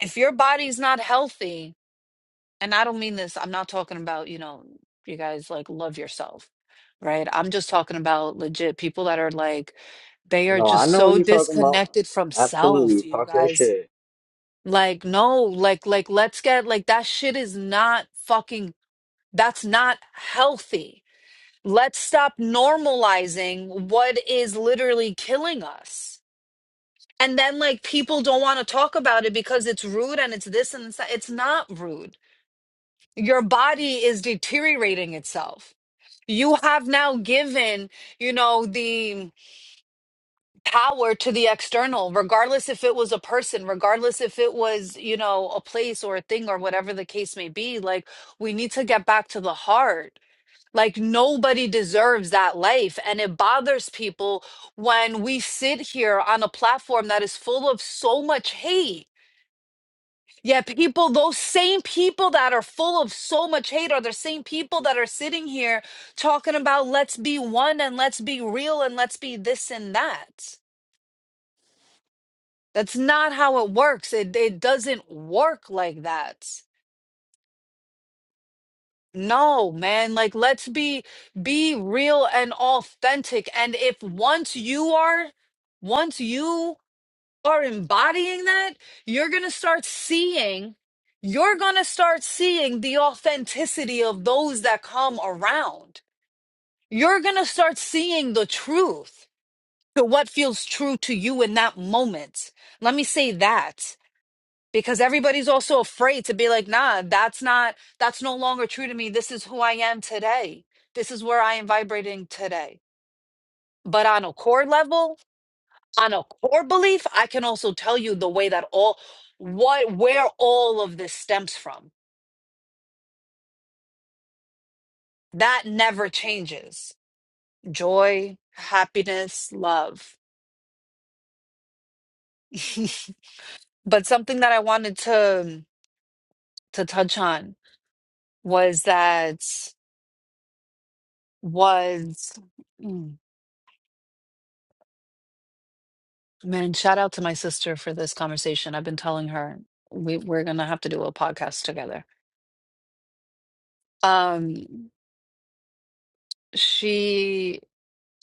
S1: if your body's not healthy, and I don't mean this, I'm not talking about, you know, you guys like love yourself, right? I'm just talking about legit people that are like, they
S4: You
S1: are
S4: know, I
S1: just
S4: know what
S1: so
S4: you're talking about.
S1: disconnected from
S4: Absolutely.
S1: self, you
S4: Talk your
S1: guys.
S4: shit.
S1: Like, no, like, like, let's get, like, that shit is not fucking, that's not healthy let's stop normalizing what is literally killing us. And then like people don't want to talk about it because it's rude and it's this and it's that. It's not rude. Your body is deteriorating itself. You have now given, you know, the power to the external, regardless if it was a person, regardless if it was, you know, a place or a thing or whatever the case may be. Like, we need to get back to the heart Like nobody deserves that life. And it bothers people when we sit here on a platform that is full of so much hate. Yet people, those same people that are full of so much hate are the same people that are sitting here talking about let's be one and let's be real and let's be this and that. That's not how it works. It, it doesn't work like that. No, man. Like, let's be be real and authentic. And if once you are, once you are embodying that, you're gonna start seeing, you're gonna start seeing the authenticity of those that come around. You're gonna start seeing the truth to what feels true to you in that moment. Let me say that because everybody's also afraid to be like nah that's not that's no longer true to me this is who i am today this is where i am vibrating today but on a core level on a core belief i can also tell you the way that all what where all of this stems from that never changes joy happiness love [laughs] but something that i wanted to to touch on was that was hmm, Man, shout out to my sister for this conversation. I've been telling her we, we're gonna have to do a podcast together. Um, she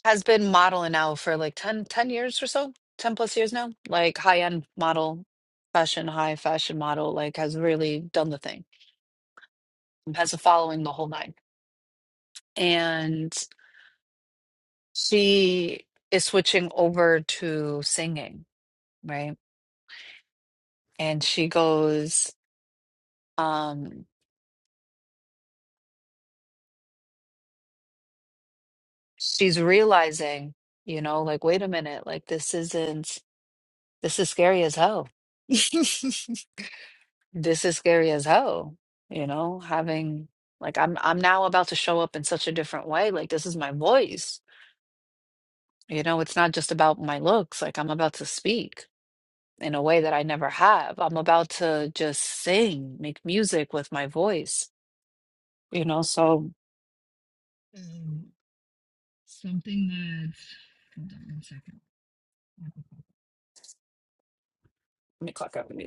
S1: has been modeling now for like 10 10 years or so, 10 plus years now, like high-end model, fashion, high fashion model, like has really done the thing, has a following the whole nine. And she is switching over to singing, right? And she goes, um, she's realizing, you know, like, wait a minute, like, this isn't, this is scary as hell. [laughs] This is scary as hell, you know, having like I'm I'm now about to show up in such a different way. Like this is my voice. You know, it's not just about my looks. Like I'm about to speak in a way that I never have. I'm about to just sing, make music with my voice, you know, so Um, something that. Hold on one second. let me clock out.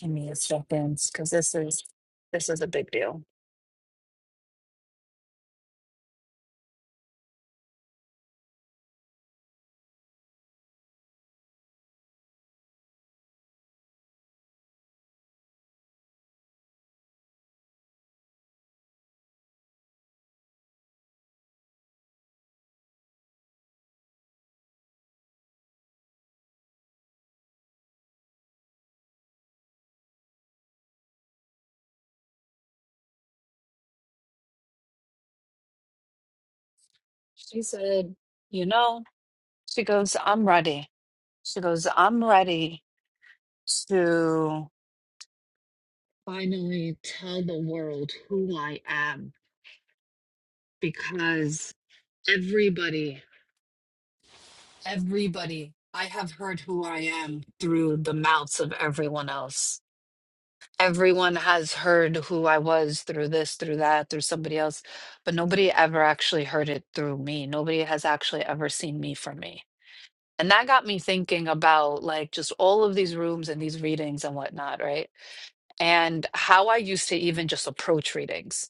S1: Give me a second, because this is this is a big deal. She said, you know, she goes, I'm ready. She goes, I'm ready to finally tell the world who I am because Everybody, everybody. I have heard who I am through the mouths of everyone else. Everyone has heard who I was through this, through that, through somebody else, but nobody ever actually heard it through me. Nobody has actually ever seen me for me. And that got me thinking about like just all of these rooms and these readings and whatnot, right? And how I used to even just approach readings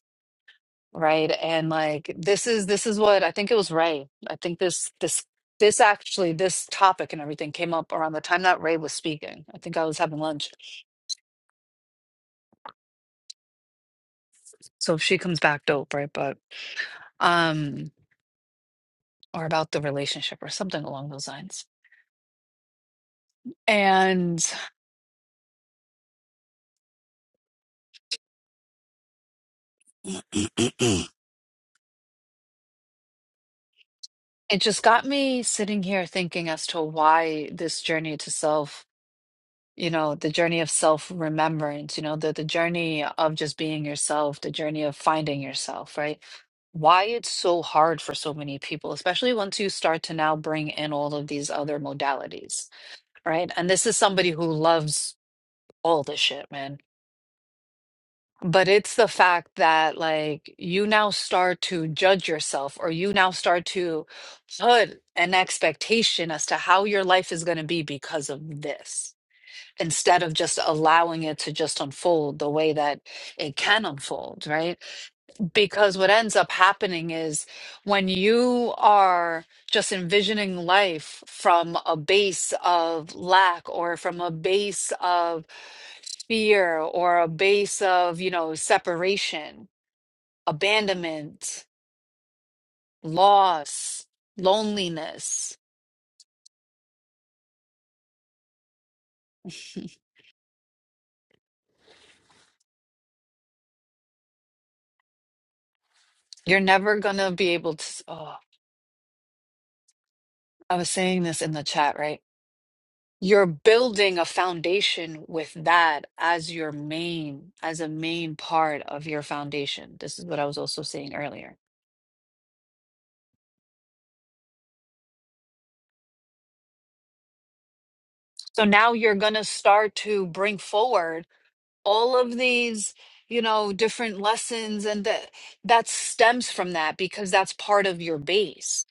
S1: right? And like this is this is what I think it was Ray. I think this this this actually this topic and everything came up around the time that Ray was speaking. I think I was having lunch. So if she comes back, dope, right? But um, or about the relationship or something along those lines. And [clears throat] it just got me sitting here thinking as to why this journey to self. you know the journey of self remembrance you know the the journey of just being yourself the journey of finding yourself right why it's so hard for so many people especially once you start to now bring in all of these other modalities right and this is somebody who loves all this shit man but it's the fact that like you now start to judge yourself or you now start to put an expectation as to how your life is going to be because of this instead of just allowing it to just unfold the way that it can unfold, right? Because what ends up happening is when you are just envisioning life from a base of lack or from a base of fear or a base of, you know, separation, abandonment, loss, loneliness, you're never going to be able to. Oh, I was saying this in the chat, right? you're building a foundation with that as your main as a main part of your foundation this is what i was also saying earlier so now you're going to start to bring forward all of these you know different lessons and that that stems from that because that's part of your base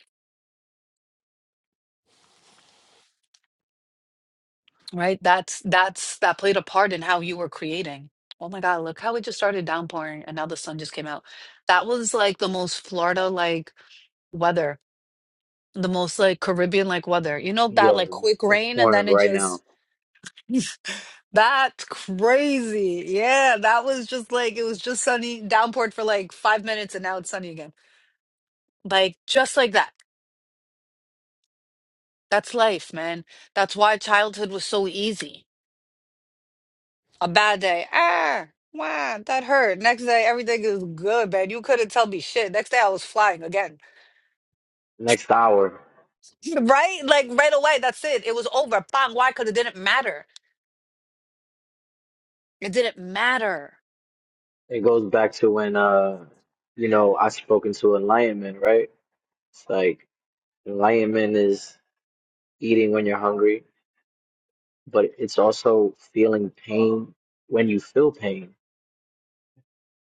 S1: right that's that's that played a part in how you were creating oh my god look how it just started downpouring and now the sun just came out that was like the most florida like weather the most like Caribbean like weather. You know that
S4: Yeah,
S1: like quick
S4: it's
S1: rain and then
S4: pouring
S1: it
S4: right now.
S1: just [laughs] that's crazy. Yeah, that was just like it was just sunny, downpoured for like five minutes and now it's sunny again. Like just like that. That's life, man. That's why childhood was so easy. A bad day, ah, wow, that hurt. Next day, everything is good, man. You couldn't tell me shit. Next day, I was flying again,
S4: Next hour,
S1: [laughs] right? Like right away. That's it. It was over. Bang. Why? Because it didn't matter. It didn't matter.
S4: it goes back to when uh, you know, I spoke into enlightenment, right? It's like enlightenment is eating when you're hungry, but it's also feeling pain when you feel pain.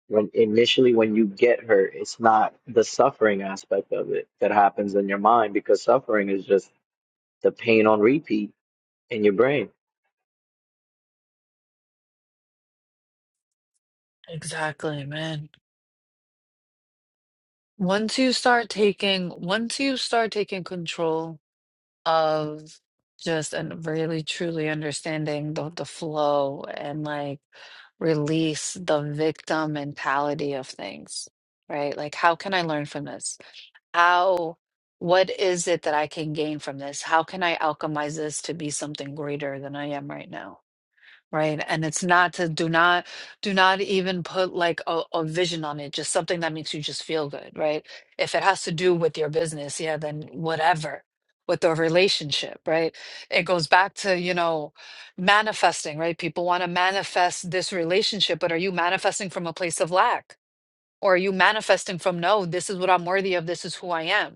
S4: When initially, when you get hurt, it's not the suffering aspect of it that happens in your mind because suffering is just the pain on repeat in your brain.
S1: Exactly, man. Once you start taking, once you start taking control of just and really truly understanding the, the flow and like release the victim mentality of things, right? Like, how can I learn from this? How, what is it that I can gain from this? How can I alchemize this to be something greater than I am right now? Right. And it's not to do not do not even put like a, a vision on it, just something that makes you just feel good, right? If it has to do with your business, yeah, then whatever. With the relationship, right? It goes back to, you know, manifesting, right? People want to manifest this relationship, but are you manifesting from a place of lack? Or are you manifesting from no, this is what I'm worthy of, this is who I am?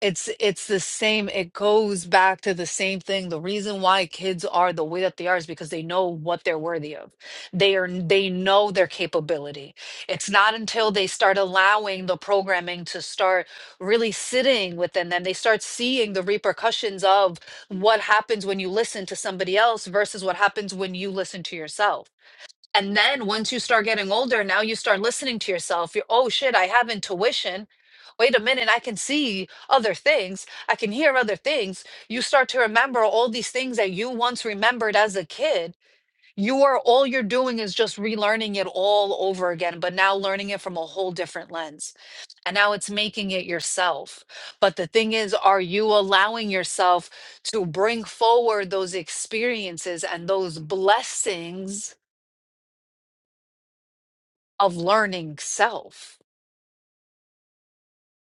S1: It's it's the same. It goes back to the same thing. The reason why kids are the way that they are is because they know what they're worthy of. They are they know their capability. It's not until they start allowing the programming to start really sitting within them, they start seeing the repercussions of what happens when you listen to somebody else versus what happens when you listen to yourself and then once you start getting older, now you start listening to yourself. You're, oh shit, I have intuition. Wait a minute, I can see other things. I can hear other things. You start to remember all these things that you once remembered as a kid. You are all you're doing is just relearning it all over again, but now learning it from a whole different lens. And now it's making it yourself. But the thing is, are you allowing yourself to bring forward those experiences and those blessings? of learning self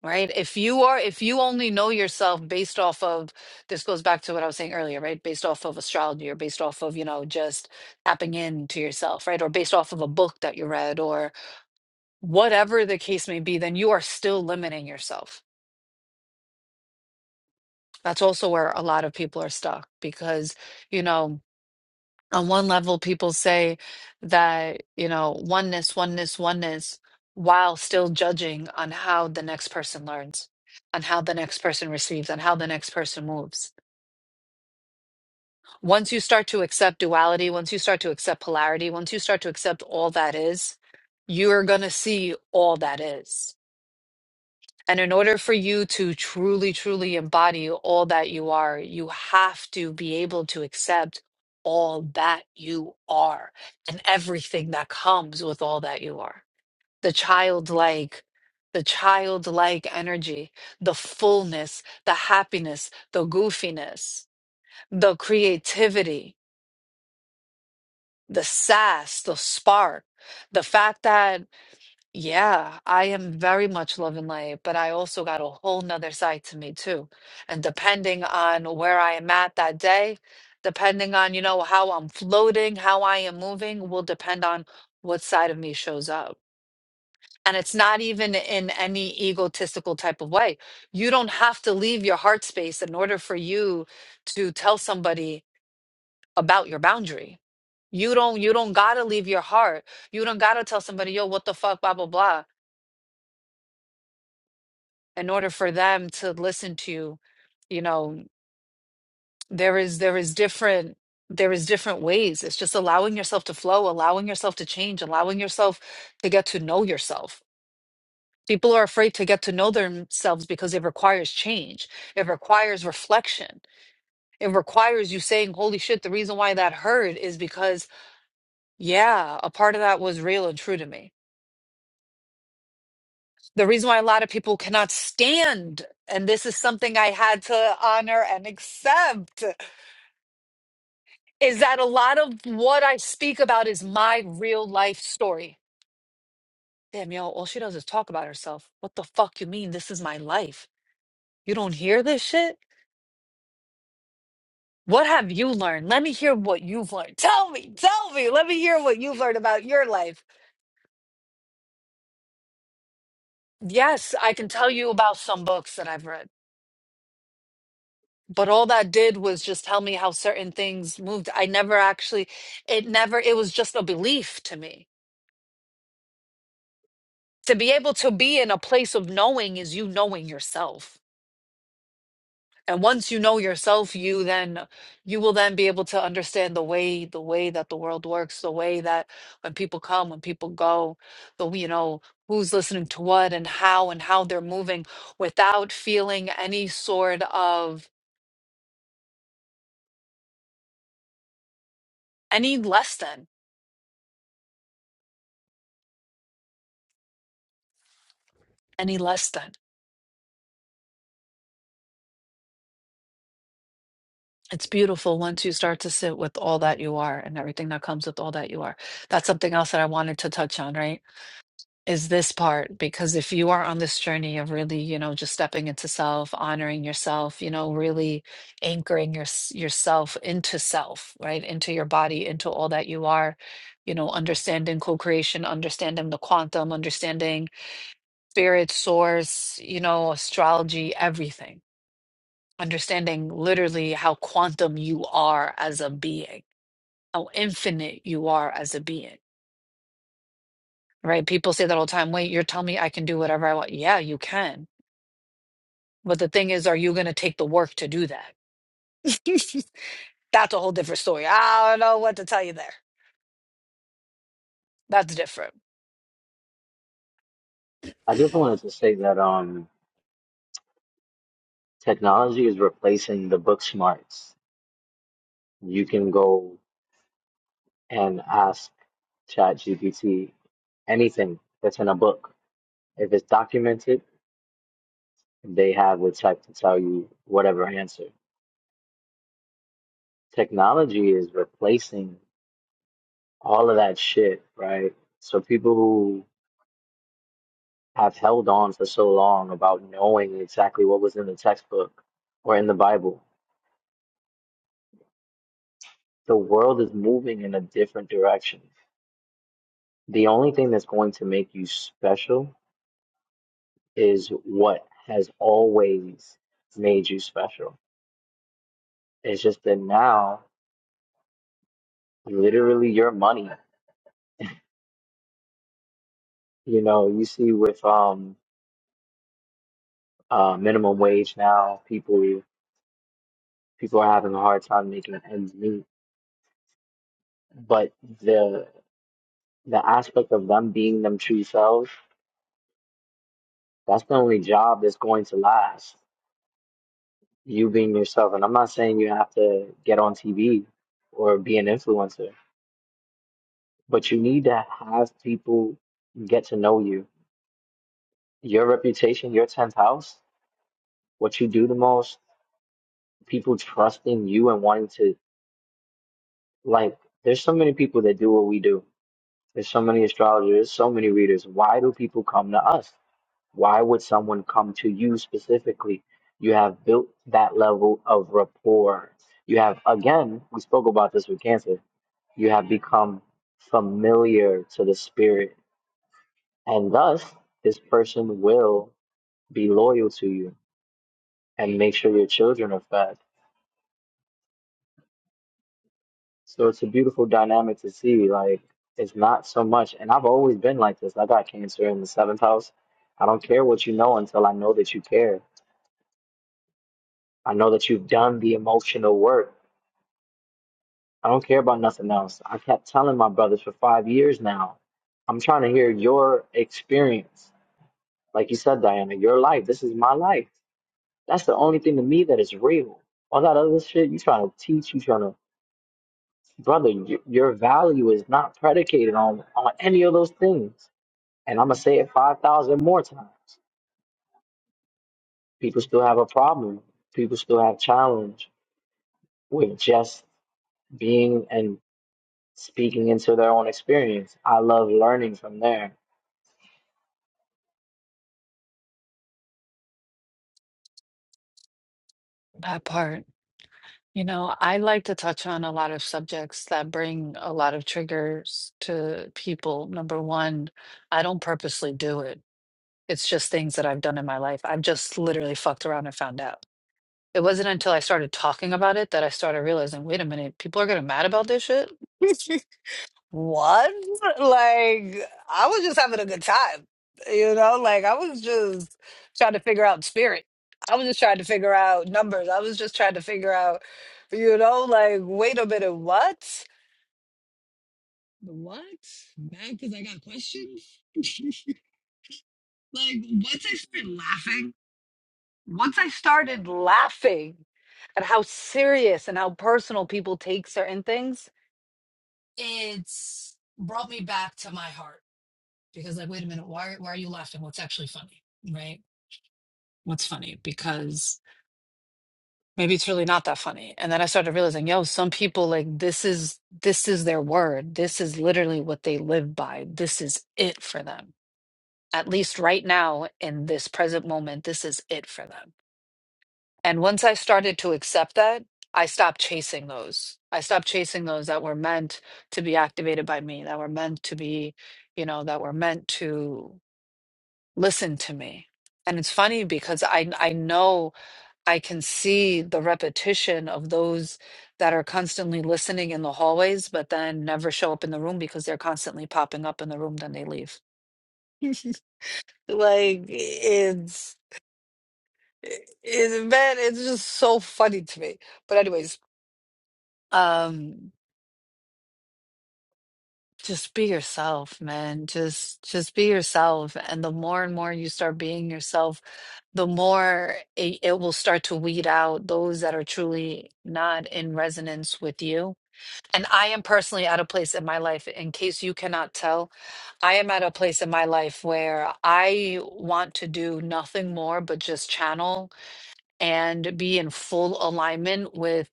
S1: right if you are if you only know yourself based off of this goes back to what i was saying earlier right based off of astrology or based off of you know just tapping into yourself right or based off of a book that you read or whatever the case may be then you are still limiting yourself that's also where a lot of people are stuck because you know on one level, people say that, you know, oneness, oneness, oneness, while still judging on how the next person learns, on how the next person receives, on how the next person moves. Once you start to accept duality, once you start to accept polarity, once you start to accept all that is, you're going to see all that is And in order for you to truly, truly embody all that you are, you have to be able to accept all that you are and everything that comes with all that you are. The childlike, the childlike energy, the fullness, the happiness, the goofiness, the creativity, the sass, the spark, the fact that yeah, I am very much love and light, but I also got a whole nother side to me too. And depending on where I am at that day, depending on, you know, how I'm floating, how I am moving, will depend on what side of me shows up. And it's not even in any egotistical type of way. You don't have to leave your heart space in order for you to tell somebody about your boundary. You don't you don't gotta leave your heart. You don't gotta tell somebody, yo, what the fuck, blah, blah, blah in order for them to listen to you know there is there is different there is different ways it's just allowing yourself to flow allowing yourself to change allowing yourself to get to know yourself people are afraid to get to know themselves because it requires change it requires reflection it requires you saying holy shit the reason why that hurt is because yeah a part of that was real and true to me the reason why a lot of people cannot stand and this is something i had to honor and accept is that a lot of what I speak about is my real life story. Damn, yo, all she does is talk about herself. What the fuck you mean this is my life? You don't hear this shit? What have you learned? Let me hear what you've learned. Tell me, tell me. Let me hear what you've learned about your life. Yes, I can tell you about some books that I've read, but all that did was just tell me how certain things moved. I never actually, it never, it was just a belief to me. To be able to be in a place of knowing is you knowing yourself and once you know yourself you then you will then be able to understand the way the way that the world works the way that when people come when people go the you know who's listening to what and how and how they're moving without feeling any sort of any less than any less than it's beautiful once you start to sit with all that you are and everything that comes with all that you are that's something else that i wanted to touch on right is this part because if you are on this journey of really you know just stepping into self honoring yourself you know really anchoring your yourself into self right into your body into all that you are you know understanding co-creation understanding the quantum understanding spirit source you know astrology everything understanding literally how quantum you are as a being how infinite you are as a being right people say that all the time wait you're telling me i can do whatever i want yeah you can But the thing is, are you going to take the work to do that? [laughs] That's a whole different story. I don't know what to tell you there. That's different.
S4: I just wanted to say that um, technology is replacing the book smarts. You can go and ask ChatGPT anything that's in a book. If it's documented, they have with like to tell you whatever answer. Technology is replacing all of that shit, right? So people who have held on for so long about knowing exactly what was in the textbook or in the Bible, the world is moving in a different direction. The only thing that's going to make you special is what has always made you special. It's just that now, literally, your money. You know, you see with um uh, minimum wage now. People people are having a hard time making ends meet. But the the aspect of them being them true selves, that's the only job that's going to last. You being yourself. And I'm not saying you have to get on TV or be an influencer, but you need to have people get to know you. Your reputation, your 10th house, what you do the most, people trusting you and wanting to like there's so many people that do what we do There's so many astrologers, so many readers. Why do people come to us? Why would someone come to you specifically? You have built that level of rapport. You have, again, we spoke about this with Cancer. You have become familiar to the spirit. And thus, this person will be loyal to you and make sure your children are fed. So it's a beautiful dynamic to see. Like, it's not so much, and I've always been like this. I got cancer in the seventh house. I don't care what you know until I know that you care. I know that you've done the emotional work. I don't care about nothing else. I kept telling my brothers for five years now. I'm trying to hear your experience. Like you said, Diana, your life. This is my life. That's the only thing to me that is real. All that other shit, you trying to teach, you trying to, brother, y- your value is not predicated on on any of those things And I'm gonna say it five thousand more times. People still have a problem. People still have challenge with just being and speaking into their own experience. I love learning from there.
S1: That part. You know, I like to touch on a lot of subjects that bring a lot of triggers to people. Number one, I don't purposely do it. It's just things that I've done in my life. I've just literally fucked around and found out. It wasn't until I started talking about it that I started realizing, wait a minute, people are getting mad about this shit. [laughs] What? Like, I was just having a good time. You know, like I was just trying to figure out spirit. I was just trying to figure out numbers. I was just trying to figure out, you know, like, wait a minute, what? What? Mad because I got questions? [laughs] like, once I started laughing, once I started laughing at how serious and how personal people take certain things, it's brought me back to my heart. because like wait a minute why, why are you laughing what's actually funny right what's funny because maybe it's really not that funny and then i started realizing yo some people like this is this is their word this is literally what they live by this is it for them at least right now in this present moment this is it for them and once i started to accept that i stopped chasing those i stopped chasing those that were meant to be activated by me that were meant to be you know that were meant to listen to me and it's funny because i i know i can see the repetition of those that are constantly listening in the hallways but then never show up in the room because they're constantly popping up in the room then they leave [laughs] like it's it, it- man it's just so funny to me but anyways um just be yourself man just just be yourself and the more and more you start being yourself the more it, it will start to weed out those that are truly not in resonance with you and i am personally at a place in my life in case you cannot tell i am at a place in my life where i want to do nothing more but just channel and be in full alignment with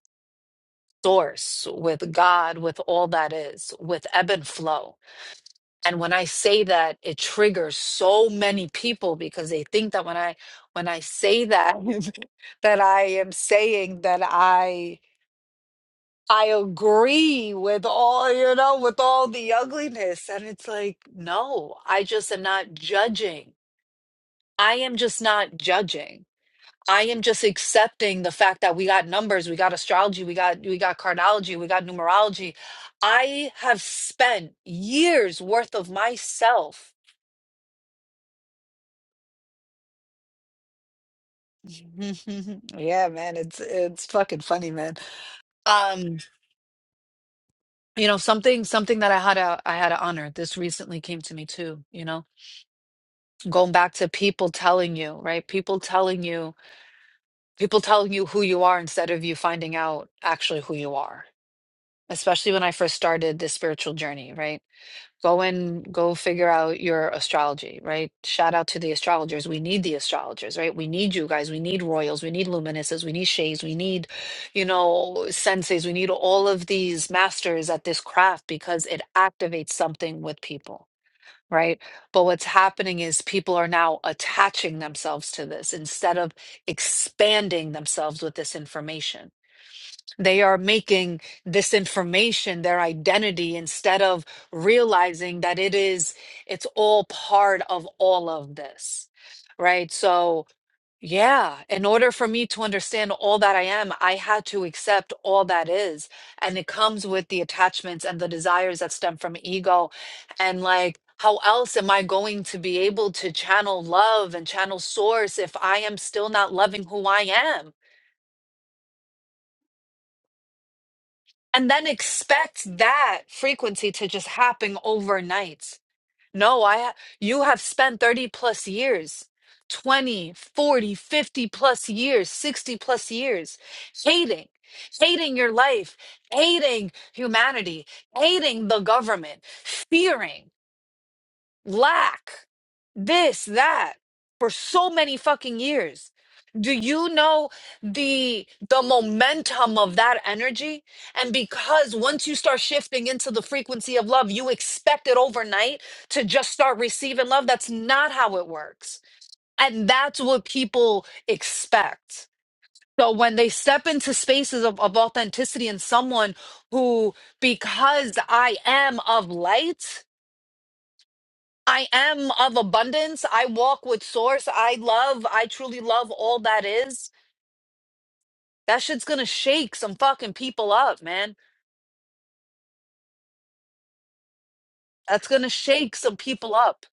S1: source with god with all that is with ebb and flow and when i say that it triggers so many people because they think that when i when i say that [laughs] that i am saying that i i agree with all you know with all the ugliness and it's like no i just am not judging i am just not judging i am just accepting the fact that we got numbers we got astrology we got we got cardiology we got numerology i have spent years worth of myself [laughs] Yeah, man, it's it's fucking funny, man. Um, you know, something something that I had a I had to honor. This recently came to me too, you know. Going back to people telling you, right? People telling you, people telling you who you are instead of you finding out actually who you are. Especially when I first started this spiritual journey, right? Go and go figure out your astrology, right? Shout out to the astrologers. We need the astrologers, right? We need you guys. We need royals. We need luminuses. We need shades. We need, you know, senseis. We need all of these masters at this craft because it activates something with people, right? But what's happening is people are now attaching themselves to this instead of expanding themselves with this information they are making this information their identity instead of realizing that it is, it's all part of all of this, right? So, yeah, in order for me to understand all that I am, I had to accept all that is. And it comes with the attachments and the desires that stem from ego. And like, how else am I going to be able to channel love and channel source if I am still not loving who I am? and then expect that frequency to just happen overnight no i ha- you have spent 30 plus years 20, 40, 50 plus years 60 plus years hating hating your life hating humanity hating the government fearing lack, this, that, for so many fucking years. Do you know the the momentum of that energy? And because once you start shifting into the frequency of love, you expect it overnight to just start receiving love. That's not how it works. And that's what people expect. So when they step into spaces of, of authenticity and someone who, because I am of light, I am of abundance. I walk with source. I love, I truly love all that is. That shit's gonna shake some fucking people up, man. That's gonna shake some people up.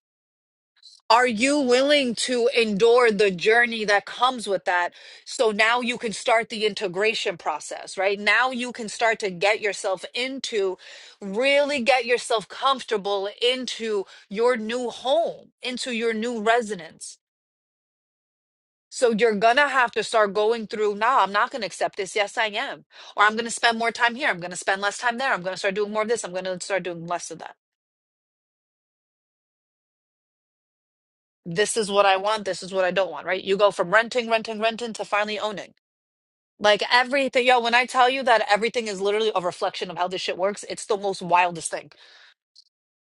S1: Are you willing to endure the journey that comes with that? So now you can start the integration process, right? Now you can start to get yourself into, really get yourself comfortable into your new home, into your new residence So you're gonna have to start going through, nah, I'm not gonna accept this. Yes, I am. Or I'm gonna spend more time here. I'm gonna spend less time there. I'm gonna start doing more of this. I'm gonna start doing less of that. This is what I want. This is what I don't want, right? You go from renting, renting, renting to finally owning. Like everything, yo, when I tell you that everything is literally a reflection of how this shit works, it's the most wildest thing.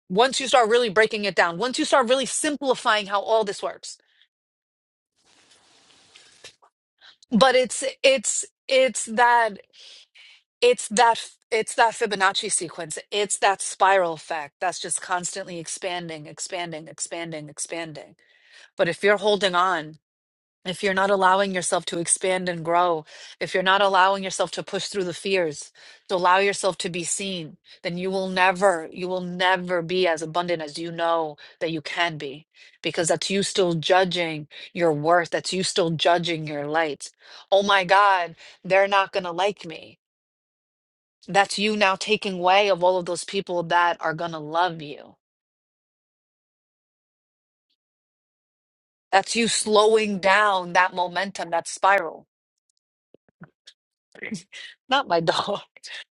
S1: Once you start really breaking it down, once you start really simplifying how all this works. But it's it's it's that It's that it's that Fibonacci sequence. It's that spiral effect that's just constantly expanding, expanding, expanding, expanding. But if you're holding on, if you're not allowing yourself to expand and grow, if you're not allowing yourself to push through the fears, to allow yourself to be seen, then you will never, you will never be as abundant as you know that you can be, because that's you still judging your worth. That's you still judging your light. Oh my God, they're not going to like me that's you now taking way of all of those people that are going to love you. That's you slowing down that momentum, that spiral. [laughs] Not my dog.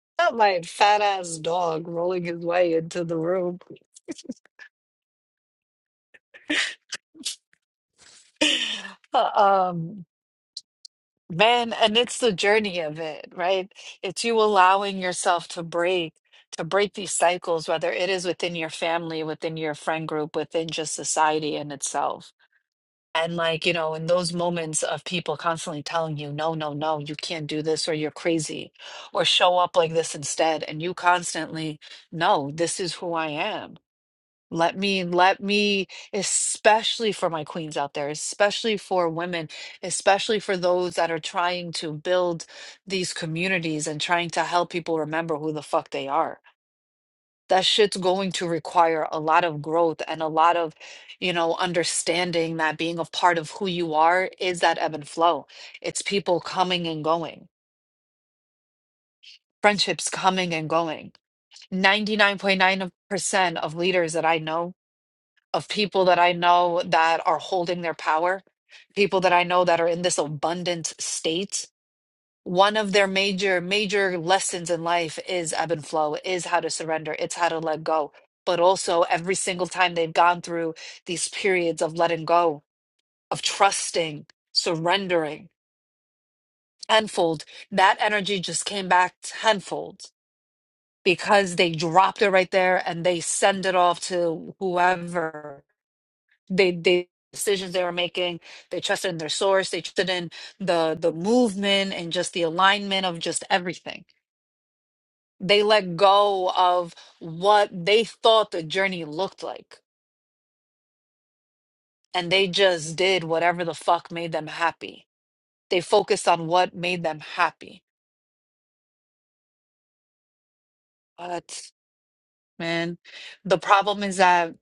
S1: [laughs] Not my fat ass dog rolling his way into the room. [laughs] Um, man, and it's the journey of it, right? It's you allowing yourself to break, to break these cycles, whether it is within your family, within your friend group, within just society in itself And like, you know, in those moments of people constantly telling you, no, no, no, you can't do this or you're crazy or show up like this instead. And you constantly, no, this is who I am. Let me, let me, especially for my queens out there, especially for women, especially for those that are trying to build these communities and trying to help people remember who the fuck they are that shit's going to require a lot of growth and a lot of, you know, understanding that being a part of who you are is that ebb and flow. It's people coming and going, friendships coming and going. 99.9% of leaders that I know, of people that I know that are holding their power, people that I know that are in this abundant state one of their major major lessons in life is ebb and flow is how to surrender it's how to let go but also every single time they've gone through these periods of letting go of trusting surrendering tenfold that energy just came back tenfold because they dropped it right there and they send it off to whoever they they decisions they were making they trusted in their source they trusted in the the movement and just the alignment of just everything They let go of what they thought the journey looked like, and they just did whatever the fuck made them happy. They focused on what made them happy. But man, the problem is that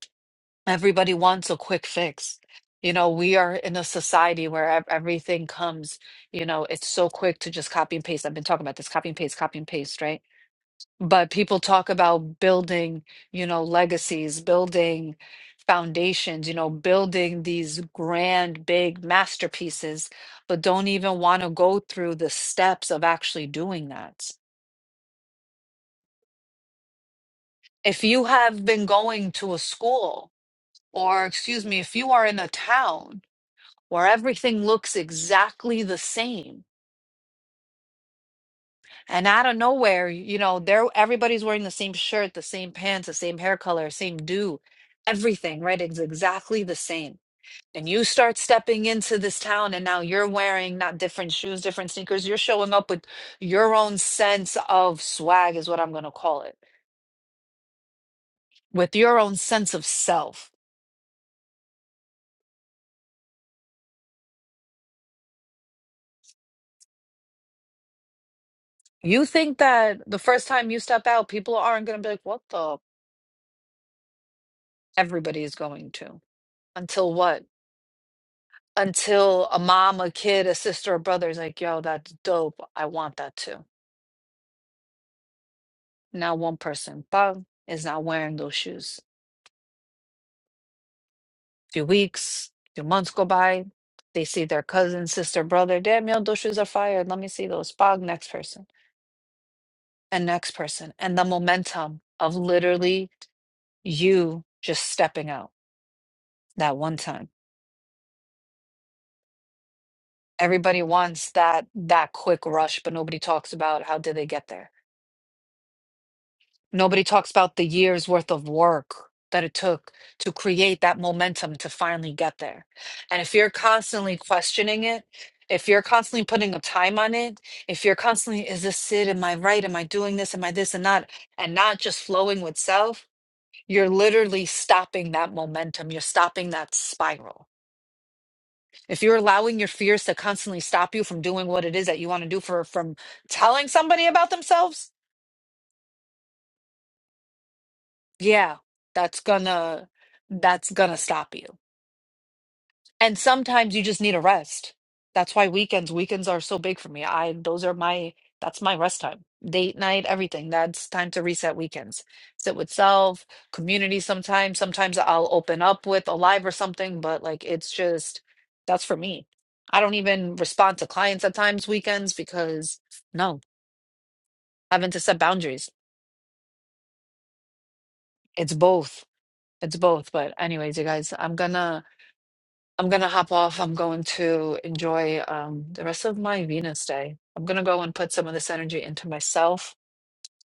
S1: everybody wants a quick fix. You know, we are in a society where ev- everything comes, you know, it's so quick to just copy and paste. I've been talking about this copy and paste, copy and paste, right? But people talk about building, you know, legacies, building foundations, you know, building these grand, big masterpieces, but don't even want to go through the steps of actually doing that. If you have been going to a school, or excuse me, if you are in a town where everything looks exactly the same, And out of nowhere, you know, they're everybody's wearing the same shirt, the same pants, the same hair color, same do, everything, right? It's exactly the same. And you start stepping into this town, and now you're wearing not different shoes, different sneakers. You're showing up with your own sense of swag, is what I'm going to call it, with your own sense of self. You think that the first time you step out, people aren't going to be like, what the? Everybody is going to. Until what? until a mom, a kid, a sister, a brother is like, yo, that's dope. I want that too. Now one person, bum, is not wearing those shoes. Few weeks, few months go by. They see their cousin, sister, brother, damn, yo, those shoes are fire. Let me see those. Bug, next person, and next person. And the momentum of literally you just stepping out that one time. Everybody wants that that quick rush, but nobody talks about how did they get there Nobody talks about the years worth of work that it took to create that momentum to finally get there. And if you're constantly questioning it, if you're constantly putting a time on it, if you're constantly, is this it? Am I right? Am I doing this? Am I this and that? And not just flowing with self, you're literally stopping that momentum. You're stopping that spiral. If you're allowing your fears to constantly stop you from doing what it is that you want to do for from telling somebody about themselves, yeah, that's gonna that's gonna stop you. And sometimes you just need a rest. That's why weekends weekends are so big for me. I those are my that's my rest time. Date night, everything. That's time to reset weekends. Sit with self, community sometimes. Sometimes I'll open up with a live or something, but like it's just that's for me. I don't even respond to clients at times weekends because no, having to set boundaries. It's both. It's both. But anyways, you guys, I'm gonna I'm gonna hop off. I'm going to enjoy um, the rest of my Venus day. I'm gonna go and put some of this energy into myself,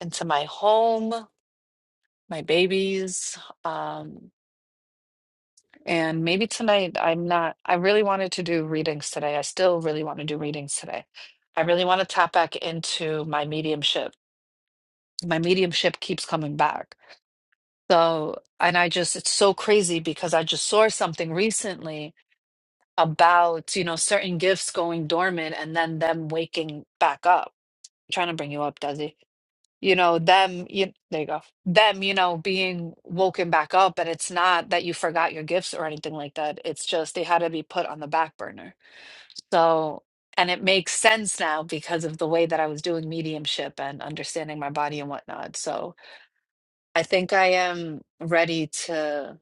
S1: into my home, my babies, um, and maybe tonight. I'm not. I really wanted to do readings today. I still really want to do readings today. I really want to tap back into my mediumship. My mediumship keeps coming back. So, and I just, it's so crazy because I just saw something recently about, you know, certain gifts going dormant and then them waking back up. I'm trying to bring you up, Desi. You know, them, you, there you go. Them, you know, being woken back up. And it's not that you forgot your gifts or anything like that. It's just they had to be put on the back burner. So, and it makes sense now because of the way that I was doing mediumship and understanding my body and whatnot. So I think I am ready to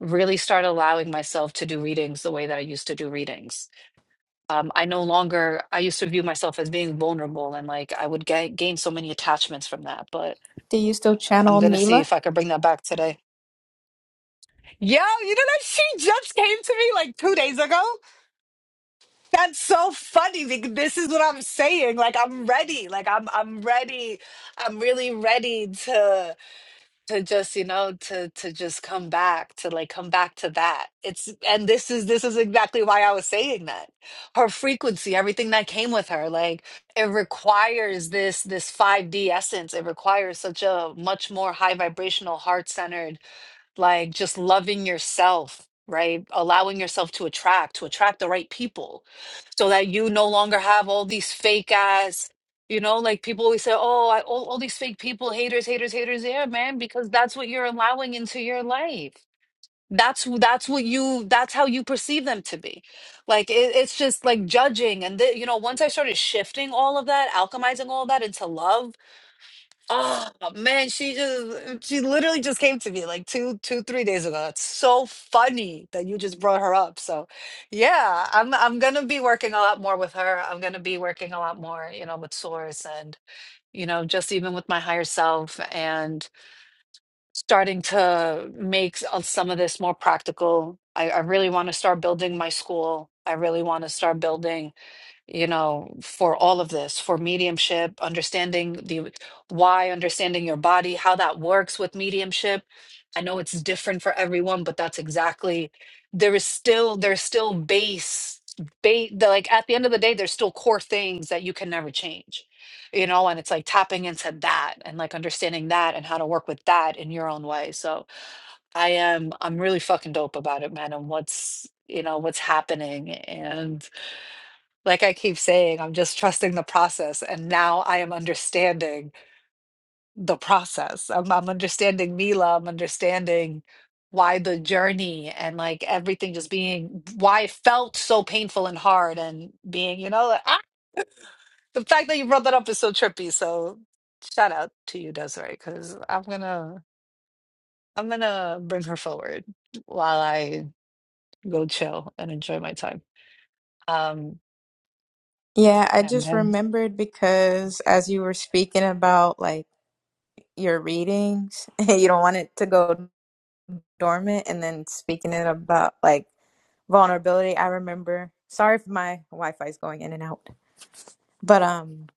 S1: really start allowing myself to do readings the way that I used to do readings um, I no longer, I used to view myself as being vulnerable and like I would ga gain so many attachments from that. But
S10: Do you still
S1: I'm
S10: channel
S1: gonna see
S10: Mila?
S1: if I can bring that back today. Yeah, you know that she just came to me like two days ago. That's so funny because this is what I'm saying. Like I'm ready. Like I'm I'm ready. I'm really ready to. to just you know to to just come back to like come back to that it's and this is this is exactly why i was saying that her frequency everything that came with her like it requires this this 5d essence it requires such a much more high vibrational heart centered like just loving yourself, right? Allowing yourself to attract, to attract the right people so that you no longer have all these fake ass, you know, like people always say, oh, I, all, all these fake people, haters, haters, haters. Yeah, man, because that's what you're allowing into your life. That's who- that's what you that's how you perceive them to be. Like it, it's just like judging and the, you know once I started shifting all of that, alchemizing all that into love Oh man, she just she literally just came to me like two, two, three days ago. It's so funny that you just brought her up. So yeah, I'm I'm gonna be working a lot more with her. I'm gonna be working a lot more, you know, with Source and you know, just even with my higher self and starting to make s- of some of this more practical. I, I really want to start building my school. I really want to start building you know, for all of this, for mediumship, understanding the why, understanding your body, how that works with mediumship. I know it's different for everyone, but that's exactly there is still there's still base base like at the end of the day, there's still core things that you can never change. You know, and it's like tapping into that and like understanding that and how to work with that in your own way. So I am I'm really fucking dope about it, man, and what's you know what's happening and like I keep saying, I'm just trusting the process. And now I am understanding the process. I'm, I'm understanding Mila. I'm understanding why the journey and like everything just being why it felt so painful and hard and being, you know, like, ah, the fact that you brought that up is so trippy. So shout out to you, Desiree, because I'm gonna I'm gonna bring her forward while I go chill and enjoy my time. Um,
S10: Yeah, I
S1: yeah,
S10: just
S1: man.
S10: remembered because as you were speaking about like your readings, [laughs] you don't want it to go dormant, and then speaking it about like vulnerability, I remember. Sorry if my Wi-Fi is going in and out, but um,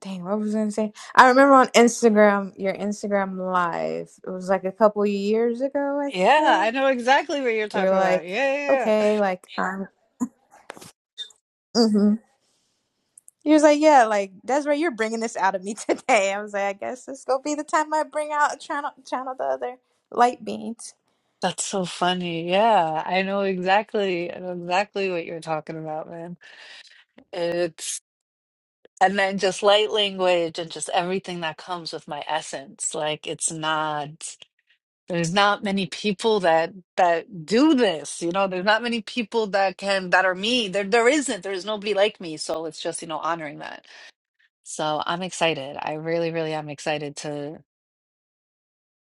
S10: dang, what was I gonna say? I remember on Instagram, your Instagram live. It was like a couple years ago, I
S1: Yeah, I
S10: think.
S1: know exactly what you're
S10: You were
S1: talking
S10: like,
S1: about. Yeah, yeah, yeah.
S10: okay, like I'm. mm-hmm. He was like, "Yeah, like Desiree, you're bringing this out of me [laughs] today." I was like, "I guess this gonna be the time I bring out channel channel the other light beings."
S1: That's so funny. Yeah, I know exactly. I know exactly what you're talking about, man. It's and then just light language and just everything that comes with my essence. Like it's not there's not many people that that do this, you know. There's not many people that can that are me. There there isn't. There's nobody like me, so it's just, you know, honoring that. So I'm excited. I really, really am excited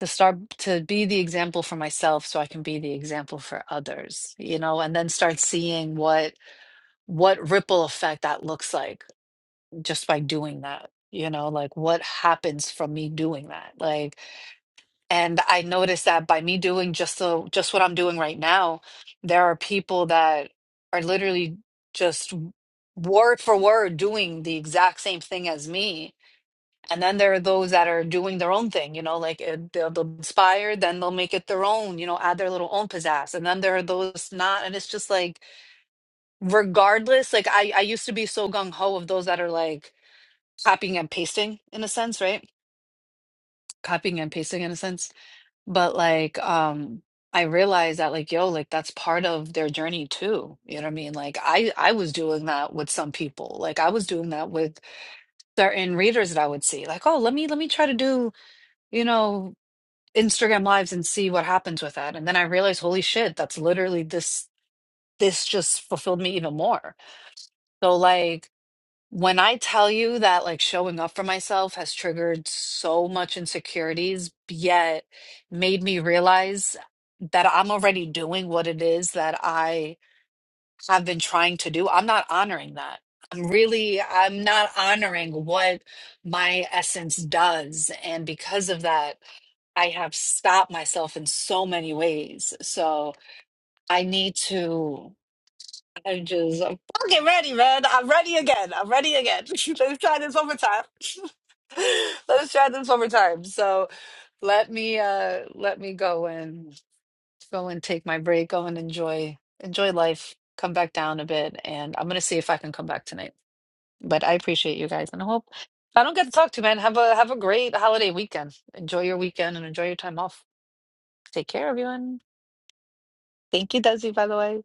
S1: to start to be the example for myself so i can be the example for others you know and then start seeing what what ripple effect that looks like just by doing that you know like what happens from me doing that like and i noticed that by me doing just the just what i'm doing right now there are people that are literally just word for word doing the exact same thing as me and then there are those that are doing their own thing, you know, like uh, they'll, they'll inspire, then they'll make it their own, you know, add their little own pizzazz. And then there are those not. And it's just like, regardless, like I, I used to be so gung ho of those that are like copying and pasting in a sense, right? Copying and pasting in a sense. But like, um, I realized that like, yo, like that's part of their journey too. You know what I mean? Like I, I was doing that with some people. Like I was doing that with certain readers that I would see. Like, oh, let me, let me try to do you know Instagram lives and see what happens with that. And then I realized, holy shit, that's literally this this just fulfilled me even more. So like when I tell you that like showing up for myself has triggered so much insecurities, yet made me realize that I'm already doing what it is that I I've been trying to do. I'm not honoring that. I'm really, I'm not honoring what my essence does. And because of that, I have stopped myself in so many ways. So I need to, I just, I'm fucking ready, man. I'm ready again. I'm ready again. [laughs] Let's try this one more time. [laughs] Let's try this one more time. So let me, uh, let me go in go and take my break, go and enjoy enjoy life, come back down a bit, and I'm gonna see if I can come back tonight. But I appreciate you guys, and I hope if I don't get to talk to you, man. Have a have a great holiday weekend. Enjoy your weekend and enjoy your time off. Take care, everyone. Thank you, Desi, by the way.